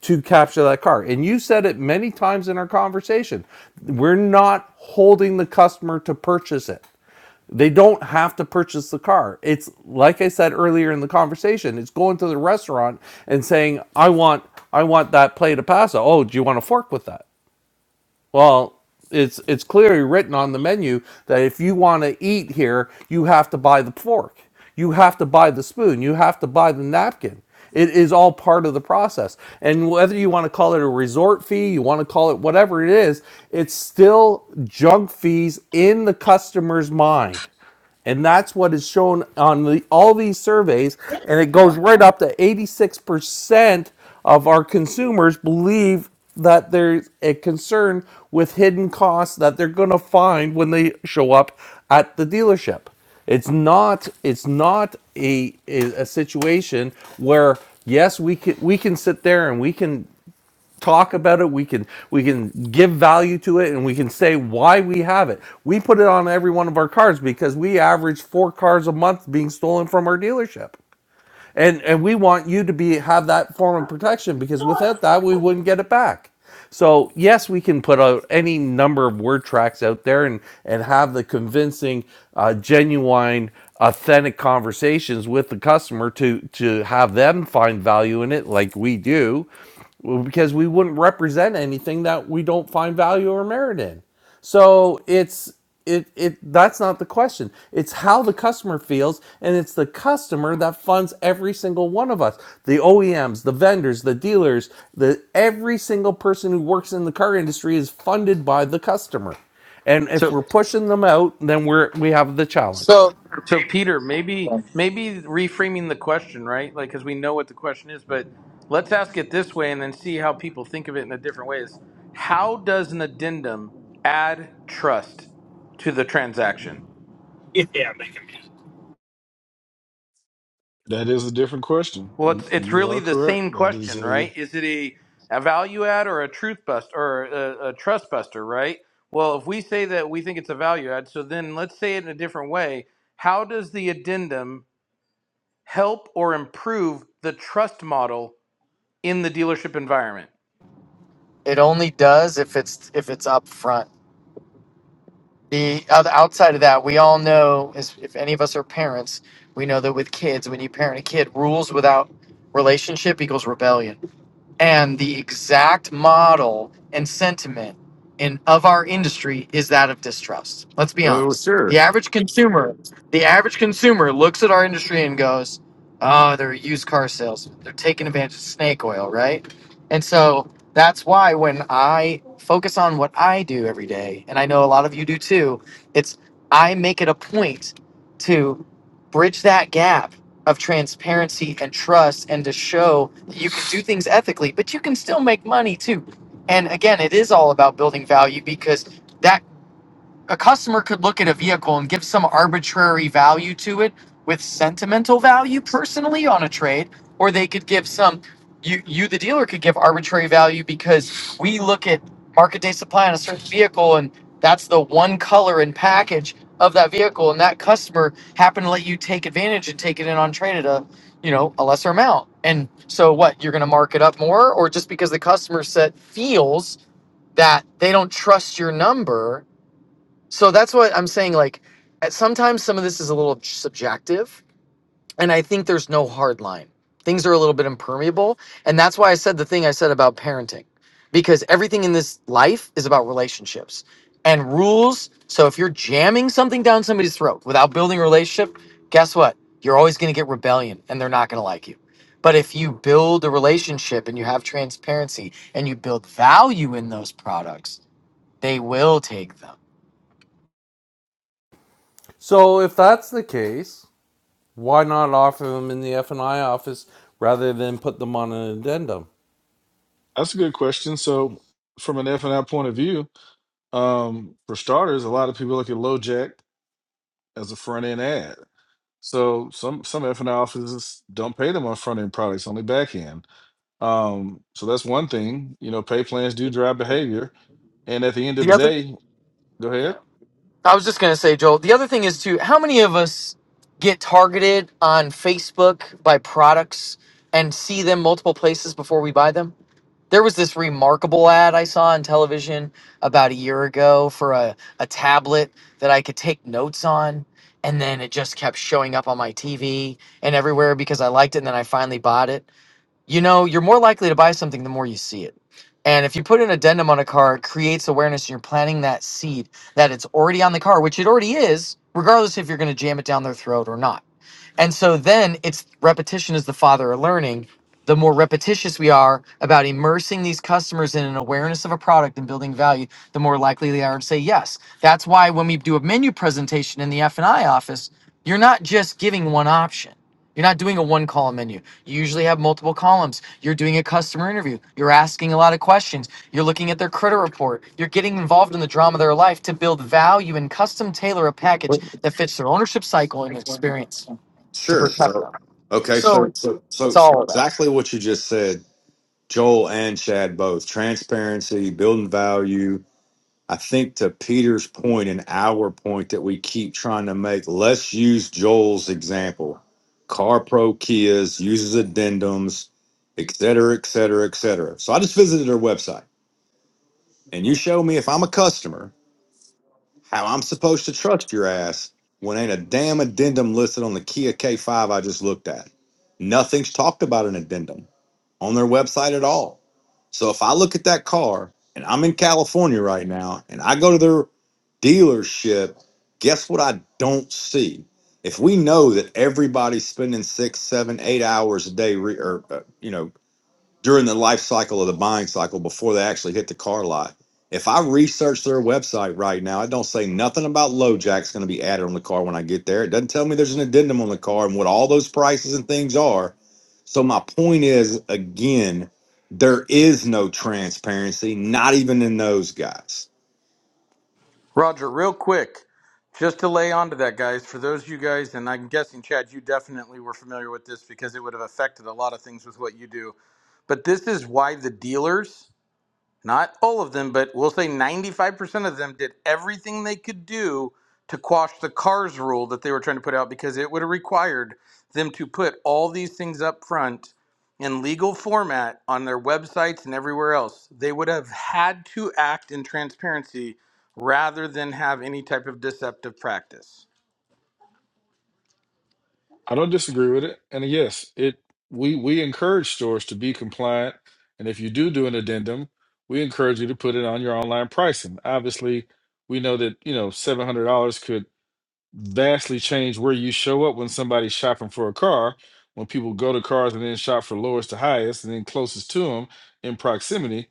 A: to capture that car. And you said it many times in our conversation. We're not holding the customer to purchase it. They don't have to purchase the car. It's like I said earlier in the conversation, it's going to the restaurant and saying, "I want I want that plate of pasta. Oh, do you want a fork with that?" Well, it's it's clearly written on the menu that if you want to eat here, you have to buy the fork, you have to buy the spoon, you have to buy the napkin. It is all part of the process. And whether you want to call it a resort fee, you want to call it whatever it is, it's still junk fees in the customer's mind. And that's what is shown on the, all these surveys. And it goes right up to 86% of our consumers believe that there's a concern with hidden costs that they're going to find when they show up at the dealership. It's not it's not a, a, a situation where yes we can we can sit there and we can talk about it we can we can give value to it and we can say why we have it we put it on every one of our cars because we average four cars a month being stolen from our dealership and and we want you to be have that form of protection because without that we wouldn't get it back so yes we can put out any number of word tracks out there and and have the convincing uh, genuine authentic conversations with the customer to to have them find value in it like we do well, because we wouldn't represent anything that we don't find value or merit in so it's it it that's not the question. It's how the customer feels and it's the customer that funds every single one of us. The OEMs, the vendors, the dealers, the every single person who works in the car industry is funded by the customer. And if
G: So
A: we're pushing them out, then we're we have the challenge.
G: So Peter, maybe maybe reframing the question, right? Like cuz we know what the question is, but let's ask it this way and then see how people think of it in a different way is how does an addendum add trust to the transaction?
H: That is a different question.
G: Well,
H: You
G: it's it's
H: you
G: really
H: are
G: the same
H: correct. That is
G: question,
H: a
G: right? Is it a a value add or a truth bust or a, a trust buster, right? Well, if we say that we think it's a value add, so then let's say it in a different way. How does the addendum help or improve the trust model in the dealership environment.
I: It only does if it's if it's up front. The other outside of that, we all know is if any of us are parents, we know that with kids, when you parent a kid, rules without relationship equals rebellion and the exact model and sentiment in of our industry is that of distrust. Let's be
F: Oh,
I: honest.
F: sure.
I: The average consumer, the average consumer looks at our industry and goes, "Oh, they're a used car salesmen. They're taking advantage of snake oil, right?" And so that's why when I focus on what I do every day, and I know a lot of you do too, it's I make it a point to bridge that gap of transparency and trust and to show that you can do things ethically, but you can still make money too. And again, it is all about building value because that a customer could look at a vehicle and give some arbitrary value to it with sentimental value personally on a trade or they could give some you you the dealer could give arbitrary value because we look at market day supply on a certain vehicle and that's the one color and package of that vehicle and that customer happened to let you take advantage and take it in on trade at a you know a lesser amount and so what you're going to mark it up more or just because the customer set feels that they don't trust your number so that's what I'm saying. Like, at- sometimes some of this is a little subjective, and I think there's no hard line. Things are a little bit impermeable, and that's why I said the thing I said about parenting, because everything in this life is about relationships and rules. So if you're jamming something down somebody's throat without building a relationship, guess what? You're always going to get rebellion, and they're not going to like you. But if you build a relationship and you have transparency and you build value in those products, they will take them.
A: So if that's the case, why not offer them in the F&I office rather than put them on an addendum?
H: That's a good question. So, from an F and I point of view, um, for starters, a lot of people look at LoJack as a front end ad. So some some F and I offices don't pay them on front end products, only back end. Um, so that's one thing. You know, pay plans do drive behavior, and at the end of
I: The
H: the
I: other
H: day, go ahead.
I: I was just gonna say, Joel. The other thing is too, how many of us get targeted on Facebook by products and see them multiple places before we buy them? There was this remarkable ad I saw on television about a year ago for a, a tablet that I could take notes on, and then it just kept showing up on my TV and everywhere because I liked it, and then I finally bought it you know, you're more likely to buy something the more you see it. And if you put an addendum on a car, it creates awareness and you're planting that seed that it's already on the car, which it already is, regardless if you're going to jam it down their throat or not and so then it's repetition is the father of learning. The more repetitious we are about immersing these customers in an awareness of a product and building value, the more likely they are to say yes. That's why when we do a menu presentation in the F&I office, you're not just giving one option. You're not doing a one column menu. You usually have multiple columns. You're doing a customer interview. You're asking a lot of questions. You're looking at their credit report. You're getting involved in the drama of their life to build value and custom tailor a package that fits their ownership cycle and experience to
F: Sure.
I: protect
F: So,
I: them.
F: okay.
I: So
F: So,
I: it's,
F: so,
I: it's
F: so, so
I: all of that.
F: exactly what you just said, Joel and Chad both transparency, building value, I think to Peter's point and our point that we keep trying to make, let's use Joel's example. Car Pro Kias uses addendums, et cetera, et cetera, et cetera. So I just visited their website and you show me if I'm a customer how I'm supposed to trust your ass when ain't a damn addendum listed on the Kia K5 I just looked at. Nothing's talked about an addendum on their website at all. So if I look at that car and I'm in California right now and I go to their dealership, guess what I don't see? If we know that everybody's spending six, seven, eight hours a day, re- or uh, you know, during the life cycle of the buying cycle before they actually hit the car lot. If I research their website right now, it don't say nothing about low jack's going to be added on the car when I get there. It doesn't tell me there's an addendum on the car and what all those prices and things are. So my point is again, there is no transparency, not even in those guys.
G: Roger, real quick, just to lay onto that, guys, for those of you guys, and I'm guessing, Chad, you definitely were familiar with this because it would have affected a lot of things with what you do. But this is why the dealers Not all of them, but we'll say 95% of them did everything they could do to quash the CARS rule that they were trying to put out because it would have required them to put all these things up front in legal format on their websites and everywhere else. They would have had to act in transparency rather than have any type of deceptive practice.
H: I don't disagree with it. And yes, it we we encourage stores to be compliant, and if you do do an addendum, we encourage you to put it on your online pricing. Obviously, we know that you know seven hundred dollars could vastly change where you show up when somebody's shopping for a car. When people go to cars and then shop for lowest to highest and then closest to them in proximity,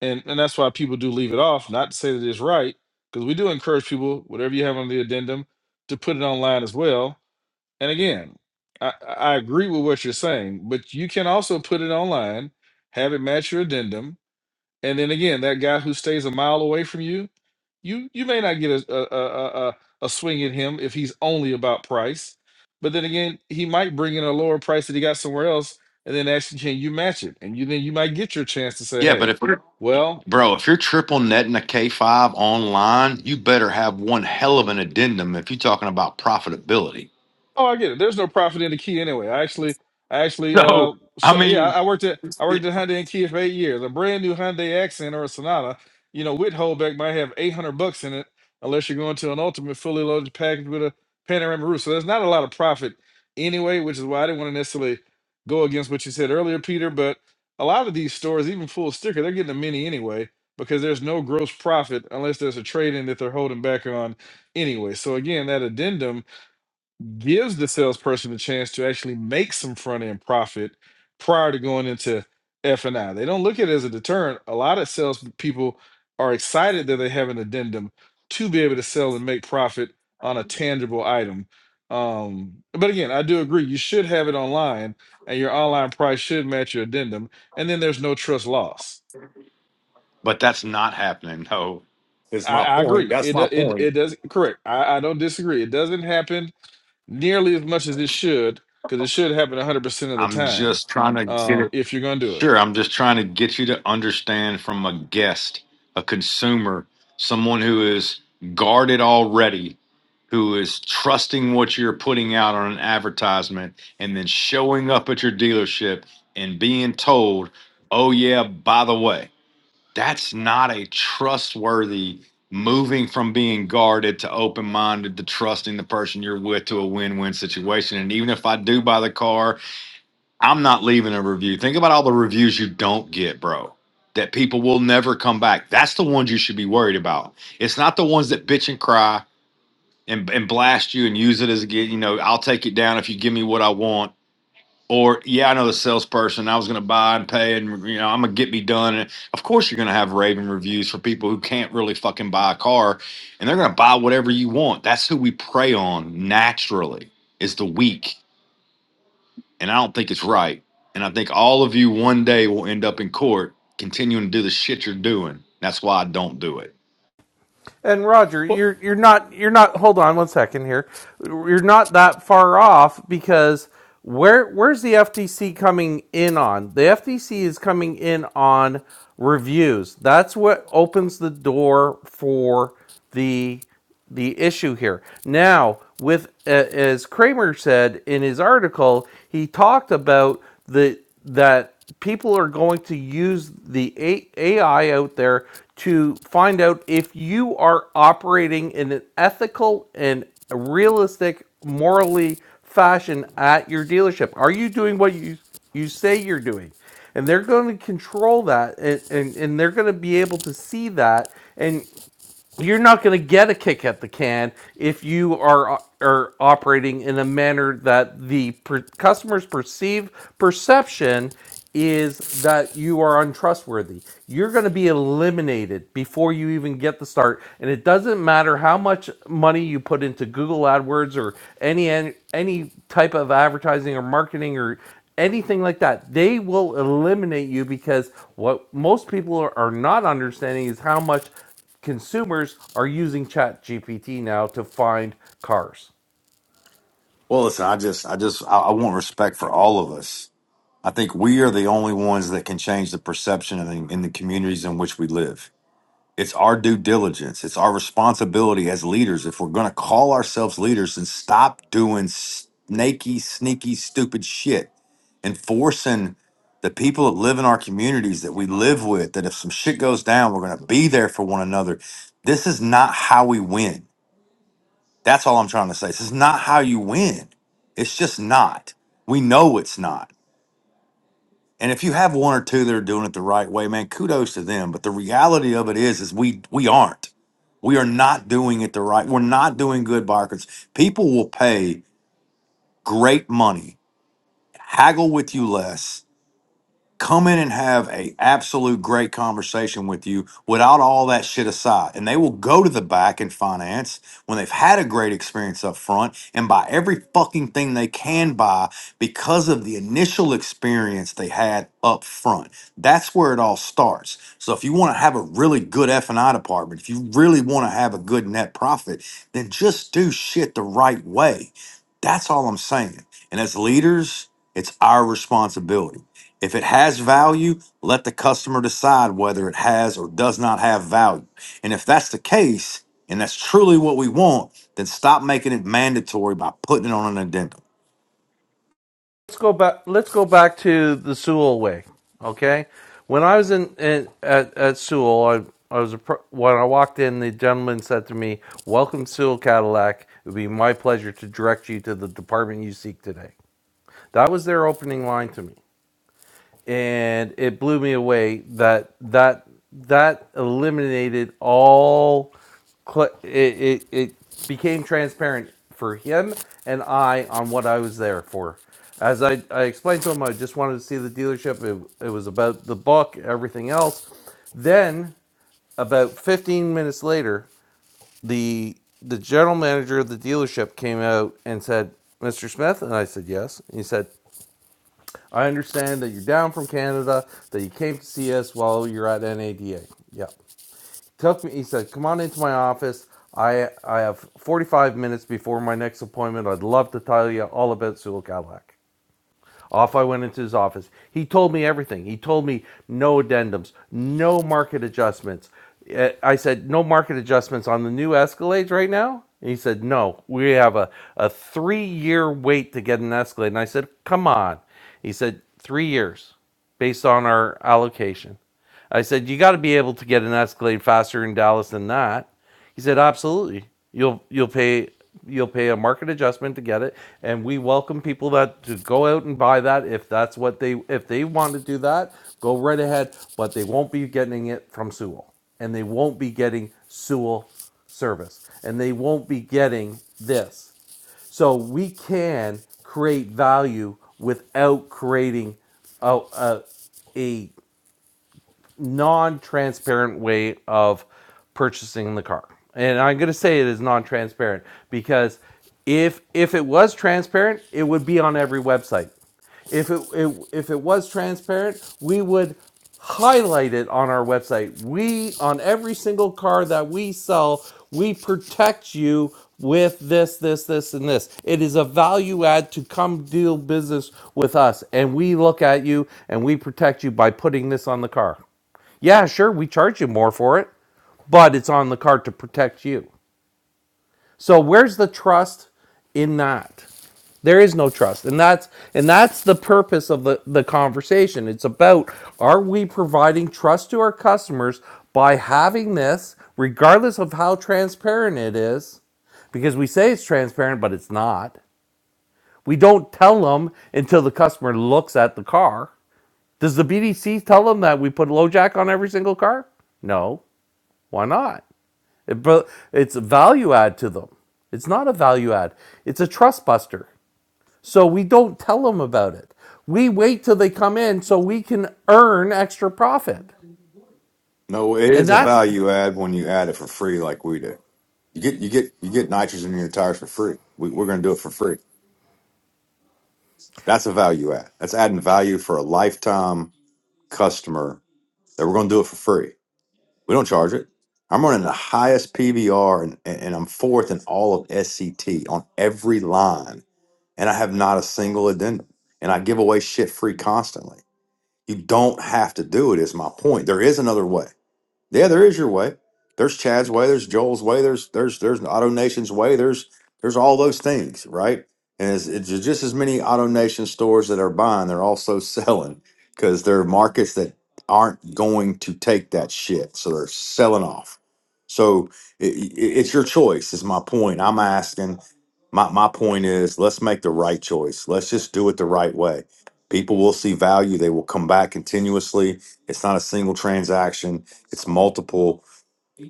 H: and and that's why people do leave it off. Not to say that it's right, because we do encourage people, whatever you have on the addendum, to put it online as well. And again, I, I I agree with what you're saying, but you can also put it online, have it match your addendum, and then again, that guy who stays a mile away from you, you you may not get a a a, a, a swing at him if he's only about price. But then again, he might bring in a lower price that he got somewhere else, and then actually can you match it? And you then you might get your chance to say,
F: Yeah, but
H: hey,
F: if we're
H: well.
F: bro, if you're triple netting a K five online, you better have one hell of an addendum if you're talking about profitability.
H: Oh, I get it. There's no profit in the key anyway. I actually, I actually, uh,
F: So I
H: so yeah,
F: mean.
H: I I worked at I worked at Hyundai and Kia for eight years. A brand new Hyundai Accent or a Sonata, you know, with holdback might have eight hundred bucks in it, unless you're going to an ultimate fully loaded package with a panoramic roof. So there's not a lot of profit anyway, which is why I didn't want to necessarily go against what you said earlier, Peter. But a lot of these stores, even full sticker, they're getting a mini anyway because there's no gross profit unless there's a trade in that they're holding back on anyway. So again, that addendum gives the salesperson a chance to actually make some front end profit prior to going into F and I. They don't look at it as a deterrent. A lot of salespeople are excited that they have an addendum to be able to sell and make profit on a tangible item. Um, but again, I do agree you should have it online, and your online price should match your addendum, and then there's no trust loss.
F: But that's not happening, No, is
H: I,
F: my
H: I
F: point.
H: agree.
F: That's
H: It
F: my
H: do- it
F: point.
H: it does correct. I, I don't disagree. It doesn't happen nearly as much as it should, because it should happen 100% of the
F: I'm
H: time
F: just trying to get
H: um,
F: it.
H: if you're going to do it.
F: Sure, I'm just trying to get you to understand from a guest, a consumer, someone who is guarded already, who is trusting what you're putting out on an advertisement, and then showing up at your dealership and being told, oh, yeah, by the way. that's not a trustworthy moving from being guarded to open minded to trusting the person you're with to a win win situation. And even if I do buy the car, I'm not leaving a review. Think about all the reviews you don't get, bro. That people will never come back. That's the ones you should be worried about. It's not the ones that bitch and cry and, and blast you and use it as a get. You know, I'll take it down if you give me what I want or yeah, I know the salesperson. I was going to buy and pay, and you know I'm going to get me done. And of course, you're going to have raving reviews for people who can't really fucking buy a car, and they're going to buy whatever you want. That's who we prey on naturally is the weak, and I don't think it's right. And I think all of you one day will end up in court continuing to do the shit you're doing. That's why I don't do it.
A: And Roger,
H: Well,
A: you're you're not you're not. Hold on one second here. You're not that far off because where where's the FTC coming in on? The FTC is coming in on reviews. That's what opens the door for the the issue here. Now, with uh, as Kramer said in his article, he talked about the that people are going to use the AI out there to find out if you are operating in an ethical and realistic, morally fashion at your dealership. Are you doing what you you say you're doing? and they're going to control that and, and, and they're going to be able to see that and you're not going to get a kick at the can if you are are operating in a manner that the per- customers perceive perception is that you are untrustworthy. You're going to be eliminated before you even get the start and it doesn't matter how much money you put into Google AdWords or any any any type of advertising or marketing or anything like that. They will eliminate you because what most people are are not understanding is how much consumers are using ChatGPT now to find cars.
F: Well, listen, I just, I just, I, I want respect for all of us. I think we are the only ones that can change the perception in the, in the communities in which we live. It's our due diligence. It's our responsibility as leaders. If we're going to call ourselves leaders and stop doing snaky, sneaky, stupid shit and forcing the people that live in our communities that we live with, that if some shit goes down, we're going to be there for one another. This is not how we win. That's all I'm trying to say. This is not how you win. It's just not. We know it's not. And if you have one or two that are doing it the right way, man, kudos to them. But the reality of it is, is we we aren't. We are not doing it the right. We're not doing good by People will pay great money, haggle with you less, come in and have a absolute great conversation with you without all that shit aside and they will go to the back in finance when they've had a great experience up front and buy every fucking thing they can buy because of the initial experience they had up front that's where it all starts so if you want to have a really good f&i department if you really want to have a good net profit then just do shit the right way that's all i'm saying and as leaders it's our responsibility if it has value, let the customer decide whether it has or does not have value. And if that's the case, and that's truly what we want, then stop making it mandatory by putting it on an addendum.
A: Let's go back. Let's go back to the Sewell way. Okay, when I was in, in at, at Sewell, I, I was a when I walked in, the gentleman said to me, "Welcome, Sewell Cadillac. It would be my pleasure to direct you to the department you seek today." That was their opening line to me. and it blew me away that that that eliminated all cl- it, it, it became transparent for him and I on what I was there for. As I, I explained to him, I just wanted to see the dealership. It, it was about the book, everything else. Then, about 15 minutes later, the the general manager of the dealership came out and said, "Mr. Smith," and I said, "Yes." And he said, I understand that you're down from Canada, that you came to see us while you're at NADA. Yeah. Took me, he said, come on into my office. I, I have 45 minutes before my next appointment. I'd love to tell you all about Sewell off I went into his office. He told me everything. He told me no addendums, no market adjustments. Eh, I said, No market adjustments on the new Escalades right now? And he said, No, we have a, a three year wait to get an Escalade. And I said, Come on. He said, Three years based on our allocation. I said, You got to be able to get an Escalade faster in Dallas than that. He said, Absolutely. You'll you'll pay you'll pay a market adjustment to get it, and we welcome people that to go out and buy that if that's what they if they want to do that, go right ahead. But they won't be getting it from Sewell, and they won't be getting Sewell service, and they won't be getting this. So we can create value without creating a, a, a non-transparent way of purchasing the car. And I'm going to say it is non-transparent because if if it was transparent, it would be on every website. If it, it if it was transparent, we would highlight it on our website. We on every single car that we sell, we protect you with this, this, this, and this. It is a value add to come deal business with us, and we look at you and we protect you by putting this on the car. Yeah, sure, we charge you more for it, but it's on the card to protect you. So where's the trust in that? There is no trust. And that's and that's the purpose of the, the conversation. It's about are we providing trust to our customers by having this, regardless of how transparent it is, because we say it's transparent, but it's not. We don't tell them until the customer looks at the car. Does the BDC tell them that we put LoJack on every single car? No. Why not? It, it's a value add to them. It's not a value add. It's a trust buster. So we don't tell them about it. We wait till they come in so we can earn extra profit.
F: No, it
A: And
F: is a
A: that
F: value add when you add it for free, like we do. You get you get you get nitrogen in your tires for free. We, we're going to do it for free. That's a value add. That's adding value for a lifetime customer that we're going to do it for free. We don't charge it. I'm running the highest PVR and, and I'm fourth in all of SCT on every line. And I have not a single addendum. And I give away shit free constantly. You don't have to do it, is my point. There is another way. Yeah, there is your way. There's Chad's way. There's Joel's way. There's there's there's Auto Nation's way. There's there's all those things, right? And it's, it's just as many Auto Nation stores that are buying, they're also selling because there are markets that aren't going to take that shit, so they're selling off. So it, it's your choice. Is my point. I'm asking. My my point is, let's make the right choice. Let's just do it the right way. People will see value. They will come back continuously. It's not a single transaction it's multiple.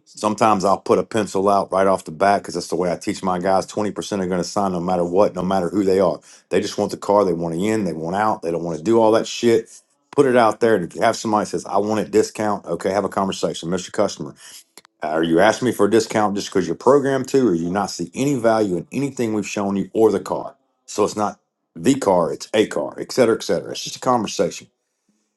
F: Sometimes I'll put a pencil out right off the bat because that's the way I teach my guys. 20% are going to sign no matter what, no matter who they are. They just want the car. They want it in. They want out. They don't want to do all that shit. Put it out there. And if you have somebody that says, I want it discount, okay, have a conversation. Mr. Customer, are you asking me for a discount just because you're programmed to, or you not see any value in anything we've shown you or the car? So it's not the car, it's a car, et cetera, et cetera. It's just a conversation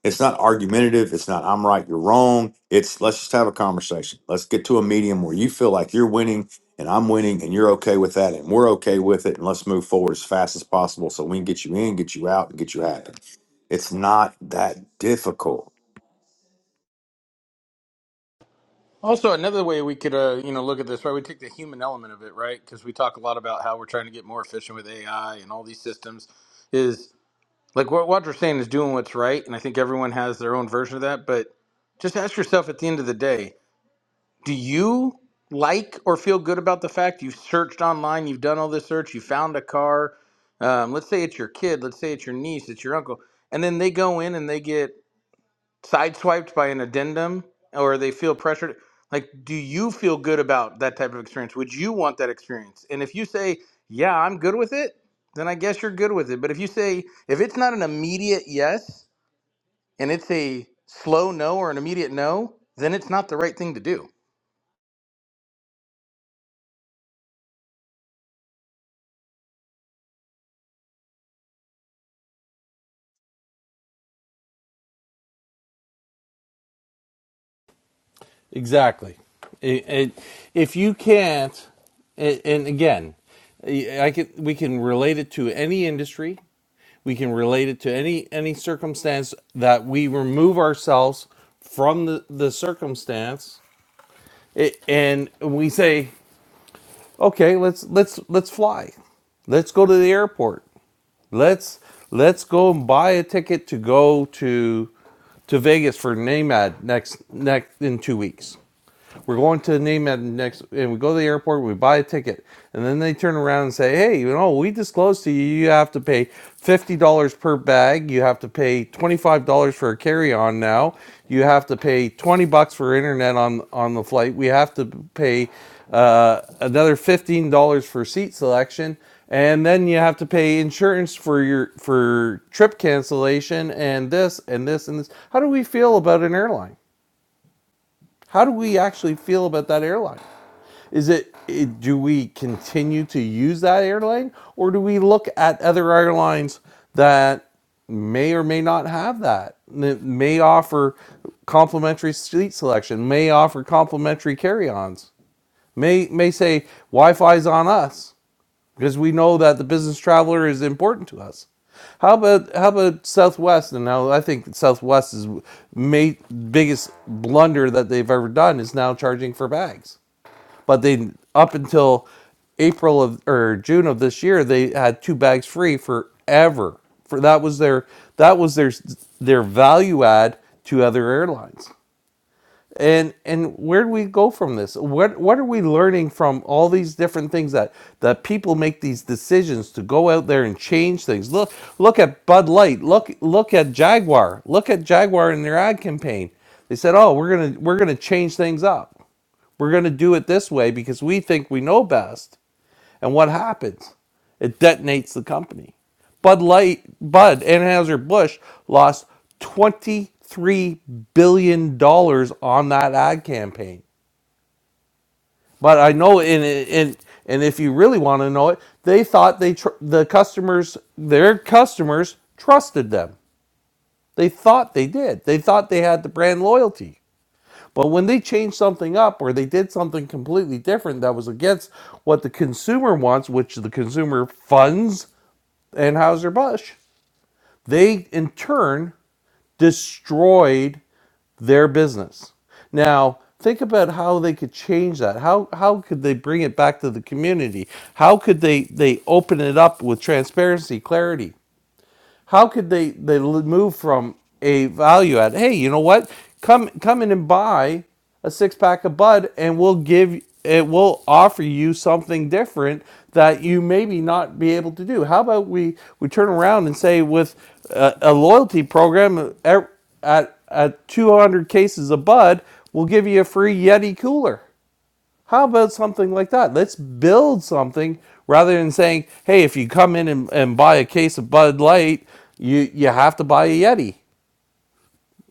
F: it's not argumentative. It's not I'm right, you're wrong. It's let's just have a conversation. Let's get to a medium where you feel like you're winning and I'm winning and you're okay with that and we're okay with it and let's move forward as fast as possible so we can get you in, get you out, and get you happy. It's not that difficult.
G: Also, another way we could, uh, you know, look at this, right? We take the human element of it, right? Because we talk a lot about how we're trying to get more efficient with AI and all these systems. is. Like what Roger saying is doing what's right, and I think everyone has their own version of that. But just ask yourself at the end of the day: Do you like or feel good about the fact you've searched online, you've done all this search, you found a car? Um, let's say it's your kid, let's say it's your niece, it's your uncle, and then they go in and they get sideswiped by an addendum or they feel pressured like do you feel good about that type of experience would you want that experience and if you say yeah i'm good with it then i guess you're good with it but if you say if it's not an immediate yes and it's a slow no or an immediate no then it's not the right thing to do
A: Exactly. It, it, if you can't, and and again, I can, we can relate it to any industry. We can relate it to any any circumstance that we remove ourselves from the, the circumstance, it, and we say, okay let's let's let's fly let's go to the airport let's let's go and buy a ticket to go to to vegas for namad next next in two weeks we're going to name at next, and we go to the airport. We buy a ticket, and then they turn around and say, "Hey, you know, we disclosed to you you have to pay fifty dollars per bag. You have to pay twenty five dollars for a carry on now. You have to pay twenty bucks for internet on on the flight. We have to pay uh, another fifteen dollars for seat selection." and then you have to pay insurance for your for trip cancellation and this and this and this. How do we feel about an airline? How do we actually feel about that airline? Is it, it- do we continue to use that airline or do we look at other airlines that may or may not have that, that may offer complimentary seat selection, may offer complimentary carry-ons, may may say Wi-Fi's on us because we know that the business traveler is important to us. How about how about Southwest? And now I think Southwest's is ma- biggest blunder that they've ever done is now charging for bags but they up until April of or June of this year, they had two bags free forever. For that was their that was their their value add to other airlines. And and where do we go from this? What what are we learning from all these different things that that people make these decisions to go out there and change things? Look look at Bud Light. Look look at Jaguar. Look at Jaguar in their ad campaign. They said, "Oh, we're gonna we're gonna change things up." We're going to do it this way because we think we know best. And what happens? It detonates the company. Bud Light, Bud, Anheuser-Busch lost $23 billion dollars on that ad campaign. But I know, and, and, and if you really want to know it, they thought they tr- the customers, their customers trusted them. They thought they did. They thought they had the brand loyalty. But when they changed something up or they did something completely different that was against what the consumer wants, which the consumer funds Anheuser-Busch, they in turn destroyed their business. Now, think about how they could change that. How how could they bring it back to the community? How could they they open it up with transparency, clarity? How could they they move from a value add? Hey, you know what? Come come in and buy a six pack of Bud, and we'll give it. We'll offer you something different that you maybe not be able to do. How about we we turn around and say with a, a loyalty program at at at 200 cases of Bud, we'll give you a free Yeti cooler. How about something like that? Let's build something rather than saying, hey, if you come in and, and buy a case of Bud Light, you, you have to buy a Yeti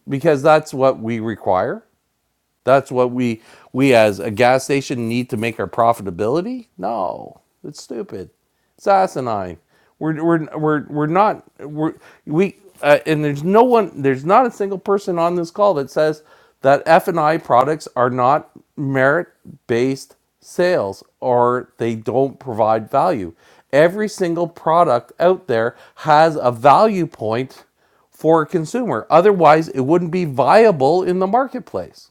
A: because that's what we require. That's what we we as a gas station need to make our profitability? No, it's stupid. It's asinine. We're we're we're we're not we're we uh, and there's no one there's not a single person on this call that says that F and I products are not merit based sales or they don't provide value. Every single product out there has a value point for a consumer. Otherwise, it wouldn't be viable in the marketplace.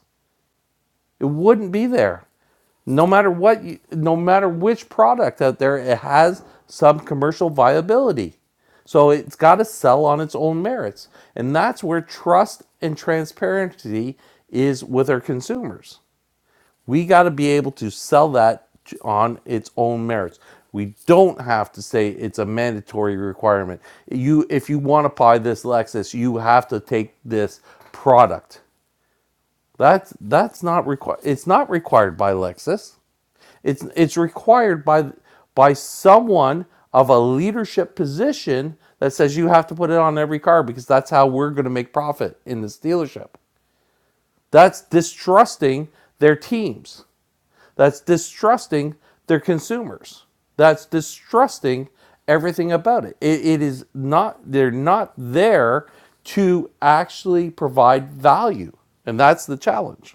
A: It wouldn't be there. No matter what, you, no matter which product out there, it has some commercial viability. So it's got to sell on its own merits. And that's where trust and transparency is with our consumers. We got to be able to sell that on its own merits. We don't have to say it's a mandatory requirement. You if you want to buy this Lexus, you have to take this product. That's that's not required. It's not required by Lexus. It's it's required by by someone of a leadership position that says you have to put it on every car because that's how we're going to make profit in this dealership. That's distrusting their teams. That's distrusting their consumers. That's distrusting everything about it. It, it is not. They're not there to actually provide value, and that's the challenge.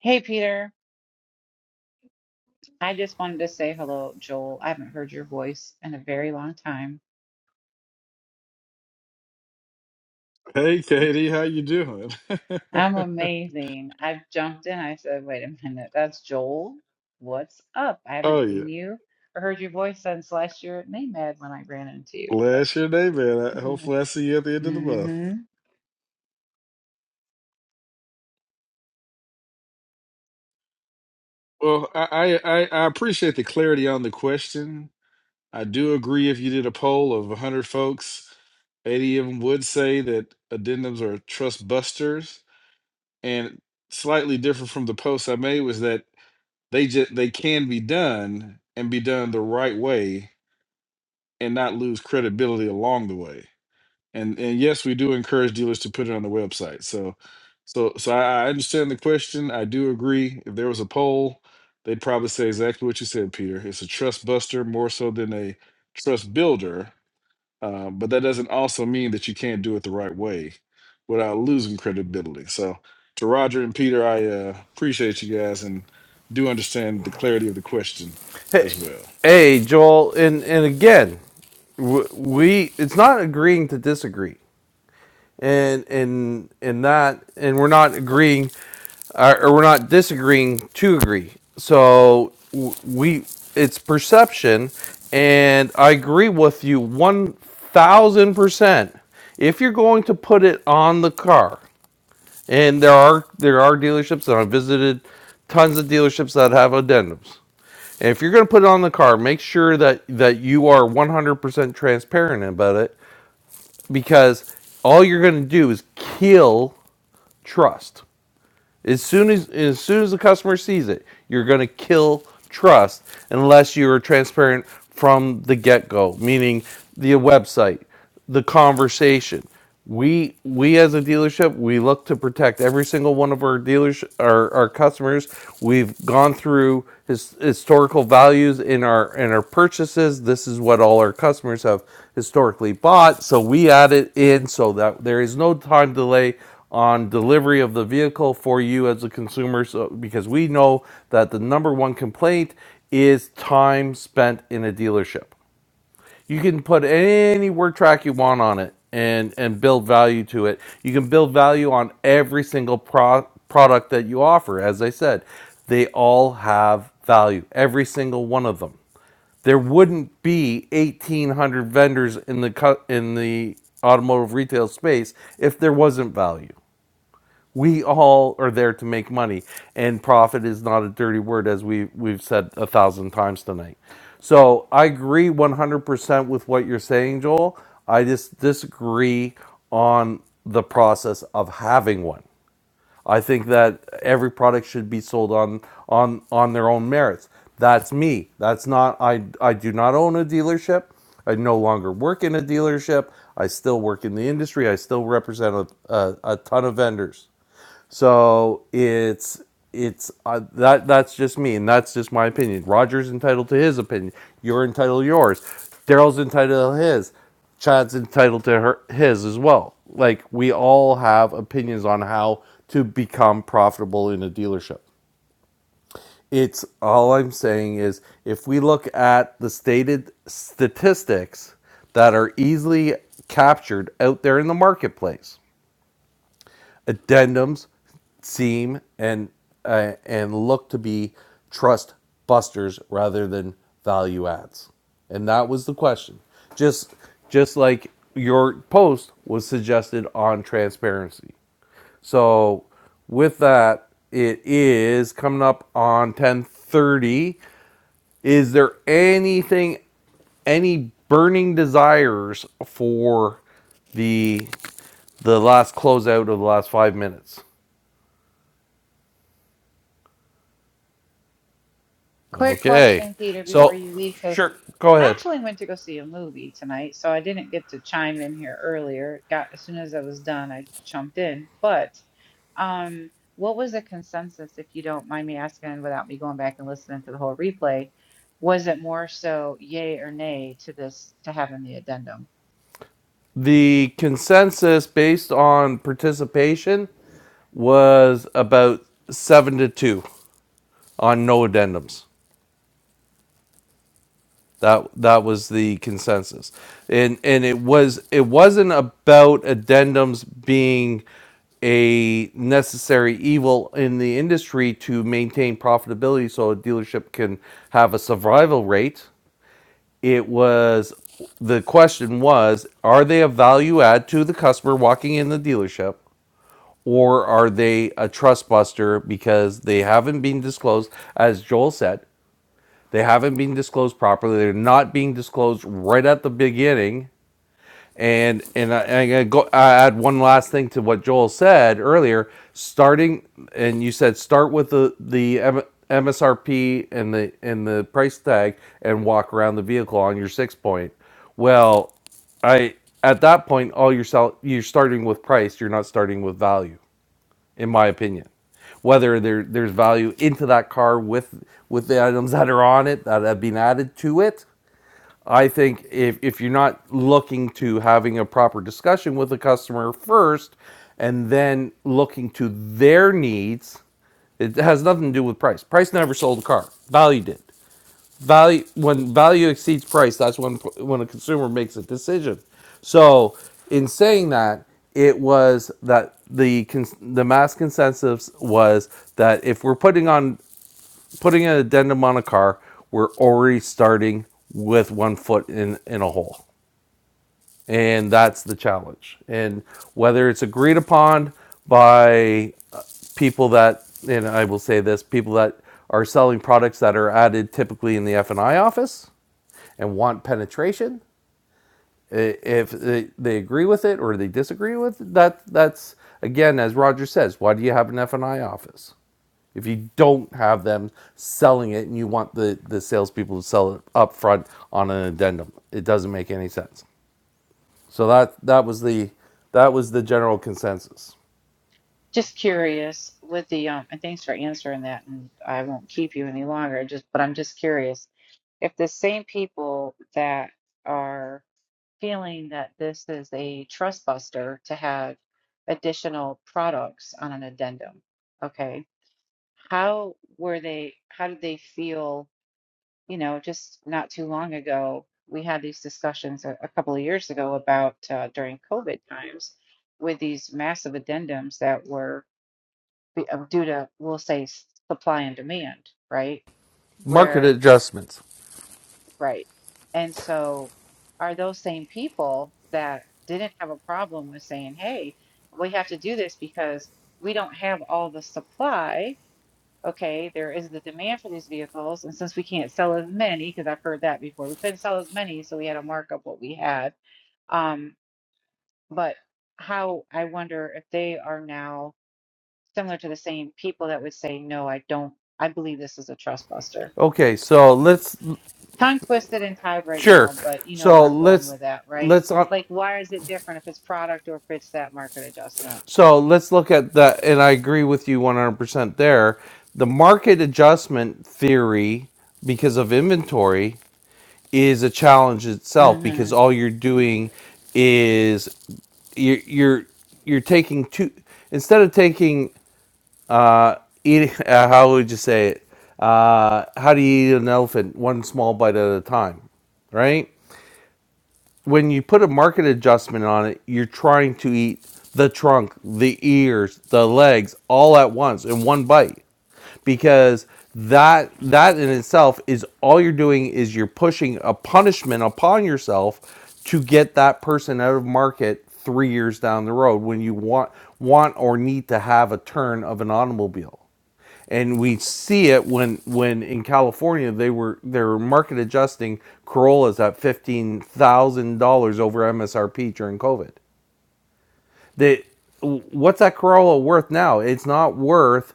J: Hey, Peter. I just wanted to say hello, Joel. I haven't heard your voice in a very long time.
H: hey, Katie, how you doing?
J: I'm amazing. I jumped in. I said, wait a minute, that's Joel. What's up? I haven't
H: oh yeah,
J: seen you or heard your voice since last year at NAMED when I ran into you. But
H: bless your day, man. I, hopefully, I see you at the end of the month.
J: mm-hmm.
H: Well, I, I I I appreciate the clarity on the question. I do agree. If you did a poll of 100 folks, 80 of them would say that addendums are trust busters, and slightly different from the post I made was that. They just they can be done and be done the right way and not lose credibility along the way. And and yes, we do encourage dealers to put it on the website. So so so I, I understand the question. I do agree. If there was a poll, they'd probably say exactly what you said, Peter. It's a trust buster more so than a trust builder uh, but that doesn't also mean that you can't do it the right way without losing credibility. So, to Roger and Peter, I uh, appreciate you guys and do understand the clarity of the question as well.
A: Hey, Joel, and and again, w- we it's not agreeing to disagree, and and and that and we're not agreeing, or, or we're not disagreeing to agree. So w- we it's perception, and I agree with you one thousand percent. If you're going to put it on the car, and there are there are dealerships, and I've visited tons of dealerships that have addendums and if you're going to put it on the car, make sure that that you are 100% transparent about it because all you're going to do is kill trust. As soon as as soon as the customer sees it, you're going to kill trust unless you are transparent from the get-go, meaning the website, the conversation. We we as a dealership, we look to protect every single one of our dealers our, our customers. We've gone through his, historical values in our in our purchases. This is what all our customers have historically bought, so we add it in so that there is no time delay on delivery of the vehicle for you as a consumer so, because we know that the number one complaint is time spent in a dealership. You can put any word track you want on it and and build value to it. You can build value on every single pro- product that you offer. As I said, they all have value, every single one of them there wouldn't be 1800 vendors in the co- in the automotive retail space if there wasn't value we all are there to make money and profit is not a dirty word as we we've said a thousand times tonight so i agree 100% with what you're saying joel i just disagree on the process of having one i think that every product should be sold on on on their own merits that's me that's not i i do not own a dealership I no longer work in a dealership. I still work in the industry. I still represent a, a, a ton of vendors. So it's it's uh, that that's just me, and that's just my opinion. Roger's entitled to his opinion. You're entitled to yours. Daryl's entitled to his. Chad's entitled to her his as well. Like we all have opinions on how to become profitable in a dealership. It's all I'm saying is if we look at the stated statistics that are easily captured out there in the marketplace addendums seem and uh, and look to be trust busters rather than value adds and that was the question just just like your post was suggested on transparency so with that it is coming up on 10:30 is there anything any burning desires for the the last closeout of the last 5 minutes
J: Quick
A: Okay,
J: question, Peter, before
A: so
J: you leave, cause
A: Sure, go
J: I
A: ahead.
J: actually went to go see a movie tonight, so I didn't get to chime in here earlier. Got as soon as I was done, I jumped in. But um, what was the consensus, if you don't mind me asking, without me going back and listening to the whole replay? Was it more so yay or nay to this to having the addendum?
A: the consensus based on participation was about seven to two on no addendums. That that was the consensus, and and it was it wasn't about addendums being a necessary evil in the industry to maintain profitability so a dealership can have a survival rate it was the question was are they a value add to the customer walking in the dealership or are they a trust buster because they haven't been disclosed as joel said they haven't been disclosed properly they're not being disclosed right at the beginning and and I, and I go I add one last thing to what Joel said earlier. Starting and you said start with the the MSRP and the and the price tag and walk around the vehicle on your six point. Well, I at that point all you're sell, you're starting with price. You're not starting with value, in my opinion. Whether there there's value into that car with with the items that are on it that have been added to it, I think if, if you're not looking to having a proper discussion with the customer first and then looking to their needs, it has nothing to do with price. Price never sold a car. Value did. Value when value exceeds price, that's when when a consumer makes a decision. So in saying that, it was that the the mass consensus was that if we're putting on putting an addendum on a car, we're already starting with one foot in, in a hole. And that's the challenge. And whether it's agreed upon by uh, people that, and I will say this, people that are selling products that are added typically in the F&I office and want penetration, if they they agree with it or they disagree with it, that, that's, again, as Roger says, why do you have an F&I office? If you don't have them selling it and you want the, the salespeople to sell it up front on an addendum, it doesn't make any sense. So that that was the that was the general consensus.
J: Just curious with the um, and thanks for answering that, and I won't keep you any longer. Just, but I'm just curious if the same people that are feeling that this is a trust buster to have additional products on an addendum. Okay. How were they, how did they feel, you know, just not too long ago? We had these discussions a, a couple of years ago about uh, during COVID times with these massive addendums that were be- uh, due to, we'll say, s- supply and demand, right?
A: Market
J: where.
A: adjustments.
J: Right. And so are those same people that didn't have a problem with saying, hey, we have to do this because we don't have all the supply. Okay, there is the demand for these vehicles. And since we can't sell as many, because I've heard that before, we couldn't sell as many, so we had to mark up what we had. Um, but how I wonder if they are now similar to the same people that would say, no, I don't, I believe this is a trust buster.
A: Okay, so let's
J: tongue twisted and tied right
A: sure.
J: now, but you know where
A: So
J: I'm going
A: let's
J: with that, right?
A: let's uh,
J: Like, why is it different if it's product or if it's that market adjustment?
A: so let's look at that and I agree with you 100% there. The market adjustment theory because of inventory is a challenge itself
J: Mm-hmm.
A: because all you're doing is you're you're you're taking two instead of taking uh eating uh, how would you say it uh how do you eat an elephant one small bite at a time right when you put a market adjustment on it you're trying to eat the trunk the ears the legs all at once in one bite because that that in itself is all you're doing is you're pushing a punishment upon yourself to get that person out of market three years down the road when you want want or need to have a turn of an automobile and we see it when when in California they were they were market adjusting Corollas at fifteen thousand dollars over MSRP during COVID. They what's that Corolla worth now? It's not worth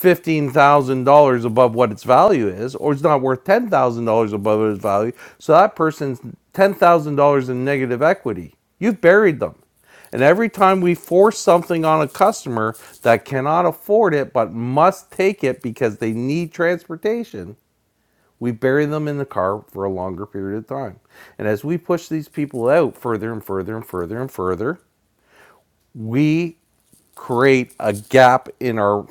A: $15,000 above what its value is, or it's not worth $10,000 above its value. So that person's $10,000 in negative equity. You've buried them. And every time we force something on a customer that cannot afford it but must take it because they need transportation, we bury them in the car for a longer period of time. And as we push these people out further and further and further and further, we create a gap in our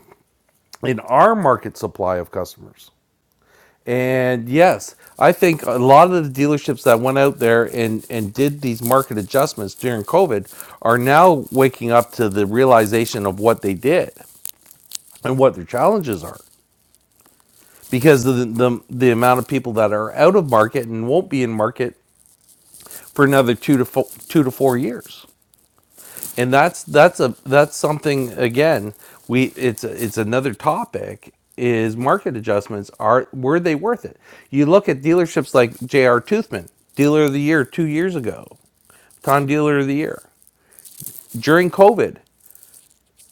A: in our market supply of customers. And yes, I think a lot of the dealerships that went out there and, and did these market adjustments during COVID are now waking up to the realization of what they did and what their challenges are because of the, the, the amount of people that are out of market and won't be in market for another two to four, two to four years. and that's that's a that's something again we it's it's another topic is market adjustments are were they worth it you look at dealerships like jr toothman dealer of the year two years ago tom dealer of the year during covid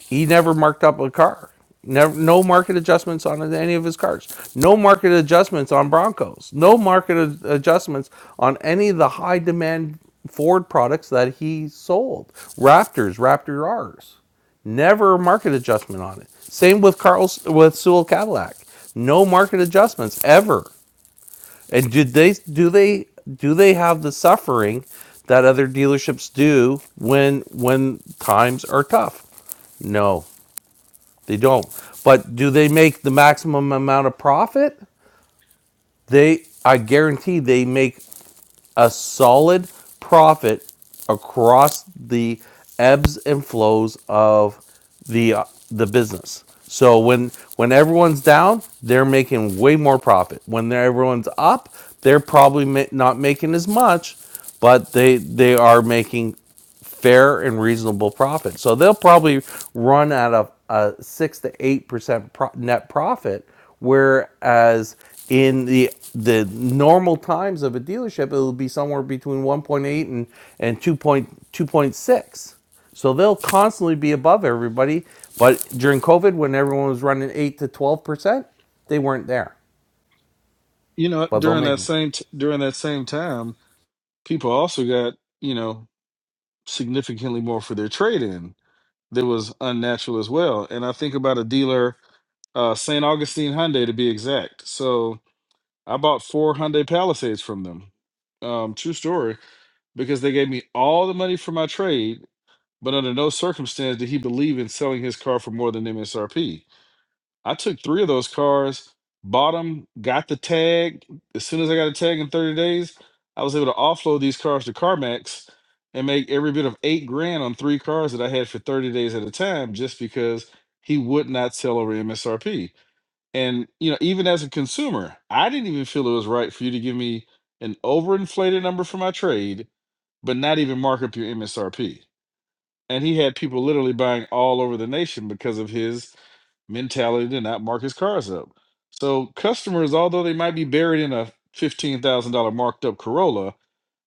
A: he never marked up a car. Never, no market adjustments on any of his cars. No market adjustments on Broncos. No market ad- adjustments on any of the high demand Ford products that he sold. Raptors, Raptor R's. Never a market adjustment on it. Same with Carl's with Sewell Cadillac. No market adjustments ever. And did they do they do they have the suffering that other dealerships do when when times are tough? No, they don't. But do they make the maximum amount of profit? They, I guarantee, they make a solid profit across the ebbs and flows of the uh, the business. So when when everyone's down, they're making way more profit. When everyone's up, they're probably ma- not making as much, but they they are making fair and reasonable profit. So they'll probably run at a, a six to eight percent pro- net profit, whereas in the the normal times of a dealership, it'll be somewhere between 1.8 and and 2.2.6. So they'll constantly be above everybody. But during COVID, when everyone was running eight to 12 percent, they weren't there.
H: You know,
A: But they'll
H: during
A: make.
H: that
A: them.
H: same t- during that same time, people also got you know significantly more for their trade in that was unnatural as well. And I think about a dealer, uh, St. Augustine Hyundai to be exact. So I bought four Hyundai Palisades from them. Um, true story, because they gave me all the money for my trade, but under no circumstance did he believe in selling his car for more than MSRP. I took three of those cars, bought them, got the tag. As soon as I got a tag in 30 days, I was able to offload these cars to CarMax and make every bit of eight grand on three cars that I had for 30 days at a time just because he would not sell over MSRP. And you know, even as a consumer, I didn't even feel it was right for you to give me an overinflated number for my trade, but not even mark up your MSRP. And he had people literally buying all over the nation because of his mentality to not mark his cars up. So customers, although they might be buried in a fifteen thousand dollar marked up Corolla,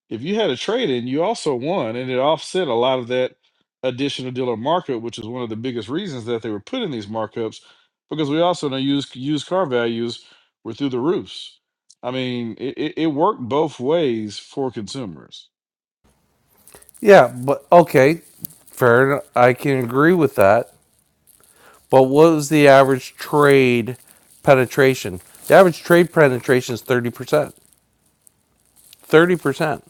H: if you had a trade in, you also won, and it offset a lot of that additional dealer markup, which is one of the biggest reasons that they were putting these markups, because we also know used used car values were through the roofs. I mean, it, it, it worked both ways for consumers.
A: Yeah, but okay, fair. enough. I can agree with that. But what was the average trade penetration? The average trade penetration is 30%. 30%.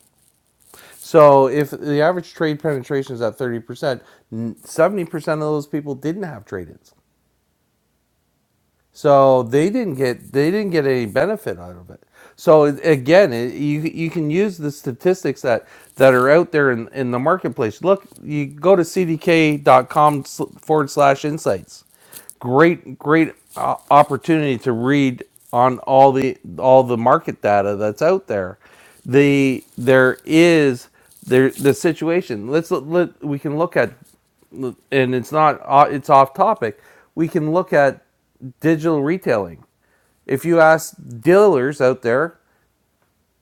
A: So if the average trade penetration is at 30%, 70% of those people didn't have trade ins. So they didn't get they didn't get any benefit out of it. So it- again, it, you you can use the statistics that that are out there in, in the marketplace. Look, you go to cdk.com sl- forward slash insights. Great great uh, opportunity to read on all the all the market data that's out there. The there is there the situation. Let's let, we can look at and it's not uh, it's off topic we can look at digital retailing if you ask dealers out there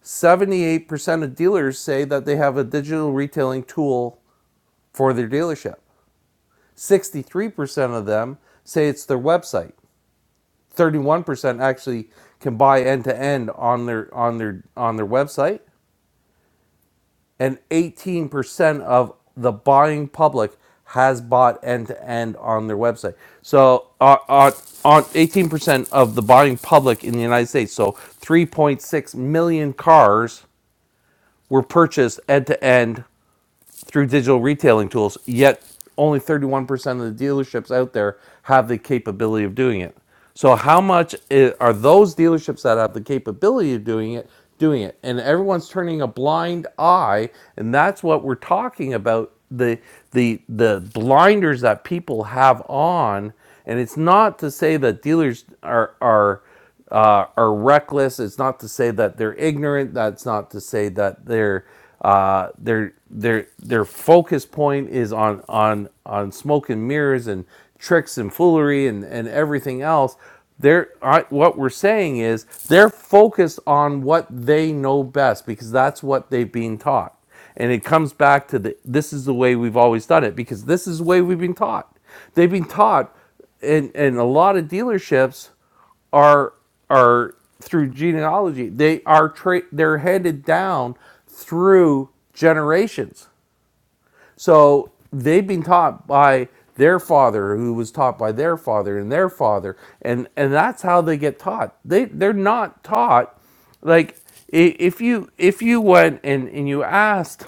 A: 78% of dealers say that they have a digital retailing tool for their dealership 63% of them say it's their website 31% actually can buy end to end on their on their on their website and 18% of the buying public has bought end to end on their website. So, uh, on on 18% of the buying public in the United States, so 3.6 million cars were purchased end to end through digital retailing tools, yet only 31% of the dealerships out there have the capability of doing it. So how much i are those dealerships that have the capability of doing it doing it? And everyone's turning a blind eye, and that's what we're talking about the the the blinders that people have on and it's not to say that dealers are are uh, are reckless. It's not to say that they're ignorant. That's not to say that their uh, their their their focus point is on on on smoke and mirrors and tricks and foolery and and everything else. They're what we're saying is they're focused on what they know best because that's what they've been taught. And it comes back to the this is the way we've always done it because this is the way we've been taught. They've been taught, and and a lot of dealerships are are through genealogy. They are tra- they're handed down through generations. So they've been taught by their father, who was taught by their father and their father, and and that's how they get taught. They they're not taught like if you if you went and and you asked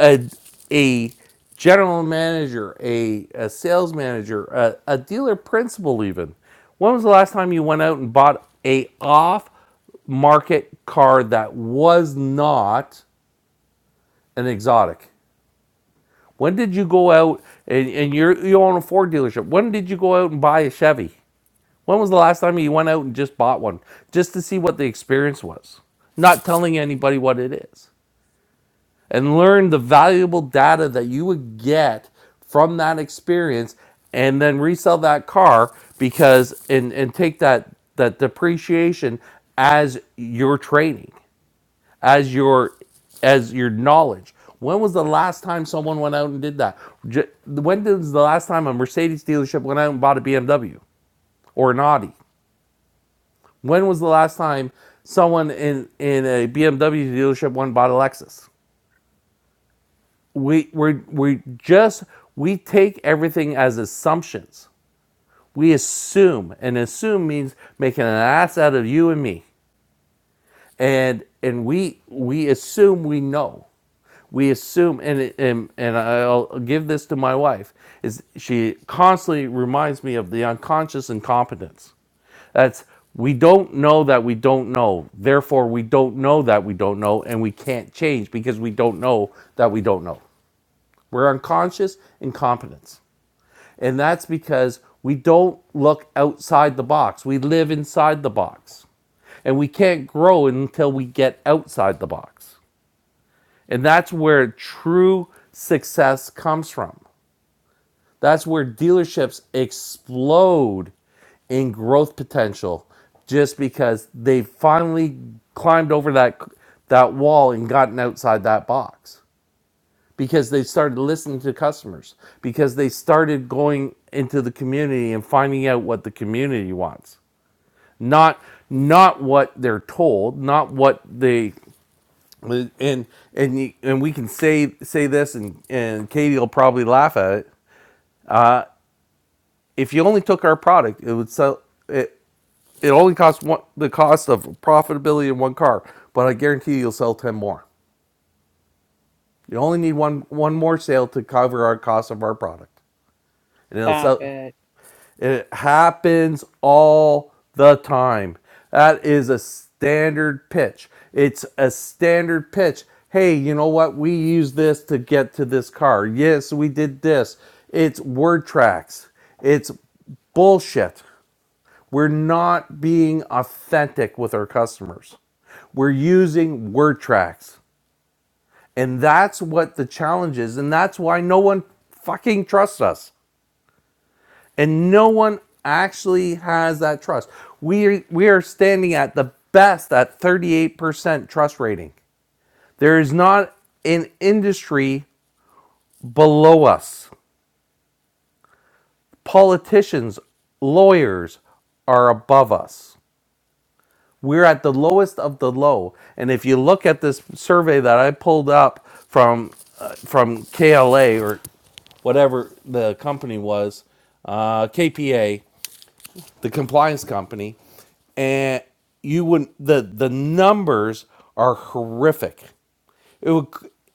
A: a a general manager, a, a sales manager, a, a dealer principal even. When was the last time you went out and bought a off market car that was not an exotic? When did you go out and, and you're you own a Ford dealership? When did you go out and buy a Chevy? When was the last time you went out and just bought one? Just to see what the experience was. Not telling anybody what it is. and learn the valuable data that you would get from that experience and then resell that car because and and take that that depreciation as your training as your as your knowledge when was the last time someone went out and did that when was the last time a mercedes dealership went out and bought a bmw or an audi when was the last time someone in in a bmw dealership went and bought a lexus we we we just we take everything as assumptions. We assume, and assume means making an ass out of you and me. And and we we assume we know. We assume, and and and I'll give this to my wife. Is she constantly reminds me of the unconscious incompetence? That's we don't know that we don't know. Therefore, we don't know that we don't know, and we can't change because we don't know that we don't know. We're unconscious incompetence. And that's because we don't look outside the box. We live inside the box. And we can't grow until we get outside the box. And that's where true success comes from. That's where dealerships explode in growth potential just because they finally climbed over that that wall and gotten outside that box. because they started listening to customers, because they started going into the community and finding out what the community wants, not not what they're told, not what they and and and we can say say this and and Katie will probably laugh at it. If you only took our product, it would sell it. It only costs one the cost of profitability in one car, but I guarantee you you'll sell ten more. You only need one one more sale to cover our cost of our product, and it'll
J: Stop
A: sell.
J: it.
A: It happens all the time. That is a standard pitch. It's a standard pitch. Hey, you know what? We use this to get to this car. Yes, we did this. It's word tracks. It's bullshit. We're not being authentic with our customers. We're using word tracks. And that's what the challenge is. And that's why no one fucking trusts us and no one actually has that trust. We are, we are standing at the best at 38% trust rating. There is not an industry below us. Politicians, lawyers are above us. We're at the lowest of the low. And if you look at this survey that I pulled up from uh, from KLA or whatever the company was, uh, KPA. the compliance company, and you would the the numbers are horrific. It would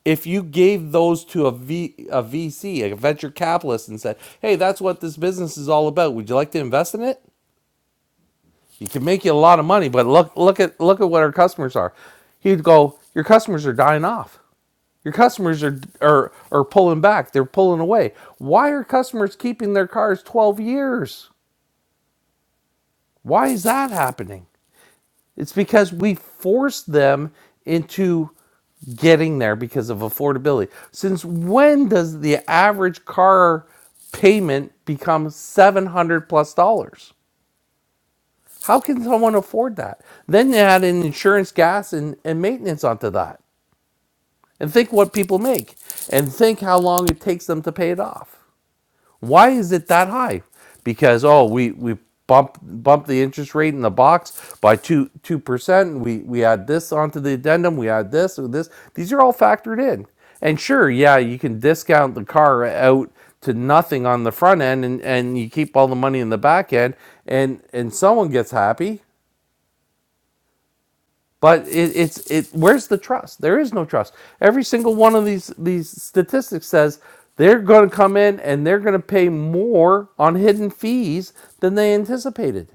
A: if you gave those to a V a VC, a venture capitalist, and said, "Hey, that's what this business is all about. Would you like to invest in it?" It can make you a lot of money, but look look at look at what our customers are. He'd go, "Your customers are dying off." Your customers are, are are pulling back. They're pulling away. Why are customers keeping their cars 12 years? Why is that happening? It's because we force them into getting there because of affordability. Since when does the average car payment become 700 plus dollars? How can someone afford that? Then you add in insurance, gas, and, and maintenance onto that. And think what people make and think how long it takes them to pay it off. Why is it that high? Because oh, we we bump bump the interest rate in the box by two two percent. We we add this onto the addendum. We add this or this. These are all factored in. And sure, yeah, you can discount the car out to nothing on the front end, and, and you keep all the money in the back end, and and someone gets happy but it, it's it. Where's the trust? There is no trust. Every single one of these these statistics says they're going to come in and they're going to pay more on hidden fees than they anticipated,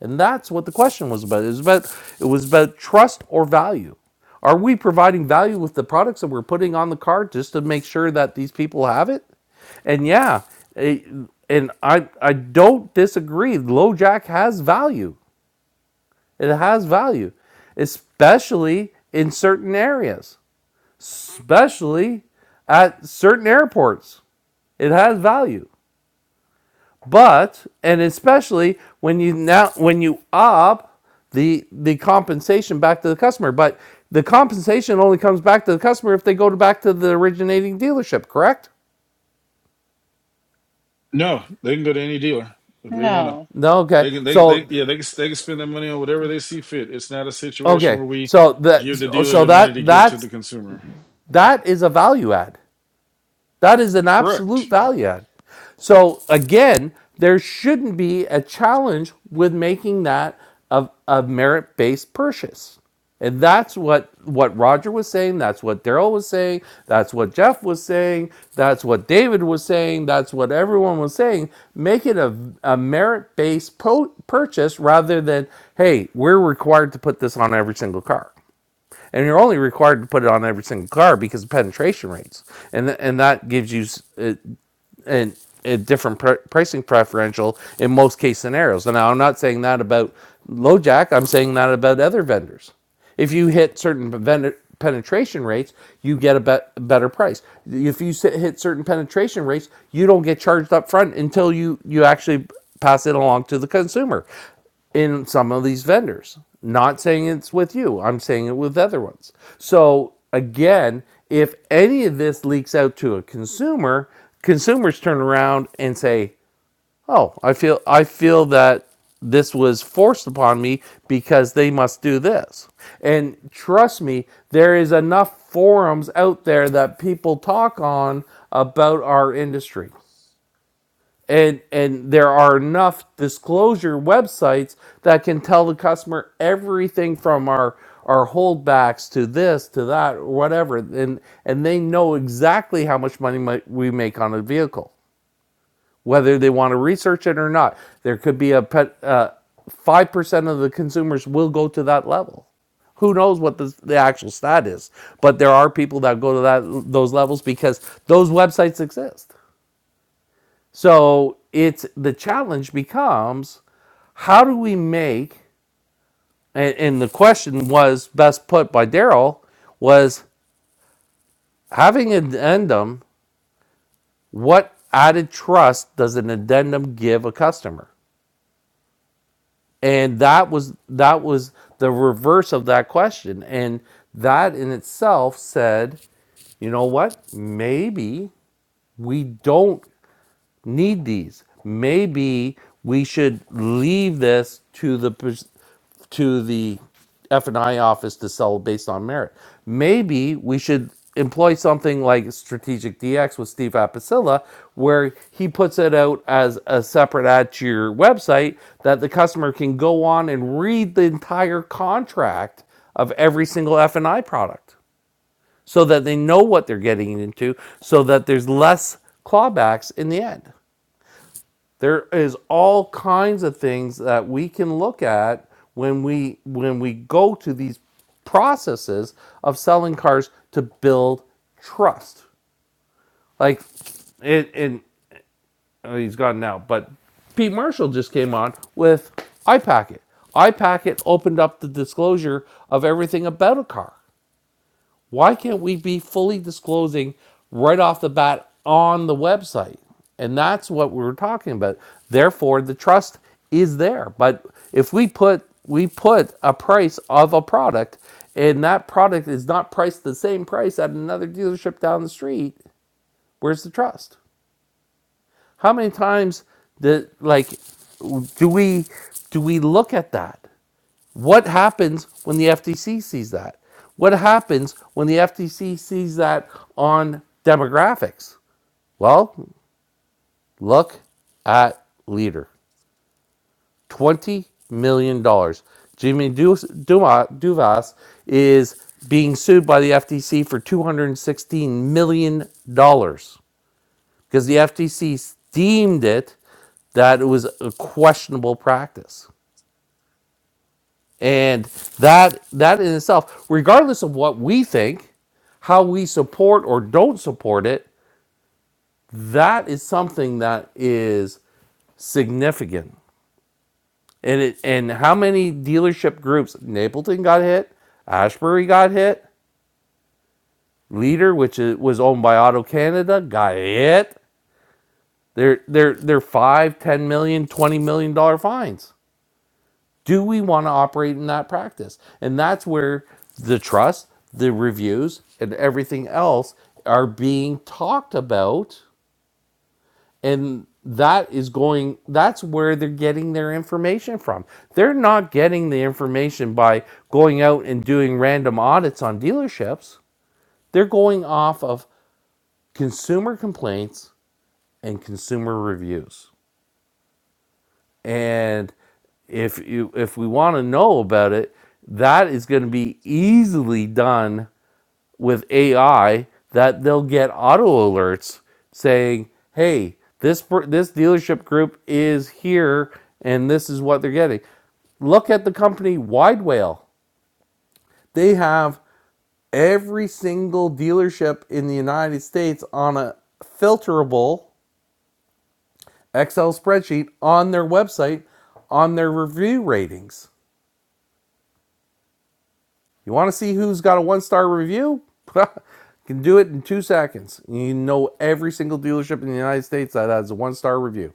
A: and that's what the question was about. It was about it was about trust or value. Are we providing value with the products that we're putting on the card just to make sure that these people have it? And yeah, it- and I I don't disagree. LoJack has value. It has value, especially in certain areas, especially at certain airports. It has value. But and especially when you now when you up the the compensation back to the customer, but the compensation only comes back to the customer if they go to back to the originating dealership, correct?
H: No, they can go to any dealer if they want to.
J: No.
A: No, okay.
H: They can, they, they,
A: So
H: yeah, they can, they can spend their money on whatever they see fit. It's not a situation
A: okay.
H: where we
A: So that
H: give the dealer
A: so
H: the money to
A: that
H: give to
A: that's
H: the consumer.
A: that is a value add. That is an absolute
H: Correct.
A: value add. So again, there shouldn't be a challenge with making that a, a merit-based purchase. And that's what, what Roger was saying, that's what Daryl was saying, that's what Jeff was saying, that's what David was saying, that's what everyone was saying. Make it a, a merit-based purchase rather than, hey, we're required to put this on every single car and you're only required to put it on every single car because of penetration rates, and th- and that gives you s- a, an a different pr- pricing preferential in most case scenarios. And now I'm not saying that about LoJack. I'm saying that about other vendors. If you hit certain vendor penetration rates, you get a bet- better price. If you sit, hit certain penetration rates, you don't get charged up front until you you actually pass it along to the consumer in some of these vendors. Not saying it's with you, I'm saying it with other ones. So, again, if any of this leaks out to a consumer, consumers turn around and say, "Oh, I feel I feel that this was forced upon me because they must do this." And trust me, there is enough forums out there that people talk on about our industry and and there are enough disclosure websites that can tell the customer everything from our our holdbacks to this to that or whatever and and they know exactly how much money mi- we make on a vehicle whether they want to research it or not there could be a pet uh, 5% of the consumers will go to that level who knows what the, the actual stat is but there are people that go to that those levels because those websites exist so it's the challenge becomes how do we make and, and the question was best put by Daryl was having an addendum, what added trust does an addendum give a customer? And that was that was the reverse of that question. And that in itself said, you know what? Maybe we don't need these. Maybe we should leave this to the pers- to the F and I office to sell based on merit. Maybe we should employ something like Strategic DX with Steve Apicilla, where he puts it out as a separate ad to your website that the customer can go on and read the entire contract of every single F and I product so that they know what they're getting into, so that there's less clawbacks in the end. There is all kinds of things that we can look at when we when we go to these processes of selling cars to build trust. Like it and oh, he's gone now, but Pete Marshall just came on with iPacket. iPacket opened up the disclosure of everything about a car. Why can't we be fully disclosing right off the bat on the website? And that's what we were talking about. Therefore, the trust is there. But if we put we put a price of a product and that product is not priced the same price at another dealership down the street, where's the trust? How many times did like do we do we look at that? What happens when the FTC sees that? What happens when the FTC sees that on demographics? Well, look at Leader. $20 million. dollars. Jimmy Duvas is being sued by the FTC for $216 million dollars because the FTC deemed it that it was a questionable practice. And that that in itself, regardless of what we think, how we support or don't support it, that is something that is significant. And it and how many dealership groups Napleton got hit, Ashbury got hit, Leader, which is, was owned by Auto Canada, got hit. They're they're they're five, ten million, twenty million dollar fines. do we want to operate in that practice? And that's where the trust, the reviews, and everything else are being talked about. And that is going, that's where they're getting their information from. They're not getting the information by going out and doing random audits on dealerships. They're going off of consumer complaints and consumer reviews. and if you if we want to know about it that is going to be easily done with ai that they'll get auto alerts saying hey this per- this dealership group is here and this is what they're getting look at the company wide whale they have every single dealership in the united states on a filterable excel spreadsheet on their website on their review ratings You want to see who's got a one star review? You Can do it in two seconds. You know every single dealership in the United States that has a one star review.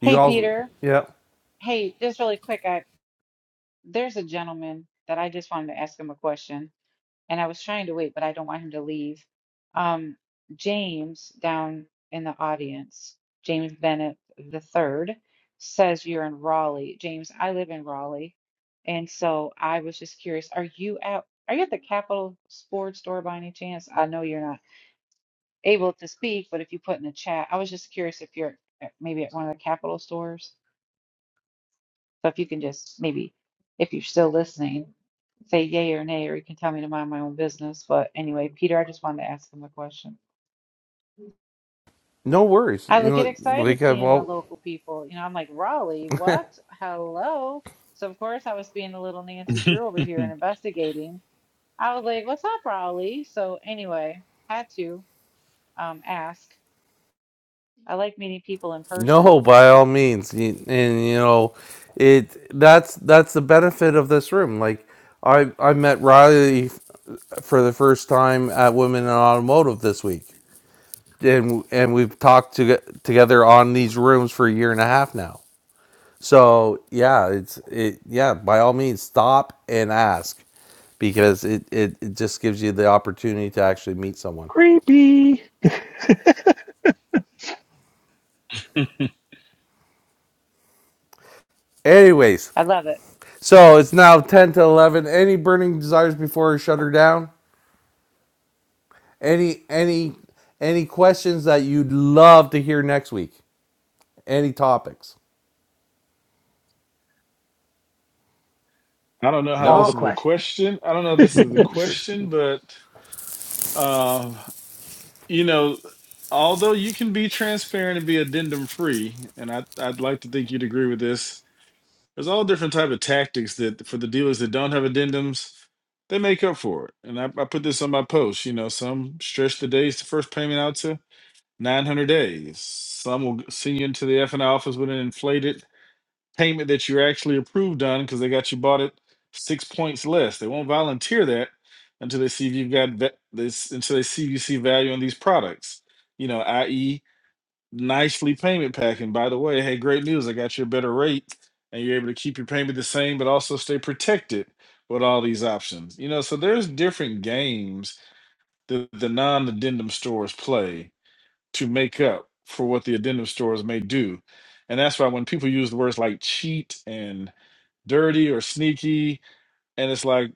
A: You
J: Hey,
A: also,
J: Peter.
A: yeah,
J: Hey, just really quick, I there's a gentleman that I just wanted to ask him a question. and I was trying to wait, but I don't want him to leave. Um, James down in the audience, James Bennett the third, says you're in Raleigh. James, I live in Raleigh, and so I was just curious, are you at are you at the Capitol Sports Store by any chance? I know you're not able to speak, but if you put in the chat, I was just curious if you're at- maybe at one of the Capitol stores. So if you can just maybe, if you're still listening, say yay or nay, or you can tell me to mind my own business. But anyway, Peter, I just wanted to ask him a question.
A: no worries.
J: I would get excited
A: Like, uh,
J: seeing the
A: well,
J: local people. You know, I'm like, Raleigh, what? Hello. So of course I was being a little Nancy Drew over here and investigating. I was like, what's up, Raleigh? So anyway, had to um ask. I like meeting people in person.
A: no, by all means. And you know, it that's that's the benefit of this room. Like, I I met Riley for the first time at Women in Automotive this week, and and we've talked to, together on these rooms for a year and a half now. So yeah, it's it yeah, by all means stop and ask because it, it, it just gives you the opportunity to actually meet someone.
D: Creepy.
A: Anyways,
J: I love it.
A: so it's now ten to eleven. Any burning desires before I shut her down? Any any any questions that you'd love to hear next week? Any topics?
H: I don't know how
D: All the
H: this
A: No?
H: is a
D: questions.
H: question. I don't know if this is a
A: Sure.
H: question, but um, you know, although you can be transparent and be addendum free, and I, I'd like to think you'd agree with this. There's all different type of tactics that for the dealers that don't have addendums, they make up for it. And I, I put this on my post. You know, some stretch the days to first payment out to 900 days. Some will send you into the F and I office with an inflated payment that you're actually approved on because they got you bought it six points less. They won't volunteer that until they see if you've got va- this until they see if you see value in these products. You know, i.e., nicely payment packing. By the way, hey, great news! I got you a better rate, and you're able to keep your payment the same, but also stay protected with all these options. You know, so there's different games that the non-addendum stores play to make up for what the addendum stores may do. And that's why when people use the words like cheat and dirty or sneaky, and it's like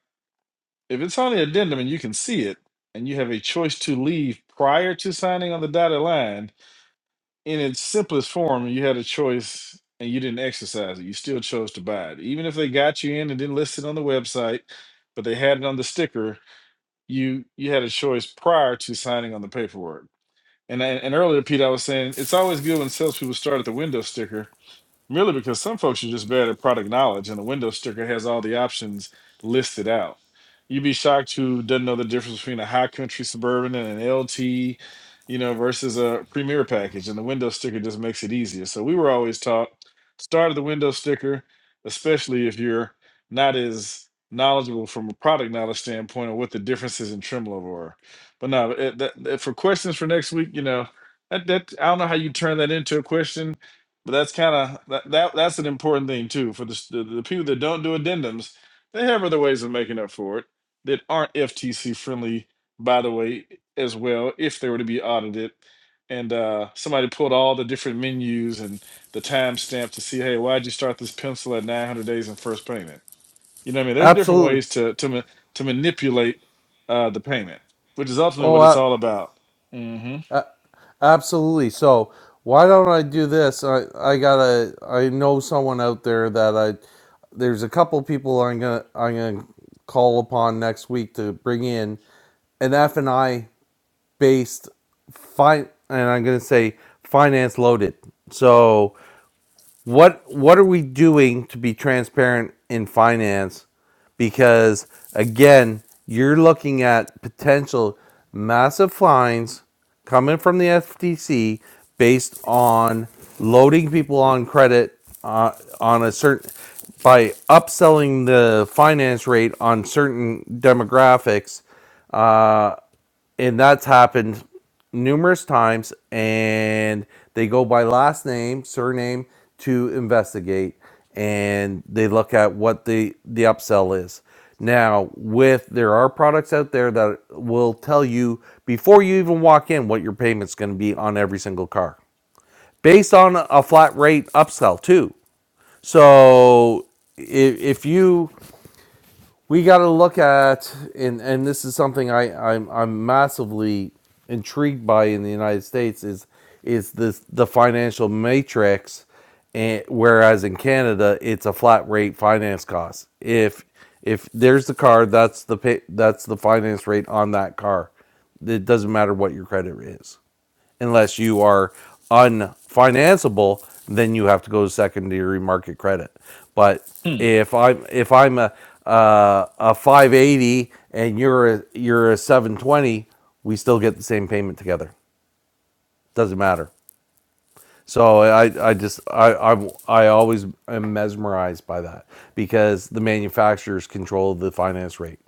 H: if it's on the addendum and you can see it, and you have a choice to leave prior to signing on the dotted line in its simplest form, you had a choice and you didn't exercise it. You still chose to buy it, even if they got you in and didn't list it on the website, but they had it on the sticker. You you had a choice prior to signing on the paperwork and and and earlier, Pete, I was saying it's always good when salespeople start at the window sticker merely because some folks are just bad at product knowledge and a window sticker has all the options listed out. You'd be shocked who doesn't know the difference between a high country suburban and an LT, you know, versus a premier package. And the window sticker just makes it easier. So we were always taught start at the window sticker, especially if you're not as knowledgeable from a product knowledge standpoint on what the differences in trim level are. But no, it, that, that- for questions for next week, you know, that, that I don't know how you turn that into a question but that's kind of that, that that's an important thing too for the, s- the the people that don't do addendums. They have other ways of making up for it that aren't FTC friendly, by the way, as well. If they were to be audited, and uh, somebody pulled all the different menus and the timestamp to see, hey, why'd you start this pencil at 900 days in first payment? You know what I mean? There's different
A: Absolutely.
H: ways to to ma- to manipulate uh, the payment, which is ultimately
A: Oh
H: what it's
A: uh,
H: all about. hmm
A: uh, Absolutely. So why don't I do this? I I gotta. I know someone out there that I. There's a couple people I'm gonna I'm gonna call upon next week to bring in an F and I based fine, and I'm gonna say finance loaded. So what what are we doing to be transparent in finance because again you're looking at potential massive fines coming from the FTC based on loading people on credit uh, on a certain by upselling the finance rate on certain demographics Uh, and that's happened numerous times and they go by last name surname to investigate and they look at what the the upsell is now with there are products out there that will tell you before you even walk in what your payment's going to be on every single car based on a flat rate upsell too so if, if you we got to look at and and this is something I I'm I'm massively intrigued by in the United States is is this the financial matrix and whereas in Canada it's a flat rate finance cost if if there's the car that's the pay, that's the finance rate on that car it doesn't matter what your credit is unless you are unfinanceable, then you have to go to secondary market credit. But
H: Hmm.
A: if I'm if I'm a uh, a 580 and you're a, you're a 720, we still get the same payment together. Doesn't matter. So I, I just I, I I always am mesmerized by that because the manufacturers control the finance rate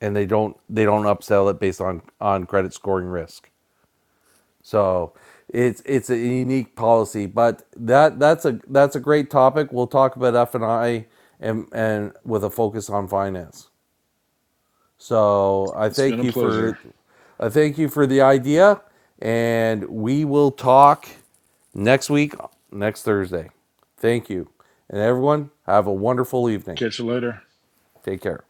A: and they don't they don't upsell it based on on credit scoring risk. So it's it's a unique policy, but that that's a that's a great topic. We'll talk about F and I and and with a focus on finance. So I
H: It's been
A: thank
H: a
A: you
H: pleasure.
A: for I thank you for the idea, and we will talk next week next Thursday. Thank you, and everyone have a wonderful evening.
H: Catch you later.
A: Take care.